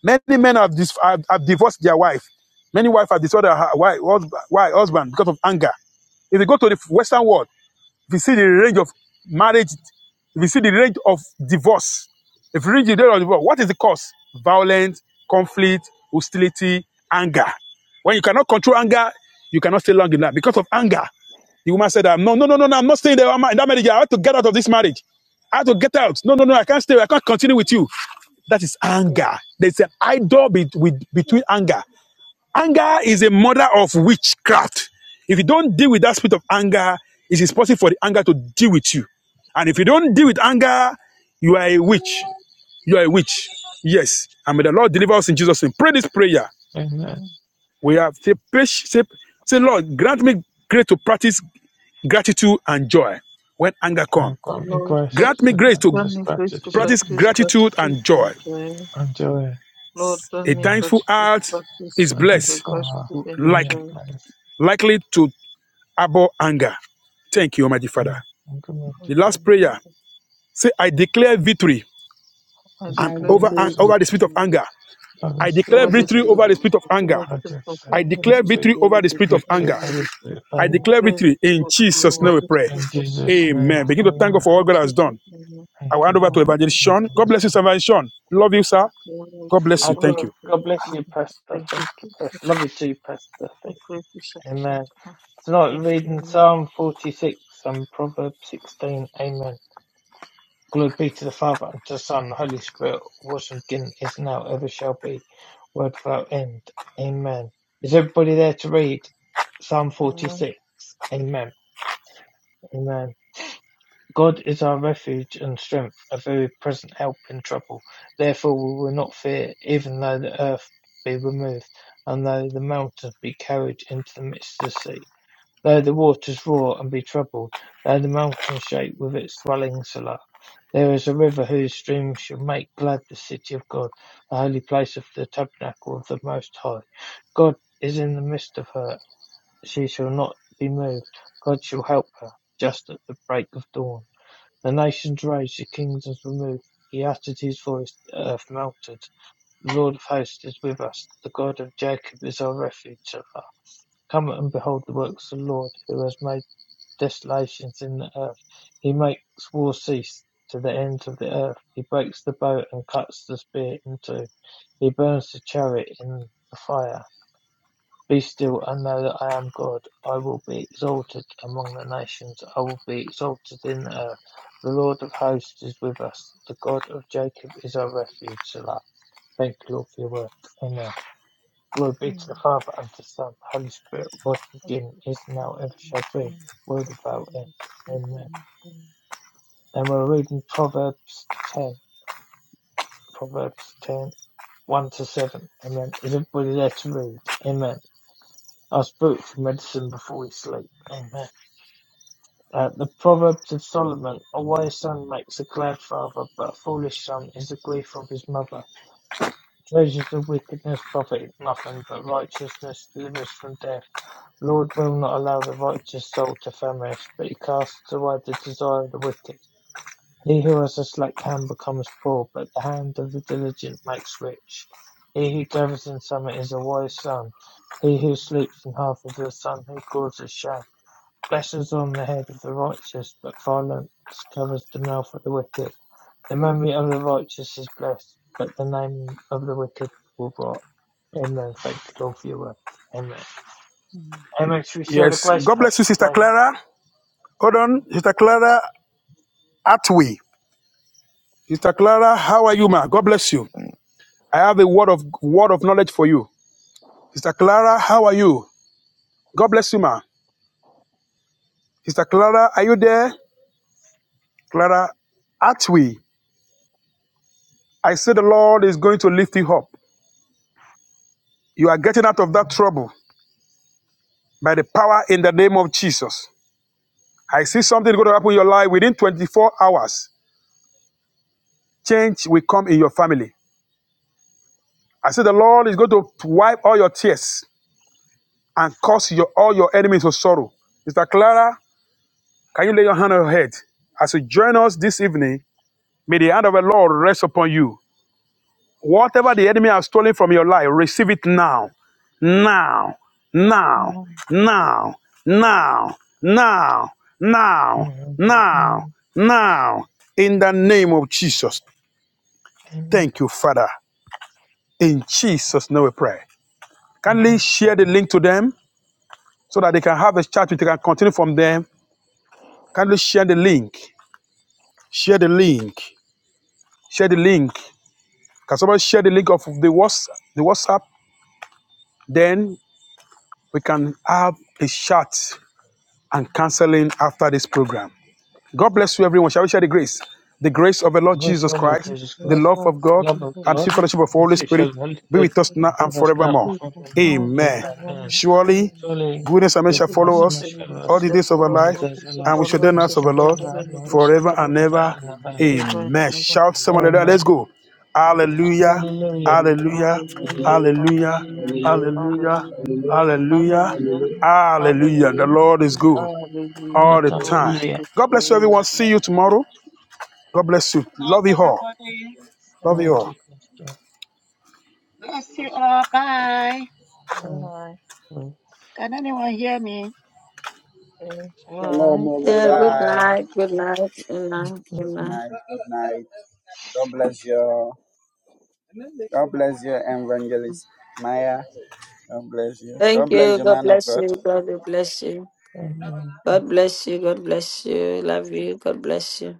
S4: Many men have, dis- have, have divorced their wife. Many wives have destroyed their hu- wi- husband because of anger. If you go to the Western world, If you see the range of marriage, if you see the range of divorce, if you read the range of divorce, what is the cause? Violence, conflict, hostility, anger. When you cannot control anger, you cannot stay long enough. Because of anger, the woman said, No, no, no, no, no, I'm not staying there I'm in that marriage. I have to get out of this marriage. I have to get out. No, no, no, I can't stay. I can't continue with you. That is anger. There's an idol be- with- between anger. Anger is a mother of witchcraft. If you don't deal with that spirit of anger, it is possible for the anger to deal with you. And if you don't deal with anger, you are a
S5: Yes,
S4: witch. You are a witch. Yes. And may the Lord deliver us in Jesus' name. Pray this prayer.
S3: amen.
S8: Amen.
S4: We have say, say, say Lord, grant me grace to practice gratitude and joy when anger comes.
S3: have got me
S8: Lord,
S3: grace
S4: Grant
S8: pract-
S4: me
S3: to
S4: grace to
S8: grant
S3: practice
S8: me grace to
S3: gratitude
S4: practice
S8: practice
S4: gratitude
S8: gratitude
S4: and
S8: and
S4: joy.
S8: joy.
S3: and joy.
S8: Lord, grant
S4: A
S8: me
S3: Amen.
S4: thankful
S8: gratitude,
S4: heart is
S8: practice
S3: I thank
S8: the
S4: blessed,
S3: Father
S8: gratitude and
S3: in
S4: like
S3: your
S8: joy.
S3: place.
S4: likely to abhor anger. Thank you, Almighty Father.
S3: Amen. And glory to
S4: The
S3: God.
S4: last
S8: Amen.
S4: prayer say, I declare victory
S3: I
S8: I
S5: I
S4: and
S3: declare
S8: declare
S4: over,
S5: receive
S8: victory
S3: victory
S5: it.
S4: over the spirit of
S5: I
S4: anger.
S3: by the
S4: I
S3: Spirit
S4: declare
S8: over
S3: of
S8: the
S4: victory
S5: receive it.
S8: spirit
S4: over
S3: anger.
S4: the
S5: I
S4: spirit of anger.
S8: over
S3: I
S8: the spirit of
S4: I
S3: declare
S8: envy.
S4: declare victory
S3: victory,
S4: over
S5: receive
S4: the
S5: it.
S4: spirit of
S8: and
S4: anger.
S3: victory
S5: I
S8: I
S3: by the
S8: de-
S3: Spirit of
S4: I
S8: I
S3: anger.
S4: declare
S8: declare
S4: victory in
S8: victory
S5: receive
S4: Jesus' name
S8: over
S5: it.
S4: we
S8: the
S4: pray.
S3: In
S8: spirit of
S3: Jesus'
S8: envy.
S3: name,
S4: Amen. Begin to thank God
S3: amen.
S4: for all
S8: In
S4: God has
S8: Jesus'
S4: done.
S8: name, I
S4: I
S8: pray.
S4: will
S3: Thank
S4: hand
S3: you,
S4: over to
S3: Lord.
S8: Amen.
S4: Evangelist
S8: Thank
S3: Thank
S8: you,
S4: Sean.
S3: you,
S4: God
S3: Lord.
S8: Jesus.
S4: bless you, Evangelist Sean. Love you,
S8: Thank
S4: sir.
S8: you, glory
S4: God
S8: to you,
S4: bless you.
S3: Uh, God,
S4: Thank
S8: honor,
S4: you.
S8: thank
S3: God
S8: you,
S3: bless
S8: Father.
S3: you, Pastor.
S8: Thank you,
S3: Thank you, Pastor.
S8: Jesus,
S3: Love you too, Pastor.
S8: for
S3: Thank
S8: great
S3: you.
S8: deception.
S3: Amen. Tonight we're
S8: Thank you,
S3: reading
S8: Lord.
S3: Psalm 46 and Proverbs 16. Amen. Glory be to the Father, and to the Son, and the Holy Spirit, was and beginning, is now, ever shall be, word without end. Amen. Is everybody there to read Psalm
S8: Amen.
S3: 46? Amen. Amen. God is our refuge and strength, a very present help in trouble. Therefore we will not fear, even though the earth be removed, and though the mountains be carried into the midst of the sea. Though the waters roar and be troubled, though the mountains shake with its swelling Selah. There is a river whose streams shall make glad the city of God, the holy place of the tabernacle of the Most High. God is in the midst of her. She shall not be moved. God shall help her just at the break of dawn. The nations raged, the kingdoms were moved. He uttered his voice, the earth melted. The Lord of hosts is with us. The God of Jacob is our refuge. Come and behold the works of the Lord, who has made desolations in the earth. He makes war cease to the ends of the earth. He breaks the bow and cuts the spear in two. He burns the chariot in the fire. Be still and know that I am God. I will be exalted among the nations. I will be exalted in the earth. The Lord of hosts is with us. The God of Jacob is our refuge. Selah. Thank you, Lord, for your word. Amen. Glory be to the
S8: Amen.
S3: Father and to the Son, the Holy Spirit, was
S8: Let's
S3: beginning, is
S8: pray
S3: now, ever
S8: for you,
S3: shall be,
S8: Lord.
S3: world
S8: Thank you,
S3: without end.
S8: Lord. Thank you, Lord,
S3: Amen.
S8: amen.
S3: And we're reading Proverbs 10. Proverbs ten, one to 7. Amen. Is everybody there to read? Amen. Our spiritual medicine before we sleep. Amen. Uh, the Proverbs of Solomon A wise son makes a glad father, but a foolish son is the grief of his mother. Treasures of wickedness profit nothing, but righteousness delivers from death. Lord will not allow the righteous soul to famish, but he casts away the desire of the wicked. He who has a slack hand becomes poor, but the hand of the diligent makes rich. He who gathers in summer is a wise son. He who sleeps in half is a son who causes shame. Blessings on the head of the righteous, but violence covers the mouth of the wicked. The memory of the righteous is blessed, but the name of the wicked will rot. Amen. Thank the Lord for your word. Amen.
S8: Amen.
S3: Amen. Shall we share the
S4: Yes.
S3: grace,
S4: God bless
S3: Pastor
S4: you, Sister
S3: David?
S4: Clara. Hold on. Sister Clara Atwee. Sister Clara, how are you, ma? God bless you. I have a word of word of knowledge for you. Sister Clara, how are you? God bless you, ma. Sister Clara, are you there? Clara Atwi, I say the Lord is going to lift you up. You are getting out of that trouble by the power in the name of Jesus. I see something going to happen in your life within 24 hours. Change will come in your family. I say the Lord is going to wipe all your tears and cause your, all your enemies to sorrow. Sister Clara, can you lay your hand on your head as you join us this evening? May the hand of the Lord rest upon you. Whatever the enemy has stolen from your life, receive it now. Now. Now.
S8: Amen. Amen.
S4: Now. Now. Now. Now.
S3: Amen.
S4: Now.
S3: Amen.
S4: Now. In the name of Jesus.
S3: Amen.
S4: Thank you, Father. In Jesus' name we pray. Kindly
S3: Amen.
S4: share the link to them so that they can have a chat with you. can continue from them. Kindly share the link. Share the link. Share the link. Can somebody share the link of the WhatsApp? The WhatsApp. Then we can have a chat and counseling after this program. God bless you, everyone. Shall we share the grace? The grace of the
S3: The
S4: Lord
S3: grace of
S4: Jesus
S3: our Lord
S8: And
S4: Christ,
S8: Let's
S3: Jesus
S4: the
S8: let's
S3: Christ,
S4: love of
S8: bless
S3: the
S4: God,
S3: love
S8: the
S3: of
S8: Lord.
S4: and
S3: God,
S4: the
S8: Let's
S4: fellowship of the
S3: and the
S4: Holy
S8: praise
S3: sweet
S4: Spirit
S3: fellowship of the Holy
S4: be
S3: Spirit
S4: with us
S8: the
S3: be
S4: now and
S3: with us
S8: Lord.
S3: now
S4: forevermore.
S3: and
S8: We pray for
S3: forevermore.
S8: now and
S3: Amen.
S4: Amen.
S8: for all
S3: Amen.
S8: that.
S4: Surely,
S8: Amen.
S3: Surely
S4: goodness and mercy
S8: The
S4: shall
S3: goodness
S4: follow
S3: and
S8: beginnings
S4: us
S8: and
S3: mercy
S8: the
S3: follow
S8: music
S4: all
S3: us
S4: the
S8: that
S4: days of our
S3: all
S8: follows
S3: the
S4: life,
S8: all
S3: days of our
S8: this of
S4: and
S3: life,
S4: we
S8: our
S4: shall then
S8: lives
S3: and we
S4: ask
S8: and
S4: of
S3: shall
S4: the
S8: the
S4: Lord
S3: dwell
S8: in
S3: in the
S8: the
S3: house
S8: grace of
S4: forever
S8: the Lord
S3: of
S4: and
S3: the Lord forever
S4: ever.
S3: and ever.
S8: forever
S4: Amen.
S8: and
S4: Shout someone like that.
S8: ever.
S3: Amen.
S4: Let's go. Hallelujah.
S3: Hallelujah.
S8: Hallelujah,
S4: Hallelujah.
S8: hallelujah,
S3: Hallelujah.
S9: Hallelujah,
S4: Hallelujah.
S8: hallelujah,
S3: Hallelujah.
S9: hallelujah,
S4: Hallelujah.
S8: hallelujah,
S4: Hallelujah.
S8: hallelujah,
S9: hallelujah,
S4: Hallelujah. The
S8: hallelujah,
S4: Lord is
S9: hallelujah.
S4: good
S8: hallelujah.
S3: All the
S4: all
S8: The
S4: the
S3: time.
S8: Lord
S4: time.
S8: is
S3: Hallelujah.
S8: good
S4: God
S8: to
S4: bless you,
S8: all
S4: everyone.
S3: Amen.
S4: See you tomorrow.
S10: Good
S4: God bless you.
S10: night,
S4: Love you all.
S10: everybody.
S4: Love
S3: Glory
S4: you
S8: the
S4: all.
S3: to Christ.
S10: Bless you all. Bye.
S3: Amen.
S10: Can anyone hear me?
S8: time.
S9: Shalom,
S10: Let me-
S11: Yeah,
S1: Yeah,
S10: Papa.
S1: good
S9: everyone.
S11: bye.
S1: night, good night, good night, good
S11: Good
S1: night.
S3: Amen.
S11: night. Good night. God bless you. God bless you, Evangelist Maya. God bless you. God
S1: Thank
S11: bless
S1: you.
S11: you,
S1: God
S11: man of
S1: bless
S11: God.
S1: you. God will bless you.
S3: Amen.
S1: God bless you. God bless you. Love you. God bless you.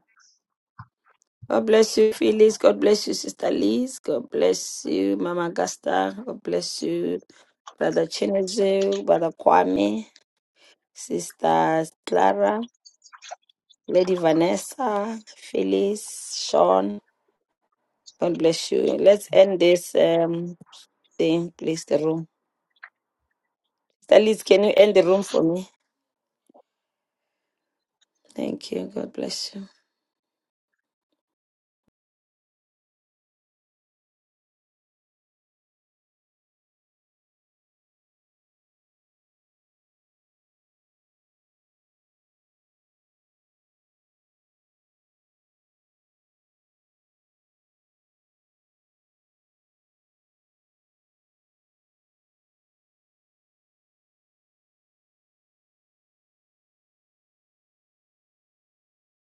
S1: God bless you, Phyllis. God bless you, Sister Liz. God bless you, Mama Gasta. God bless you, Brother Chinedu, Brother Kwame, Sister Clara, Lady Vanessa, Phyllis, Sean. God bless you. Let's end this um thing, please. The room. Sister Liz, can you end the room for me? Thank you. God bless you.